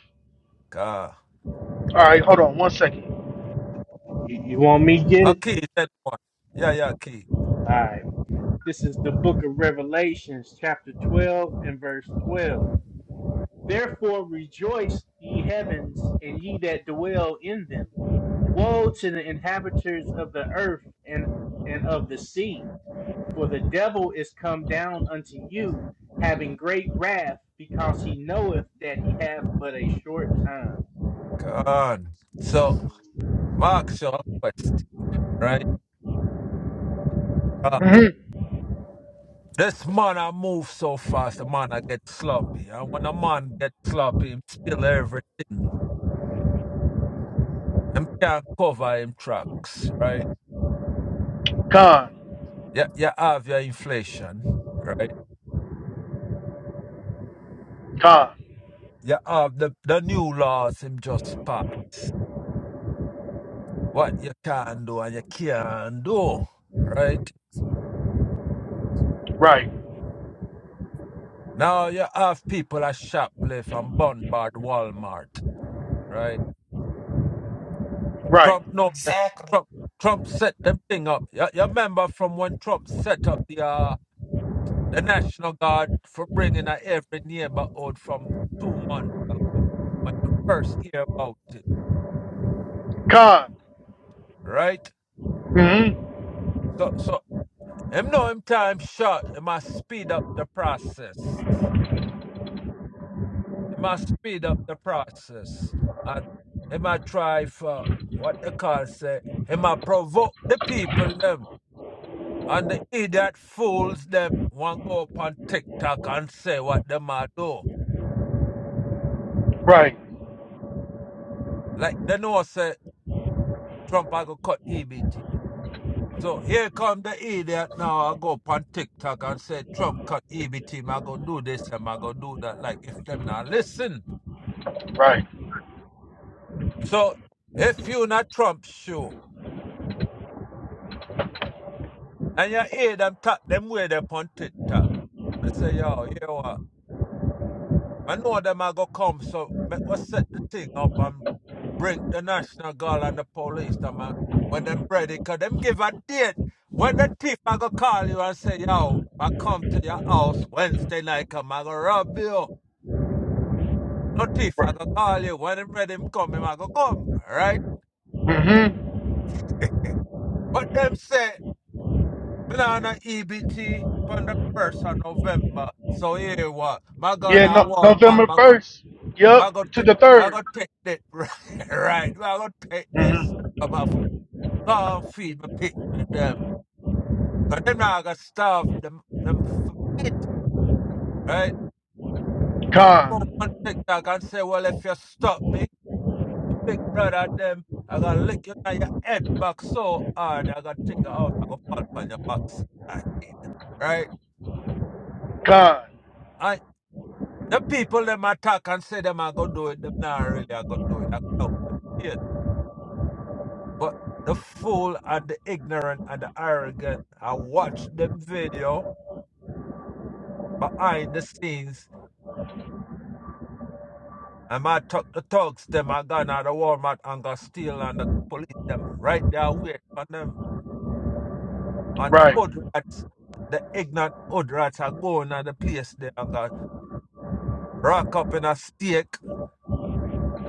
S5: God.
S6: All right, hold on one second.
S1: You, you want me to get it?
S5: Okay, that one. Yeah, yeah, key.
S1: All right. This is the book of Revelations, chapter 12 and verse 12. Therefore rejoice, ye heavens, and ye that dwell in them. Woe to the inhabitants of the earth and, and of the sea, for the devil is come down unto you, having great wrath, because he knoweth that he hath but a short time.
S5: God. So,
S1: Mm.
S5: Mark your quest, right? God.
S6: Mm-hmm.
S5: This man I move so fast, the man I get sloppy. And when a man get sloppy, him spill everything. Him can't cover him tracks, right?
S6: Con.
S5: Yeah, you have your inflation, right?
S6: Con.
S5: You have the, the new laws him just passed. What you can do and you can't do. Right?
S6: Right.
S5: Now you have people at shoplift and bombard Walmart. Right?
S6: Right.
S5: Trump know that.
S2: Exactly.
S5: Trump Trump set them thing up. You, you remember from when Trump set up the uh, the National Guard for bringing a every neighborhood from two months ago when you first hear about it.
S6: Con.
S5: Right?
S6: Mm-hmm.
S5: So so him know him time short, it must speed up the process. It must speed up the process. And it might try for what they call say, it might provoke the people them. And the idiot fools them want go up on TikTok and say what they might do.
S6: Right.
S5: Like they know say Trump I go cut EBT. So here come the idiot now. I go up on TikTok and say Trump cut EBT. I go do this and I go do that. Like if them not listen.
S6: Right.
S5: So if you not Trump's shoe, And you hear them talk them way they on TikTok. I say, yo, you know what? I know them are gonna come, so make us set the thing up and bring the National Guard and the police Them man when them ready, cause them give a date. When the thief I go call you and say, yo, I come to your house Wednesday night, come I go rob you. No thief I
S6: Right.
S5: go call you. When them ready him come, him I go come. Alright?
S6: Mm-hmm.
S5: But them say, me nah no EBT from the first of November. So here what? My
S6: Yeah,
S5: gonna
S6: no,
S5: Walmart,
S6: November
S5: I
S6: first.
S5: I
S6: Yep,
S5: go
S6: to
S5: take,
S6: the
S5: I
S6: 3rd
S5: go take that right. right. I go take this.
S6: Mm-hmm.
S5: I'm out for God feed my pig and them. Cause them now I got starve them them feet, right? Don't go
S6: Con,
S5: on TikTok and say, well, if you stop me, the big brother them, I gotta lick you on your head back so hard. I gotta take you out. I gotta fall on your backside, right?
S6: con.
S5: I the people them attack and say them I go do it. Them not really I go do it. I count them. Yeah. But the fool and the ignorant and the arrogant, I watch them video behind the scenes. And my tuck the thugs them I gone out of Walmart and go steal and the police them right there wait for them. And the
S6: Right,
S5: hood rats, the ignorant hood rats are going on the place there and go rock up in a steak,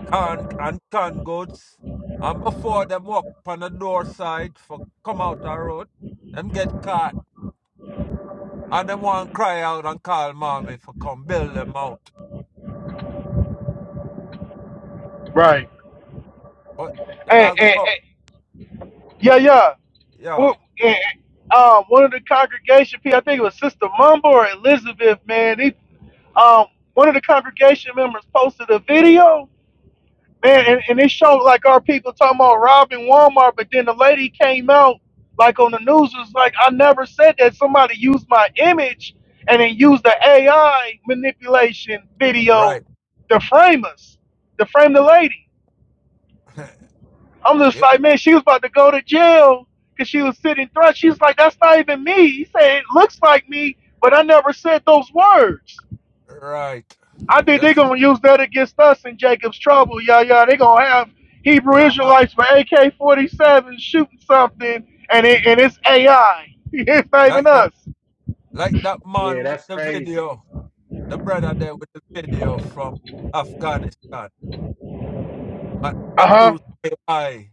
S5: can and canned goods. And before them walk on the door side for come out the road, them get caught. And them want cry out and call mommy for come build them out.
S6: right.
S5: But them
S6: Hey,
S5: have to
S6: hey,
S5: come.
S6: hey. yeah, yeah. Well,
S5: Yo.
S6: eh, eh, um, one of the congregation people, I think it was Sister Mumble or Elizabeth, man. They, um, one of the congregation members posted a video Man, and,
S5: Mm,
S6: and it showed like our people talking about robbing Walmart, but then the lady came out like on the news was like, I never said that. Somebody used my image and then used the AI manipulation video
S5: right.
S6: to frame us, to frame the lady. I'm just
S5: Yeah,
S6: like, man, she was about to go to jail because she was sitting thrust. She's like, that's not even me. He said, it looks like me, but I never said those words.
S5: right.
S6: I think they're
S5: Yes, it
S6: gonna use that against us in Jacob's trouble. Yeah, yeah, they're gonna have Hebrew
S5: can.
S6: Israelites for AK forty seven shooting something, and it, and it's AI. It's not even
S5: Like the
S6: us.
S5: like that man
S1: Yeah,
S5: with
S1: that's
S5: the
S1: crazy.
S5: video. The brother there with the video from Afghanistan. And
S6: Uh
S5: them
S6: huh.
S5: use AI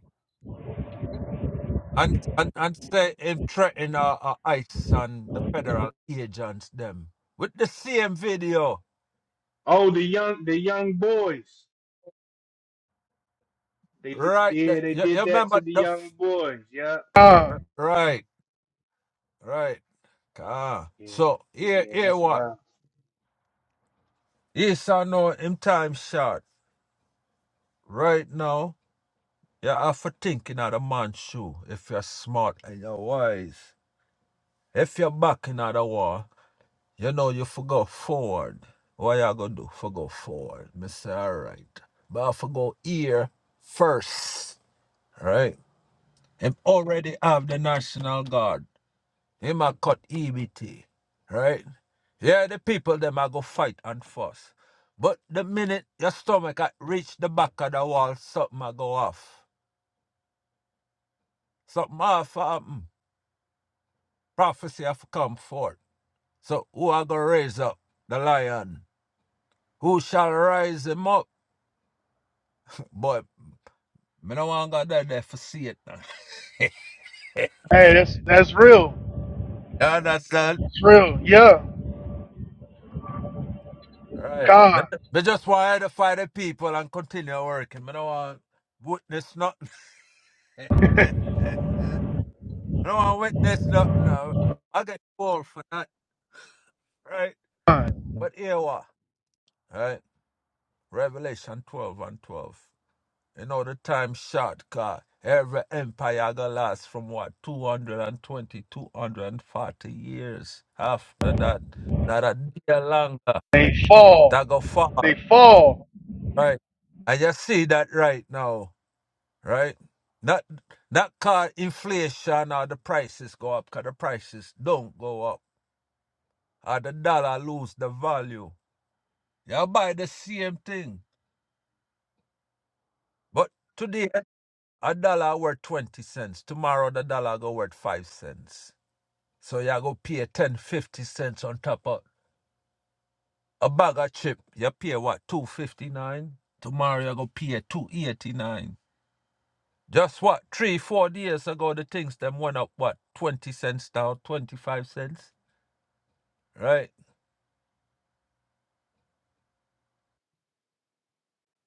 S5: and and, and say him threaten uh, uh, ICE and the federal agents them. With the same video.
S1: Oh, the young the young boys. They did,
S5: Right. The,
S1: yeah, they
S5: you, you
S1: did that to
S5: remember
S1: the
S5: the f-
S1: young boys. Yeah.
S6: Uh,
S5: right. Right. Ah.
S1: Yeah,
S5: So here
S1: yeah,
S5: here
S1: that's
S5: what?
S1: fine.
S5: Yes, I know him time short. Right now, you have to think in other man's shoe if you're smart and you're wise. If you're back in other war, you know you for go forward. What you gonna do? For go forward. Me say alright. But I for go here first. Right? Him already have the National Guard. He might cut EBT, right? Yeah, the people them I go fight and fuss. But the minute your stomach a reach the back of the wall, something a go off. Something off happen. Prophecy have come forth. So who I go raise up? The lion. Who shall rise him up? But me no want to go there there for see it. now.
S6: hey, that's that's real.
S5: You understand?
S6: That's real. Yeah.
S5: Right. Me,
S6: God.
S5: me just want to fight the people and continue working. Me no want witness nothing. I don't want to witness nothing now. I get called for that, right?
S6: God.
S5: But here we are, right? Revelation 12 and 12. You know, the time short, car. Every empire gonna last from what, 220, 240 years. After that, not a day longer.
S6: They fall.
S5: That go fall,
S6: They fall.
S5: right? And you see that right now, right? Not, not car inflation or the prices go up, because the prices don't go up. Or the dollar lose the value You buy the same thing. But today, a dollar worth 20 cents. Tomorrow, the dollar go worth 5 cents. So you go pay 10 50 cents on top of a bag of chip. You pay what, 259? Tomorrow, you go pay 289. Just what, three, four days ago, the things them went up, what, 20 cents down, 25 cents? Right?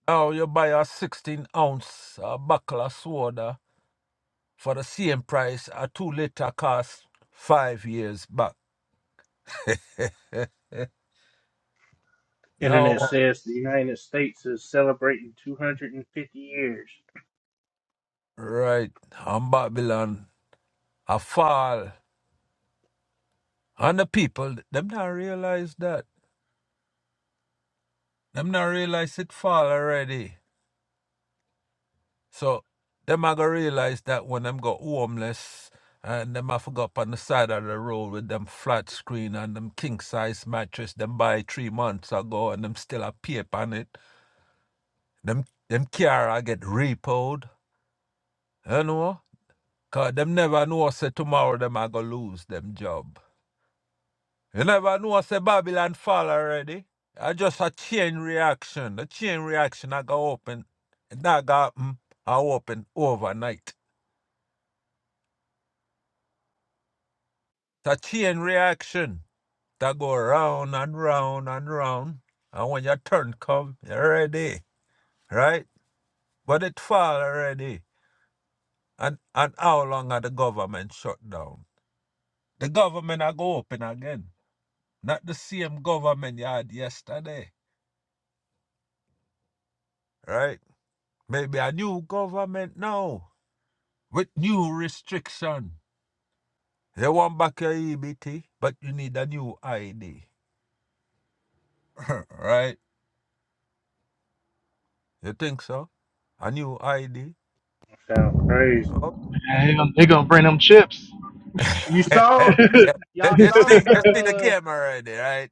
S5: Now you buy a 16 ounce uh, buckle of soda for the same price a 2 liter cost five years back. Now,
S1: Internet says the United States is celebrating 250 years.
S5: right, and Babylon a fall. And the people, them not realize that. Them not realize it fall already. So, them are gonna realize that when them go homeless and them have to go up on the side of the road with them flat screen and them king size mattress them buy three months ago and them still a paper on it. Them them car a get repoed, you know? Cause them never know say tomorrow them are gonna lose them job. You never know I say Babylon fall already. I just a chain reaction. The chain reaction I go open. That go happen. I open overnight. It's a chain reaction that go round and round and round. And when your turn come, you're ready. Right? But it fall already. And and how long are the government shut down? The government I go open again. Not the same government you had yesterday. Right? Maybe a new government now. with new restriction. You want back your EBT, but you need a new ID. right? You think so? A new ID?
S1: Sound crazy.
S5: Oh.
S6: Man, They gonna, they gonna bring them chips.
S1: You saw,
S5: you
S1: y'all saw
S5: see,
S1: the,
S5: you see the
S1: uh,
S5: game already, right?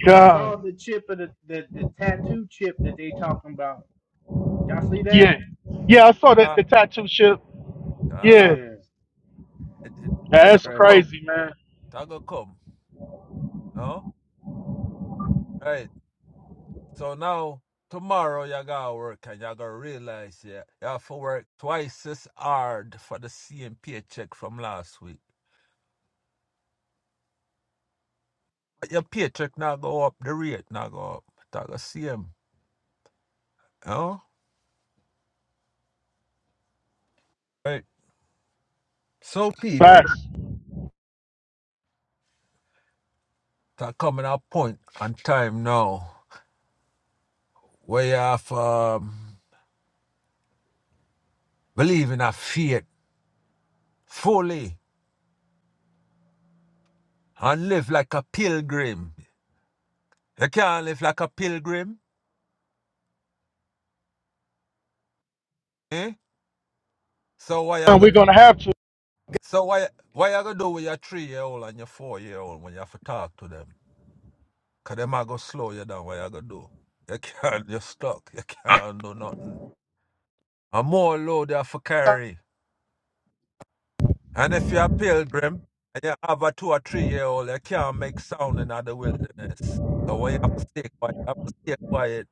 S1: y'all
S6: God.
S1: saw the chip of the, the, the tattoo chip that they talking about. Y'all see
S6: Yeah.
S1: that?
S6: Yeah, I saw that
S5: Ah,
S6: the tattoo chip. Yeah.
S5: ah,
S1: Yeah,
S5: it, it,
S1: that's
S5: that
S6: That's
S5: go
S1: crazy.
S5: come,
S6: crazy, man.
S5: that go come. Oh, right. So now tomorrow you gotta work and you gotta realize yeah, you have to work twice as hard for the same paycheck from last week. your paycheck not go up, the rate not go up. That the same. You know? Right. So people
S6: Facts.
S5: are coming at a point and time now where you have um, believe in a faith fully and live like a pilgrim. You can't live like a pilgrim, eh? So why you go
S6: We're gonna have
S5: so why why you gonna do with your three year old and your four year old when you have to talk to them? Cause them are gonna slow you down, what you gonna do? You can't you're stuck, you can't do nothing. And more load you have to carry. And if you're a pilgrim and you have a two or three year old, you can't make sound in the wilderness. So when you have to stay quiet, you have to stay quiet,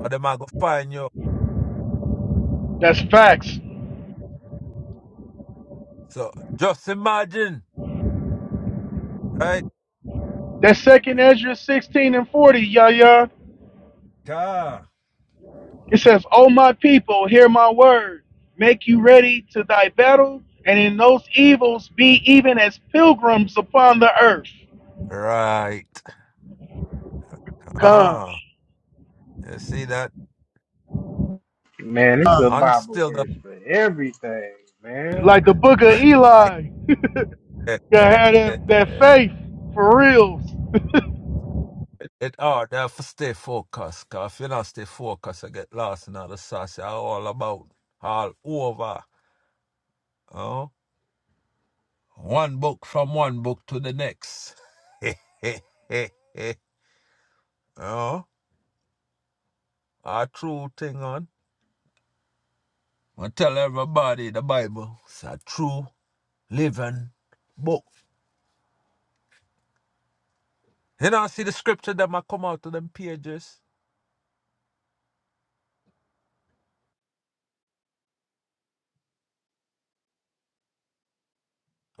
S5: or they might go find you.
S6: That's facts.
S5: So just imagine, right?
S6: That second Ezra 16 and 40, Yahya,
S5: Ah,
S6: it says, O my people, hear my word. Make you ready to thy battle, and in those evils be even as pilgrims upon the earth.
S5: right.
S6: Come.
S5: Ah, you see that?
S1: Man, this is a
S5: And
S1: Bible
S5: still the
S1: verse for everything, man.
S6: Like the book of Eli. Yeah, had that, that faith for real.
S5: it hard to have to stay focused. 'cause if you not stay focused, you get lost in all the sauce. You're all about all over. oh. One book from one book to the next. oh, a true thing on. I tell everybody the Bible is a true living book. You know, see the scripture that might come out of them pages.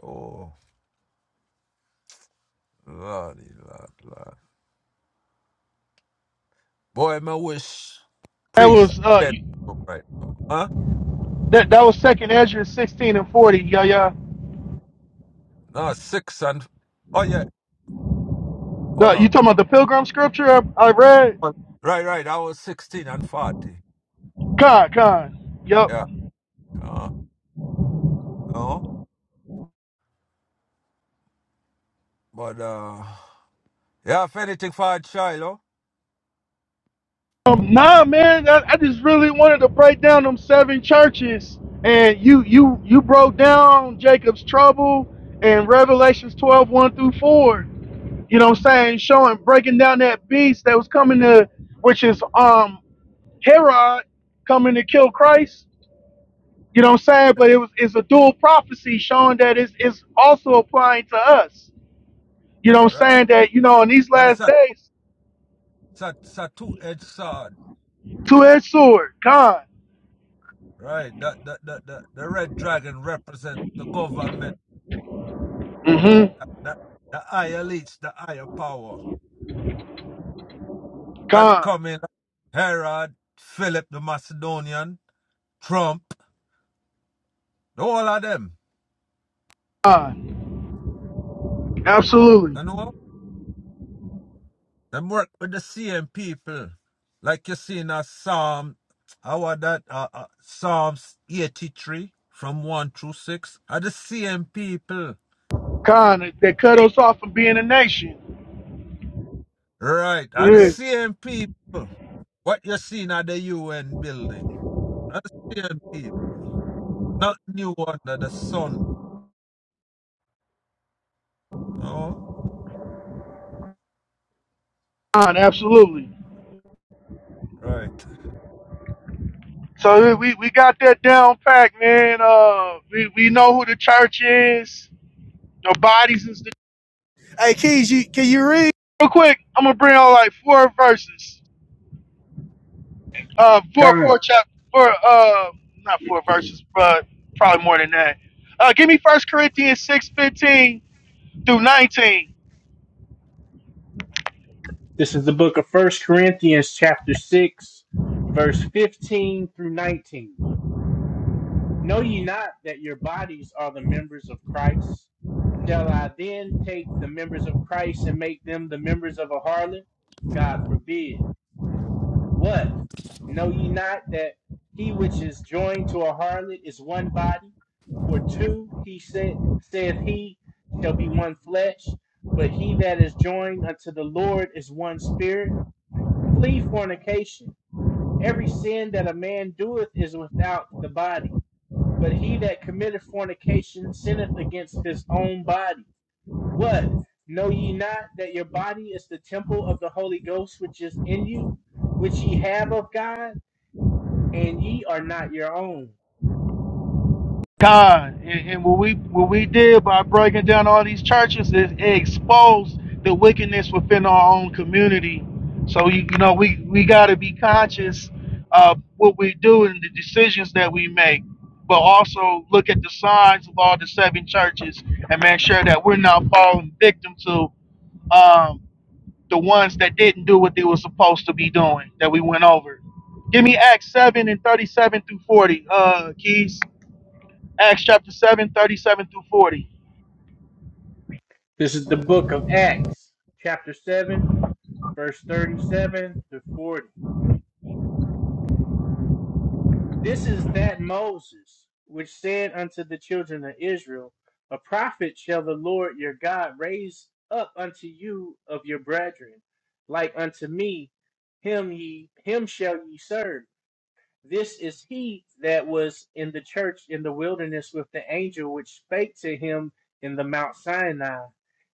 S5: Oh, lordy, lord, lord. Boy, my wish
S6: That
S5: priest
S6: was uh
S5: dead right now. Huh?
S6: that that was second Ezra 16 and 40, Yahya.
S5: No, six and oh yeah, hold
S6: The,
S5: on.
S6: you talking about the pilgrim scripture I, I read?
S5: Right, right. I was sixteen and forty.
S6: God, God. Yup.
S5: Yeah. Uh, oh, but uh. You have anything for a child, oh?
S6: Um, nah, man, I, I just really wanted to break down them seven churches, and you you you broke down Jacob's trouble and Revelations twelve one through four. You know, what I'm saying showing breaking down that beast that was coming to, which is um Herod coming to kill Christ. You know what I'm saying? But it was it's a dual prophecy showing that it's, it's also applying to us. You know what
S5: Right.
S6: I'm saying? That, you know, in these
S5: But it's
S6: last
S5: a,
S6: days,
S5: it's a, it's a two-edged sword,
S6: two-edged sword, gone.
S5: right? The, the, the, the, the red dragon represents the government.
S6: Mm-hmm.
S5: The, the, the higher leech, the higher power. That
S6: Gone.
S5: coming, Herod, Philip the Macedonian, Trump, the whole of them.
S6: Gone. Absolutely.
S5: You know? Them work with the same people. Like you see in a Psalm, our that uh, uh, Psalms 83 from 1 through 6 are the same people.
S6: Khan, they cut us off from being a nation.
S5: Right, are the
S6: Yeah.
S5: same people. What you seen at the UN building. Are the same people. Not new under the sun. Oh.
S6: Khan, absolutely.
S5: Right.
S6: So yeah,
S5: Oh.
S6: we, we got that down pack, man. Uh, we, we know who the church is, the bodies is the. Hey, Keys, you, can you read? Real quick, I'm gonna bring on like four verses. Uh, four, four
S1: Come.
S6: chapter, four, uh, not four verses, but probably more than that. Uh, give me First Corinthians six fifteen through 19.
S1: This is the book of First Corinthians, chapter 6, verse 15 through 19. Know ye not that your bodies are the members of Christ? Shall I then take the members of Christ and make them the members of a harlot? God forbid. What? Know ye not that he which is joined to a harlot is one body? For two, he said, saith he, shall be one flesh. But he that is joined unto the Lord is one spirit. Flee fornication. Every sin that a man doeth is without the body but he that committeth fornication sinneth against his own body. What? Know ye not that your body is the temple of the Holy Ghost which is in you, which ye have of God, and ye are not your own?
S6: God. And, and what we what we did by breaking down all these churches is it exposed the wickedness within our own community. So you, you know we we got to be conscious of what we do and the decisions that we make, but also look at the signs of all the seven churches and make sure that we're not falling victim to um, the ones that didn't do what they were supposed to be doing that we went over. Give me Acts seven and thirty-seven through forty, uh, Keys. Acts chapter 7 37 through 40.
S1: This is the book of Acts, chapter 7, verse 37 to 40. This is that Moses which said unto the children of Israel, A prophet shall the Lord your God raise up unto you of your brethren, like unto me, him ye him shall ye serve. This is he that was in the church in the wilderness with the angel which spake to him in the Mount Sinai,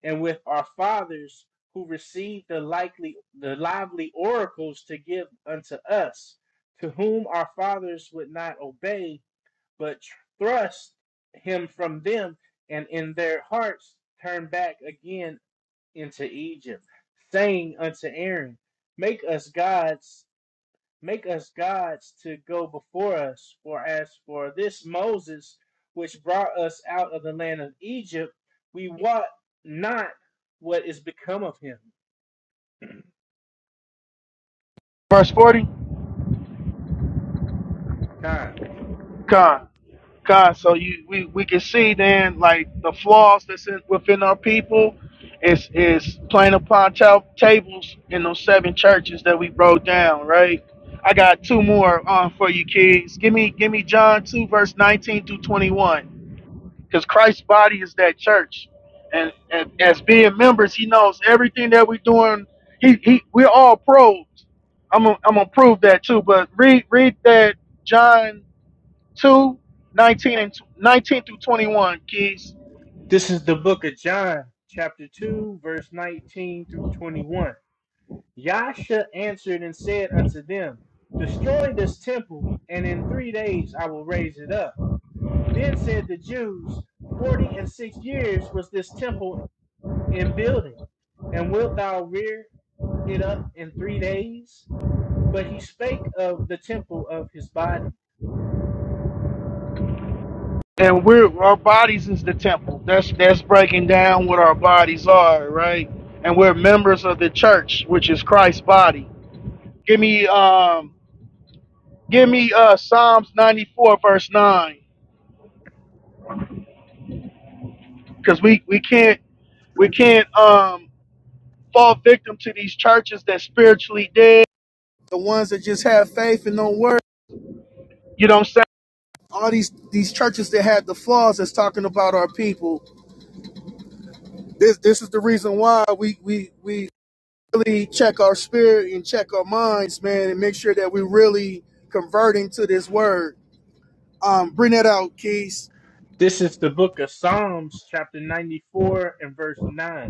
S1: and with our fathers who received the likely the lively oracles to give unto us, to whom our fathers would not obey, but thrust him from them, and in their hearts turned back again into Egypt, saying unto Aaron, Make us gods Make us gods to go before us. For as for this Moses, which brought us out of the land of Egypt, we wot not what is become of him.
S6: Verse 40,
S1: Con.
S6: con. Con. So you we, we can see then like the flaws that's in, within our people is is playing upon ta- tables in those seven churches that we broke down, right? I got two more on for you kids. Give me give me John 2 verse 19 through 21. because Christ's body is that church, and, and as being members, He knows everything that we're doing. He, he we're all probed. I'm gonna, I'm gonna prove that too. But read read that John 2 19 and 19 through twenty one, keys.
S1: This is the book of John, chapter 2, verse 19 through 21. Yahshua answered and said unto them, Destroy this temple, and in three days I will raise it up. Then said the Jews, Forty and six years was this temple in building, and wilt thou rear it up in three days? But he spake of the temple of his body.
S6: And we're our bodies is the temple. That's that's breaking down what our bodies are, right? And we're members of the church, which is Christ's body. Give me um give me uh Psalms ninety four verse nine. Because we, we can't We can't um, fall victim to these churches that spiritually dead, the ones that just have faith and don't work. You know what I'm saying? All these these churches that have the flaws that's talking about our people. This this is the reason why we we we really check our spirit and check our minds, man, and make sure that we're really converting to this word. Um, bring that out, Keys.
S1: This is the book of Psalms, chapter 94, and verse 9.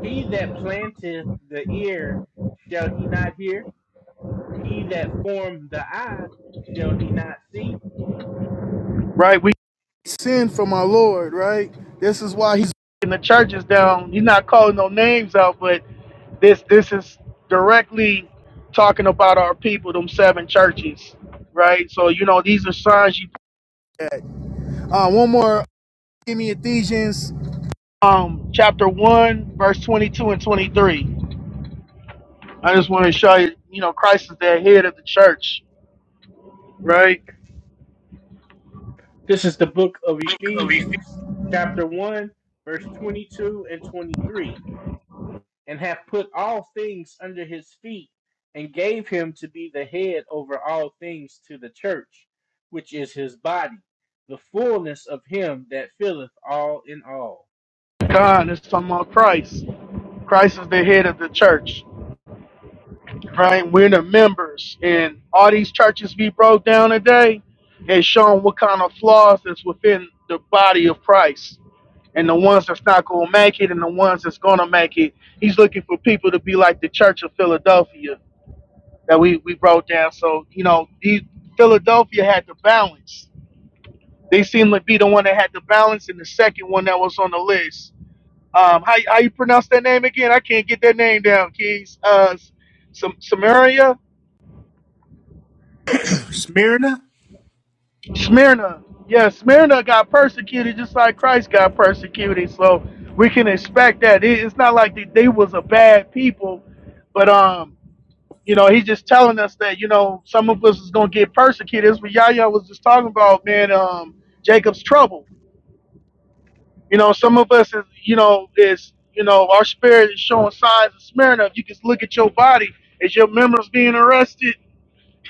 S1: He that planteth the ear, shall he not hear? He that formed the eye, shall he not see?
S6: Right, we sin from our Lord. Right, this is why He's in the churches down. He's not calling no names out, but This this is directly talking about our people, them seven churches, right? So you know these are signs you Uh, one more. Give me Ephesians. um chapter one, verse twenty two and twenty three. I just want to show you, you know, Christ is the head of the church, right?
S1: This is the book of Ephesians, chapter 1, verse 22 and 23. and have put all things under his feet, and gave him to be the head over all things to the church, which is his body, the fullness of him that filleth all in all.
S6: God is talking about Christ. Christ is the head of the church, right? We're the members, and all these churches we broke down today and shown what kind of flaws is within the body of Christ. and the ones that's not gonna make it and the ones that's gonna make it. He's looking for people to be like the Church of Philadelphia that we, we broke down. So, you know, these Philadelphia had the balance. They seemed to be the one that had the balance and the second one that was on the list. Um how how you pronounce that name again? I can't get that name down, Keys. Uh Sam- Samaria?
S1: Smyrna.
S6: Smyrna. Yeah, Smyrna got persecuted just like Christ got persecuted. So we can expect that. It, it's not like they, they was a bad people, but um You know, he's just telling us that, you know, some of us is gonna get persecuted. That's what Yahya was just talking about, man, um, Jacob's trouble. You know, some of us is you know, is you know, our spirit is showing signs of smearing up. You can look at your body, is your members being arrested?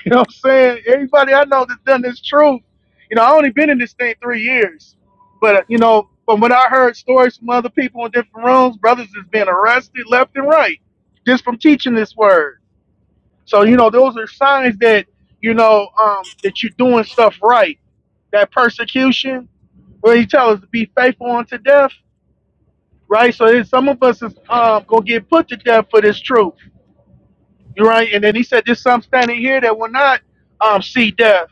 S6: You know what I'm saying? Everybody I know that's done this truth. You know, I only been in this thing three years. But uh, you know, from what I heard stories from other people in different rooms, brothers is being arrested left and right just from teaching this word so you know, those are signs that you know um, that you're doing stuff right. That persecution, where he tells us to be faithful unto death, right? So then some of us is um, gonna get put to death for this truth, right? And then he said, "There's some standing here that will not um, see death,"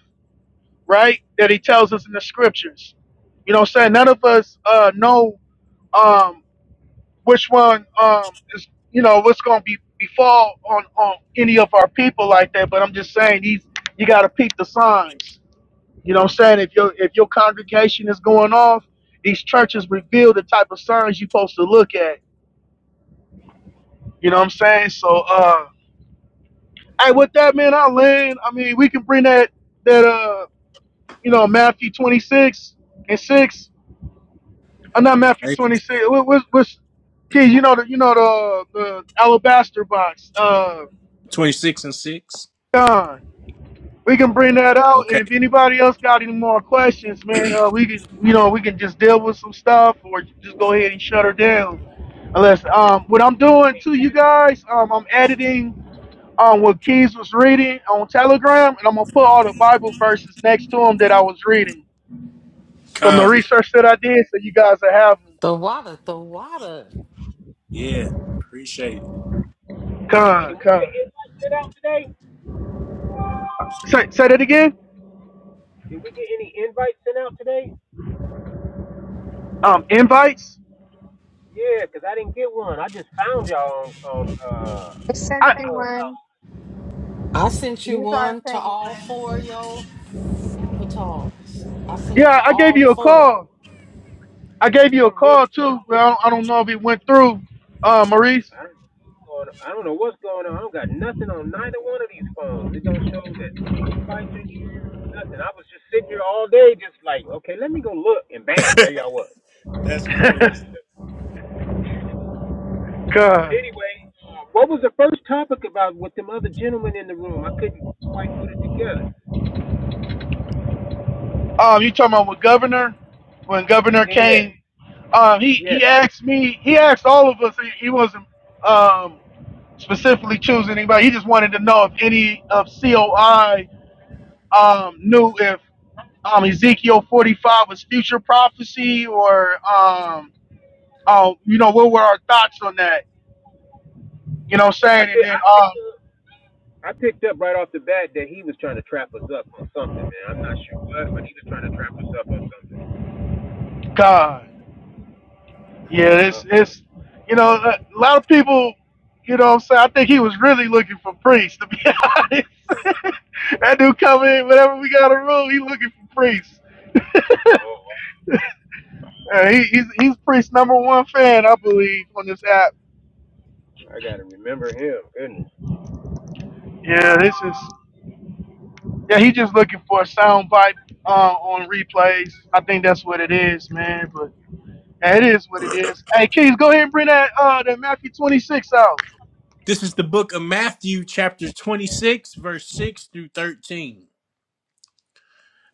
S6: right? That he tells us in the scriptures. You know, what I'm saying none of us uh, know um, which one um, is, you know, what's gonna be befall on on any of our people like that. But I'm just saying, these you gotta peep the signs. You know what I'm saying? If your if your congregation is going off, these churches reveal the type of signs you're supposed to look at. You know what I'm saying? So uh hey with that man, I land. I mean we can bring that that uh you know Matthew twenty six and six. I'm not Matthew
S1: Okay.
S6: twenty six. What what's what's kids, you know the you know the the alabaster box, uh
S1: 26 and 6.
S6: John. We can bring that out and
S1: Okay.
S6: if anybody else got any more questions, man, uh, we can you know, we can just deal with some stuff or just go ahead and shut her down. Unless um, what I'm doing to you guys, um, I'm editing um what Keys was reading on Telegram, and I'm gonna put all the Bible verses next to them that I was reading from the
S1: Con.
S6: research that I did, so you guys will have them.
S2: The water, the water.
S1: Yeah. Appreciate it.
S12: Hey,
S6: Con,
S12: did we get
S6: con.
S12: invites sent out today?
S6: Say, say that again.
S12: Did we get any invites sent out today?
S6: Um, invites.
S12: Yeah, 'cause I didn't get one. I just found y'all on on uh
S7: I sent
S6: I
S7: you
S12: Clubhouse
S7: one.
S2: I sent you
S7: You thought
S2: one
S7: I
S2: to
S7: sent you
S2: all
S7: one.
S2: four of your avatars. I sent it
S6: yeah,
S2: to
S6: I gave
S2: all
S6: you a
S2: four.
S6: call. I
S12: for
S6: gave you a
S12: some
S6: call
S12: reason.
S6: too, but I don't, I don't know if it went through. Uh, Maurice.
S12: I don't, know what's going on. I don't know what's going on. I don't got nothing on neither one of these phones. It don't show that the invites are here. No nothing. I was just sitting here all day, just like, okay, let me go look, and bam, there y'all was. But
S6: God.
S12: anyway, uh, what was the first topic about with them other gentlemen in the room? I couldn't quite put it together.
S6: Um, you talking about with governor? When governor
S12: Yeah,
S6: came, um, he
S12: yes.
S6: he asked me. He asked all of us. He, he wasn't um specifically choosing anybody. He just wanted to know if any of COI um knew if um Ezekiel forty five was future prophecy or um oh you know what were our thoughts on that? You know what I'm
S12: I
S6: saying? And
S12: pick,
S6: then
S12: I picked up
S6: um
S12: I picked up right off the bat that he was trying to trap us up on something, man. I'm not sure what, but he was trying to trap us up on something.
S6: God, yeah,
S12: Uh,
S6: it's it's you know a lot of people. You know what I'm saying? I think he was really looking for priests to be honest. That dude come in whenever we got a room. He looking for priests. Uh, he, he's he's priest number one fan, I believe, on this app.
S12: I gotta remember him. Goodness,
S6: Yeah, this is. Yeah, he just looking for a sound bite uh, on replays. I think that's what it is, man. But yeah, it is what it is. Hey, Keys, go ahead and bring that uh that Matthew 26 out.
S1: This is the book of Matthew, chapter 26, verse 6 through 13.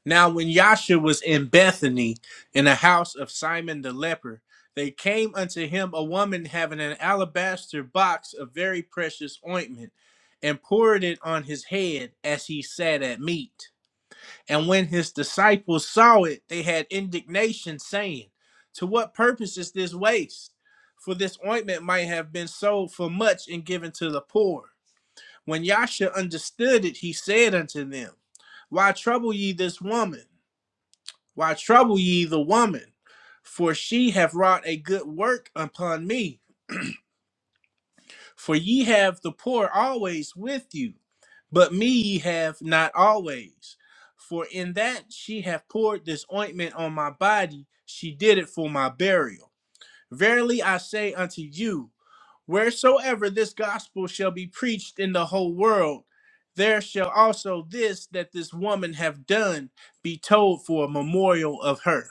S1: Now, when Yasha was in Bethany, in the house of Simon the leper, they came unto him a woman having an alabaster box of very precious ointment, and poured it on his head as he sat at meat. And when his disciples saw it, they had indignation, saying, To what purpose is this waste? For this ointment might have been sold for much and given to the poor. When Yasha understood it, he said unto them, Why trouble ye this woman? Why trouble ye the woman? For she hath wrought a good work upon me. For ye have the poor always with you, but me ye have not always. For in that she hath poured this ointment on my body, she did it for my burial. Verily I say unto you, wheresoever this gospel shall be preached in the whole world, there shall also this that this woman hath done be told for a memorial of her.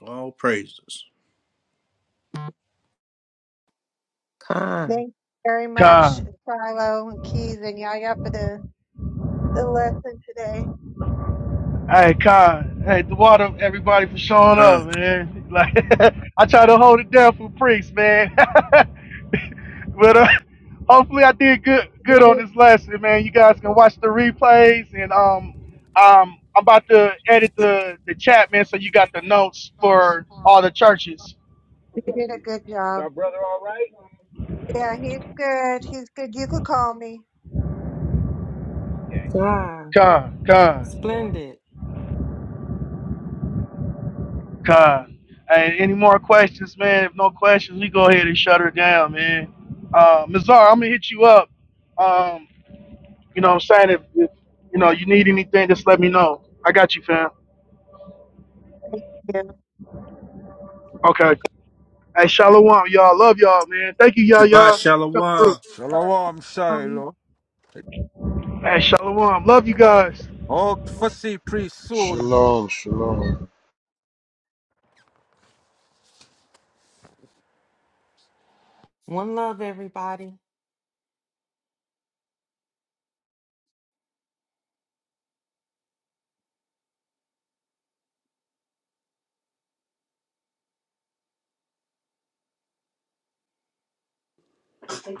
S1: All praises.
S7: Thank you very much,
S6: God.
S7: Shiloh and Keys and Yaya for the, the lesson today.
S6: Hey, God. Hey, the water, everybody for showing up,
S1: Con.
S6: man. Like I try to hold it down for priests, man. But uh, hopefully, I did good
S7: You
S6: good on
S7: did,
S6: this lesson, man. You guys can watch the replays, and um, um, I'm about to edit the the chat, man. So you got the notes for all the churches.
S7: you did a good
S12: is
S7: job.
S12: our brother all right?
S7: Yeah, he's good. He's good. You could call me.
S2: Yeah,
S6: Con, con,
S2: splendid.
S6: con. And any more questions, man? If no questions, we go ahead and shut her down, man. Uh, Mazar, I'm gonna hit you up. Um, you know, what I'm saying if, if you know you need anything, just let me know. I got you, fam.
S7: Yeah.
S6: Okay. Hey, shalom, y'all. Love y'all, man. Thank you, y'all,
S1: Shabbat
S6: y'all. Come through.
S1: Shalom.
S7: Or,
S5: Shalom,
S7: um,
S5: Shiloh.
S6: Hey, Shalom. Love you
S12: Oh, I'm
S6: guys.
S5: Hope to see priest soon.
S13: Shalom, shalom.
S2: One love, everybody.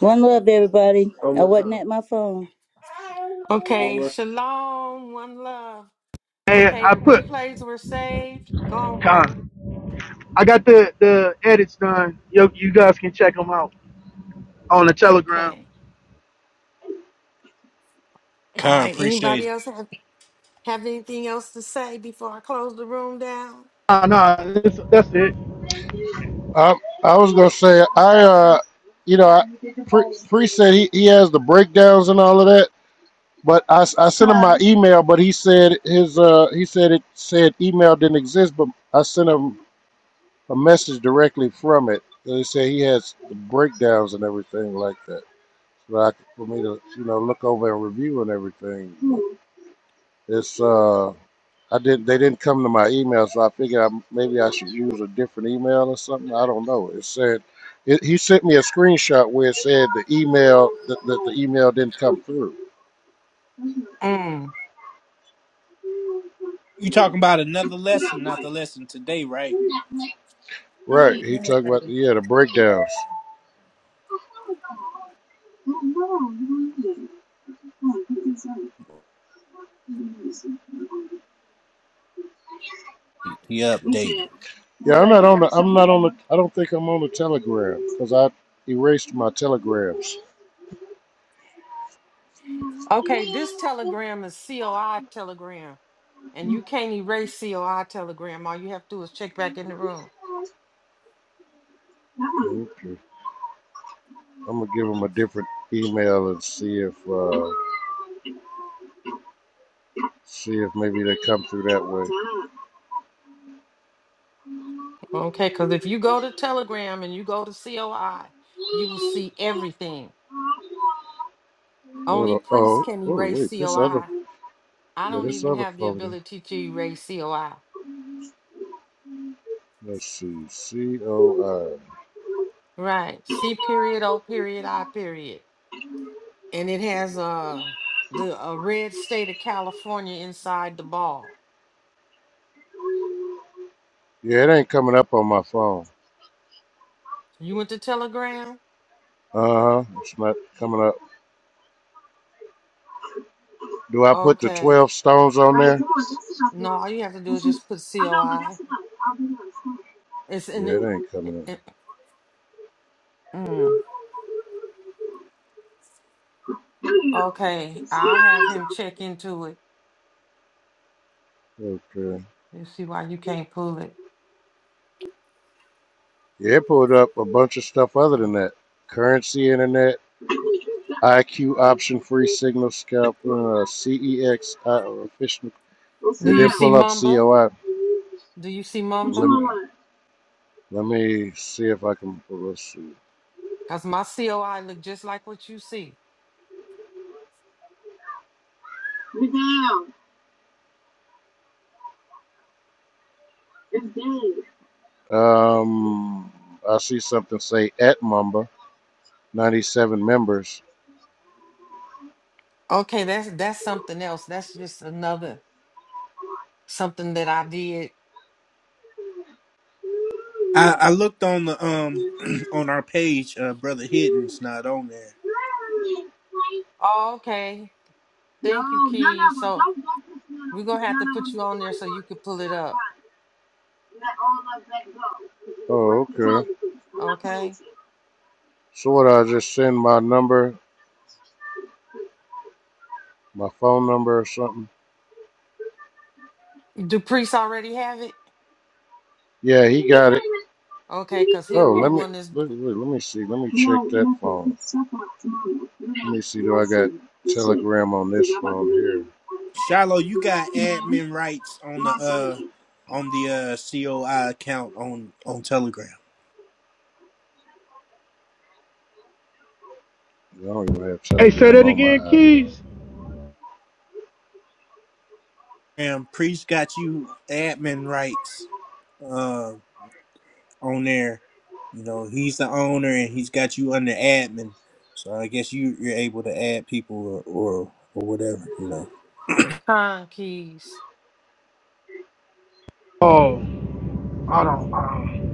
S3: One love, everybody. One I more wasn't time. at my phone.
S2: Okay, shalom, one love.
S6: Hey,
S2: Okay,
S6: I
S2: the
S6: put
S2: replays were saved. Gone, brother.
S6: con. I got the the edits done. You you guys can check them out on the Telegram.
S2: Okay. All
S1: Con,
S2: right.
S1: appreciate
S2: Anybody
S1: it.
S2: else have, have anything else to say before I close the room down?
S6: Oh, no, that's, that's it.
S13: I I was gonna say I uh, you know, I, pre, pre said he, he has the breakdowns and all of that. But I, s- I sent him my email, but he said his uh he said it said email didn't exist. But I sent him a message directly from it. They say he has breakdowns and everything like that. So I, for me to you know look over and review and everything, it's uh I didn't they didn't come to my email, so I figured I, maybe I should use a different email or something. I don't know. It said it, he sent me a screenshot where it said the email that, that the email didn't come through.
S2: Mm.
S1: You talking about another lesson, not the lesson today, right?
S13: Right,
S1: He
S13: he talked about the, yeah the breakdowns.
S1: updated.
S13: Yeah, I'm not on the I'm not on the I don't think I'm on the Telegram because I erased my Telegrams.
S2: Okay, this telegram is COI telegram, and you can't erase COI telegram. All you have to do is check back in the room.
S13: Okay. I'm gonna give them a different email and see if uh, see if maybe they come through that way.
S2: Okay, because if you go to telegram and you go to COI, you will see everything.
S13: Hold
S2: Only
S13: on.
S2: priests
S13: Oh,
S2: can
S13: oh,
S2: erase
S13: wait. This other,
S2: COI. I
S13: yeah,
S2: don't
S13: this
S2: even
S13: other
S2: have the
S13: phone.
S2: ability to erase COI.
S13: Let's see. C O I.
S2: Right. C period, O period, I period. And it has a the a red state of California inside the ball.
S13: Yeah, it ain't coming up on my phone.
S2: You went to Telegram?
S13: Uh huh. It's not coming up. Do I put the
S2: Okay.
S13: twelve stones on there?
S2: No, all you have to do is just put COI. It's in the,
S13: Yeah, it ain't coming up.
S2: it, mm. Okay. I'll have him check into it.
S13: Okay.
S2: You see why you can't pull it.
S13: Yeah, it pulled up a bunch of stuff other than that. Currency internet. IQ option free signal scalp uh, CEX uh, official. They
S2: Do you
S13: didn't
S2: see
S13: pull up
S2: Mumba?
S13: COI.
S2: Do you see
S13: let,
S2: Mumba?
S13: me, let me see if I can Let's see.
S2: Cause my COI look just like what you see.
S13: Um, I see something say at Mumba, 97 members.
S2: Okay, that's that's something else. That's just another something that I did.
S1: I, I looked on the um on our page, uh brother Hidden's not on there.
S2: Oh, okay. Thank you, Key. So we're gonna have to put you on there so you can pull it up.
S13: Oh, okay.
S2: Okay.
S13: So what? I just send my number, my phone number or something.
S2: Do Priest already have it?
S13: Yeah, he got it.
S2: Okay, cause he'll
S13: Oh,
S2: be the
S13: let me
S2: one that's
S13: wait, wait, let me see. Let me check that phone. Let me see. Do I got Telegram on this phone here?
S1: Shiloh, you got admin rights on the uh on the uh COI account on on Telegram.
S13: I don't even have
S6: Hey, say
S13: Telegram
S6: that
S13: on my
S6: again,
S13: iPhone.
S6: Keys.
S1: And priest got you admin rights. um, on there. You know, he's the owner and he's got you under admin. So I guess you you're able to add people or or, or whatever, you know.
S2: con keys.
S6: Oh, I don't. Uh,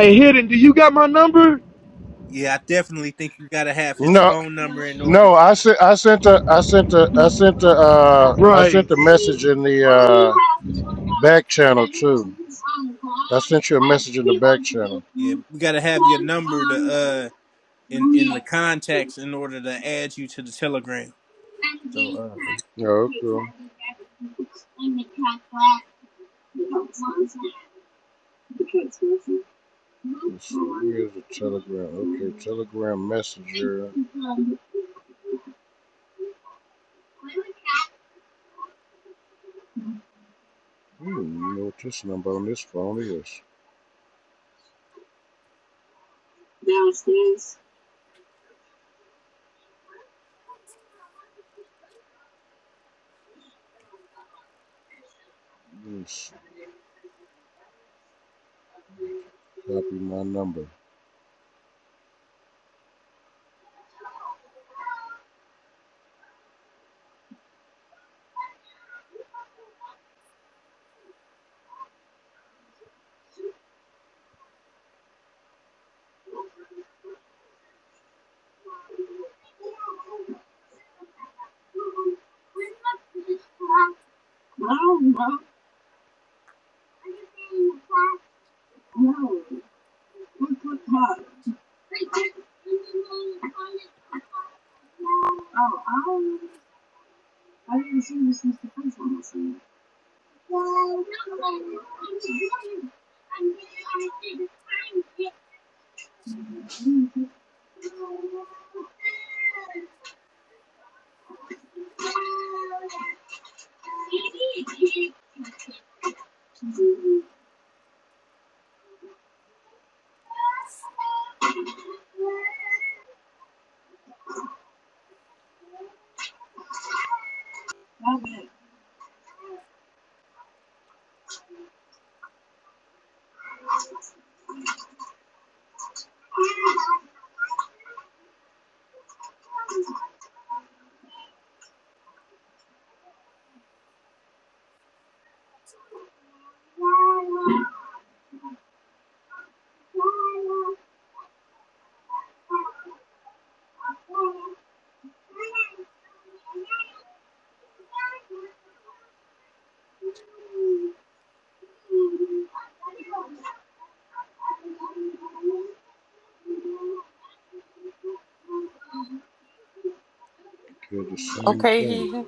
S6: hey, hidden. Do you got my number?
S1: Yeah, I definitely think you gotta have his
S13: No,
S1: phone number in order.
S13: no. I sent. I sent a. I sent a. I sent a. Uh, I sent
S6: Right.
S13: a message in the uh, back channel too. I sent you a message in the back channel.
S1: Yeah, we gotta have your number to uh in in the contacts in order to add you to the Telegram. So uh,
S13: Oh, okay. let where is the Telegram? Okay, Telegram Messenger. I don't even know what this number on this phone is. Let's copy my number. Did the same
S2: Okay,
S13: thing.
S2: he.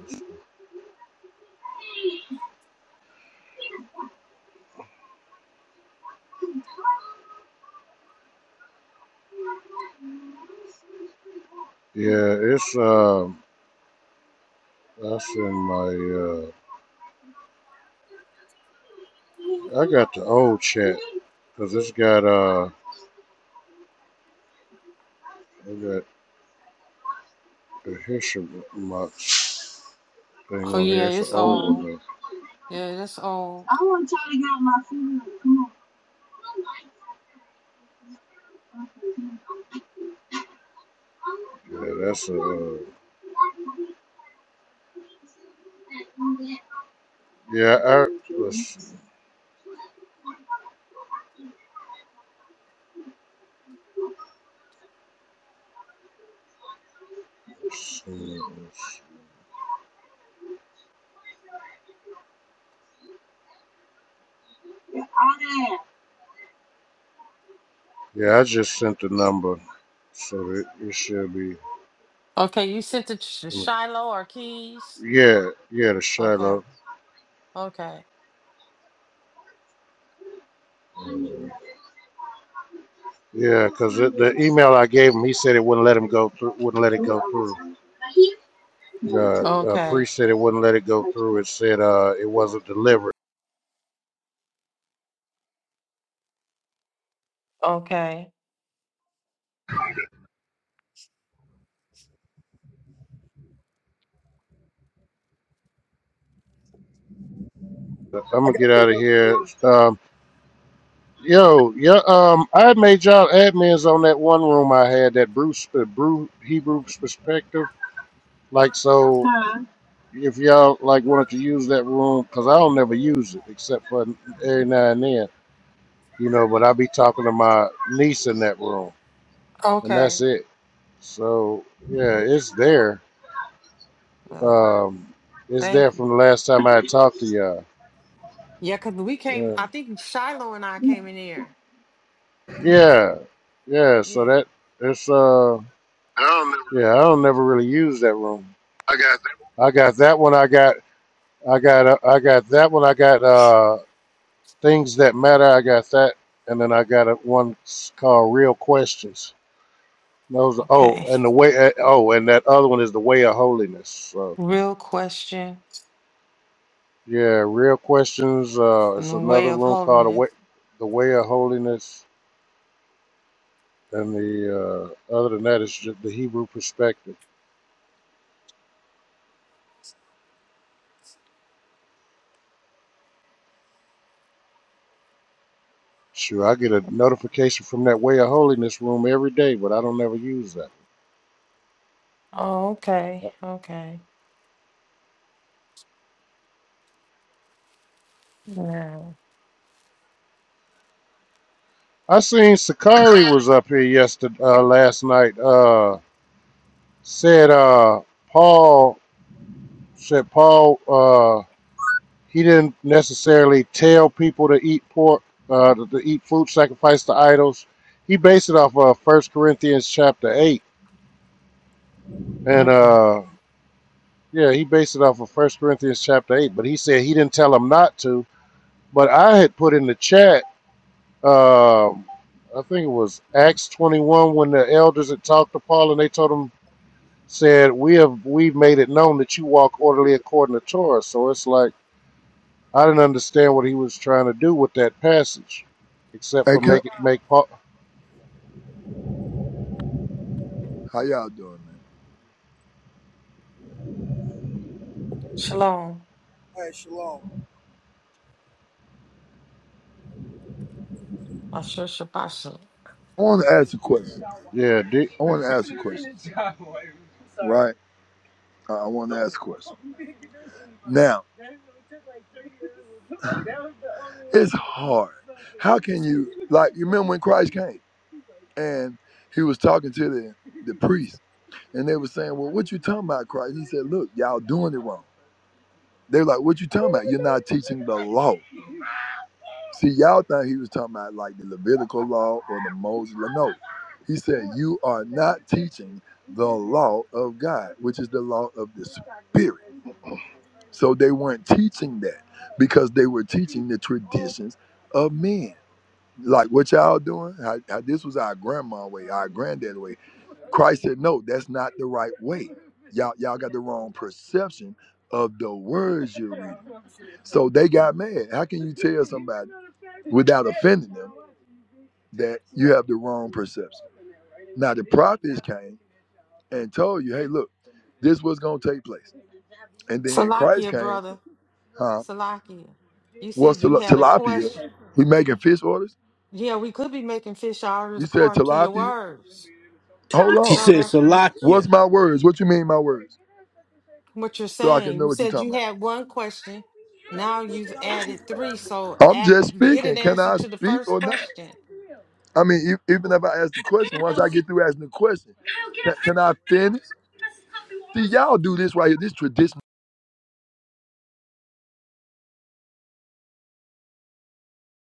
S13: Yeah, it's uh, that's in my uh, I got the old chat because it's got uh, I got the history box thing
S2: Oh
S13: on here.
S2: yeah,
S13: It's an
S2: it's
S13: old
S2: old.
S13: one.
S2: Yeah, that's old.
S13: Though. Yeah, that's a uh, yeah. I let's see. Let's Yeah, I just sent the number, so it, it should be.
S2: Okay, you sent it to Shiloh or Keys?
S13: Yeah, yeah, to
S2: Okay.
S13: Shiloh.
S2: Okay.
S13: Yeah, because the the email I gave him, he said it wouldn't let him go through. Wouldn't let it go through. Uh, uh,
S2: Okay.
S13: priest said it wouldn't let it go through. It said uh, it wasn't delivered.
S2: Okay.
S13: I'm gonna get out of here. Um, yo, yeah, um, I had made y'all admins on that one room I had that Bruce, uh, Brew Hebrew perspective. Like so. if y'all like wanted to use that room, because I don't never use it except for every now and then, you know. But I be talking to my niece in that room, and
S2: Okay.
S13: that's it. So yeah, it's there.
S2: Oh,
S13: Um, it's there
S2: thank
S13: from
S2: you.
S13: the last time I had talked to y'all.
S2: Yeah, because we came,
S13: Yeah,
S2: I think Shiloh and I came in here.
S13: yeah, yeah. So
S2: Yeah.
S13: that it's uh,
S6: I I don't. remember.
S13: yeah. I don't never really use that room.
S6: I got.
S13: I got that one. I got I got uh, I got that one. I got uh, things that matter. I got that, and then I got a, one called real questions. Those oh,
S2: Okay.
S13: and the way eh, oh, and that other one is the way of holiness. So
S2: Real question
S13: yeah, real questions. Uh,
S2: and
S13: it's
S2: the way
S13: another
S2: of
S13: room
S2: holding
S13: called the
S2: it.
S13: way, the way of holiness, and the uh, other than that is just the Hebrew perspective. Sure, I get a notification from that way of holiness room every day, but I don't ever use that.
S2: Oh, okay. Okay. Yeah.
S13: I seen Sakari was up here yesterday, uh, last night. Uh, said uh, Paul said Paul. Uh, he didn't necessarily tell people to eat pork, uh, to, to eat food sacrificed to idols. He based it off of First Corinthians chapter eight, and
S2: Mm.
S13: uh, yeah, he based it off of First Corinthians chapter eight. But he said he didn't tell them not to. But I had put in the chat, um, I think it was Acts twenty one, when the elders had talked to Paul and they told him said we have we've made it known that you walk orderly according to Torah. So it's like I didn't understand what he was trying to do with that passage, except
S14: Hey,
S13: for
S14: can,
S13: make it make Paul.
S14: how y'all doing, man?
S2: Shalom. Asher Shabbat.
S14: I want to ask a question.
S13: Yeah, D,
S14: I want to ask a question. Right? I, I want to ask a question. Now, it's hard. How can you, like, you remember when Christ came and he was talking to the, the priest and they were saying, Well, what you talking about, Christ? He said, Look, y'all doing it wrong. They're like, What you talking about? You're not teaching the law. See, y'all thought he was talking about like the Levitical law or the Moses law. No, he said, You are not teaching the law of God, which is the law of the Spirit. So they weren't teaching that because they were teaching the traditions of men like what y'all doing. How, how this was our grandma way, our granddad way. Christ said, no, that's not the right way. Y'all, y'all got the wrong perception of the words you're reading. So they got mad. How can you tell somebody without offending them that you have the wrong perception? Now the prophets came and told you, hey, look, this was gonna take place. And then Christ
S2: Salakia,
S14: came,
S2: brother.
S14: huh?
S2: Salakia. You
S14: What's
S2: said you
S14: til-
S2: had a question.
S14: tilapia? We making fish orders?
S2: Yeah, we could be making fish orders
S14: You said
S2: according to your
S14: tilapia?
S2: words.
S14: Hold
S1: she
S14: on.
S2: No,
S1: said
S2: that.
S14: What's
S1: Salakia.
S14: my words? What you mean my words?
S2: what you're
S14: So I can
S2: saying.
S14: know
S2: You
S14: what you're
S2: said
S14: talking
S2: you
S14: about.
S2: had one question. Now you've added three. So
S14: I'm
S2: at,
S14: just
S2: get an
S14: speaking. Can
S2: answer
S14: I
S2: to the
S14: speak
S2: first
S14: or not?
S2: question.
S14: I mean, e- even if I ask the question, once I get through asking the question, can, can I finish? See, y'all do this right here. This traditional.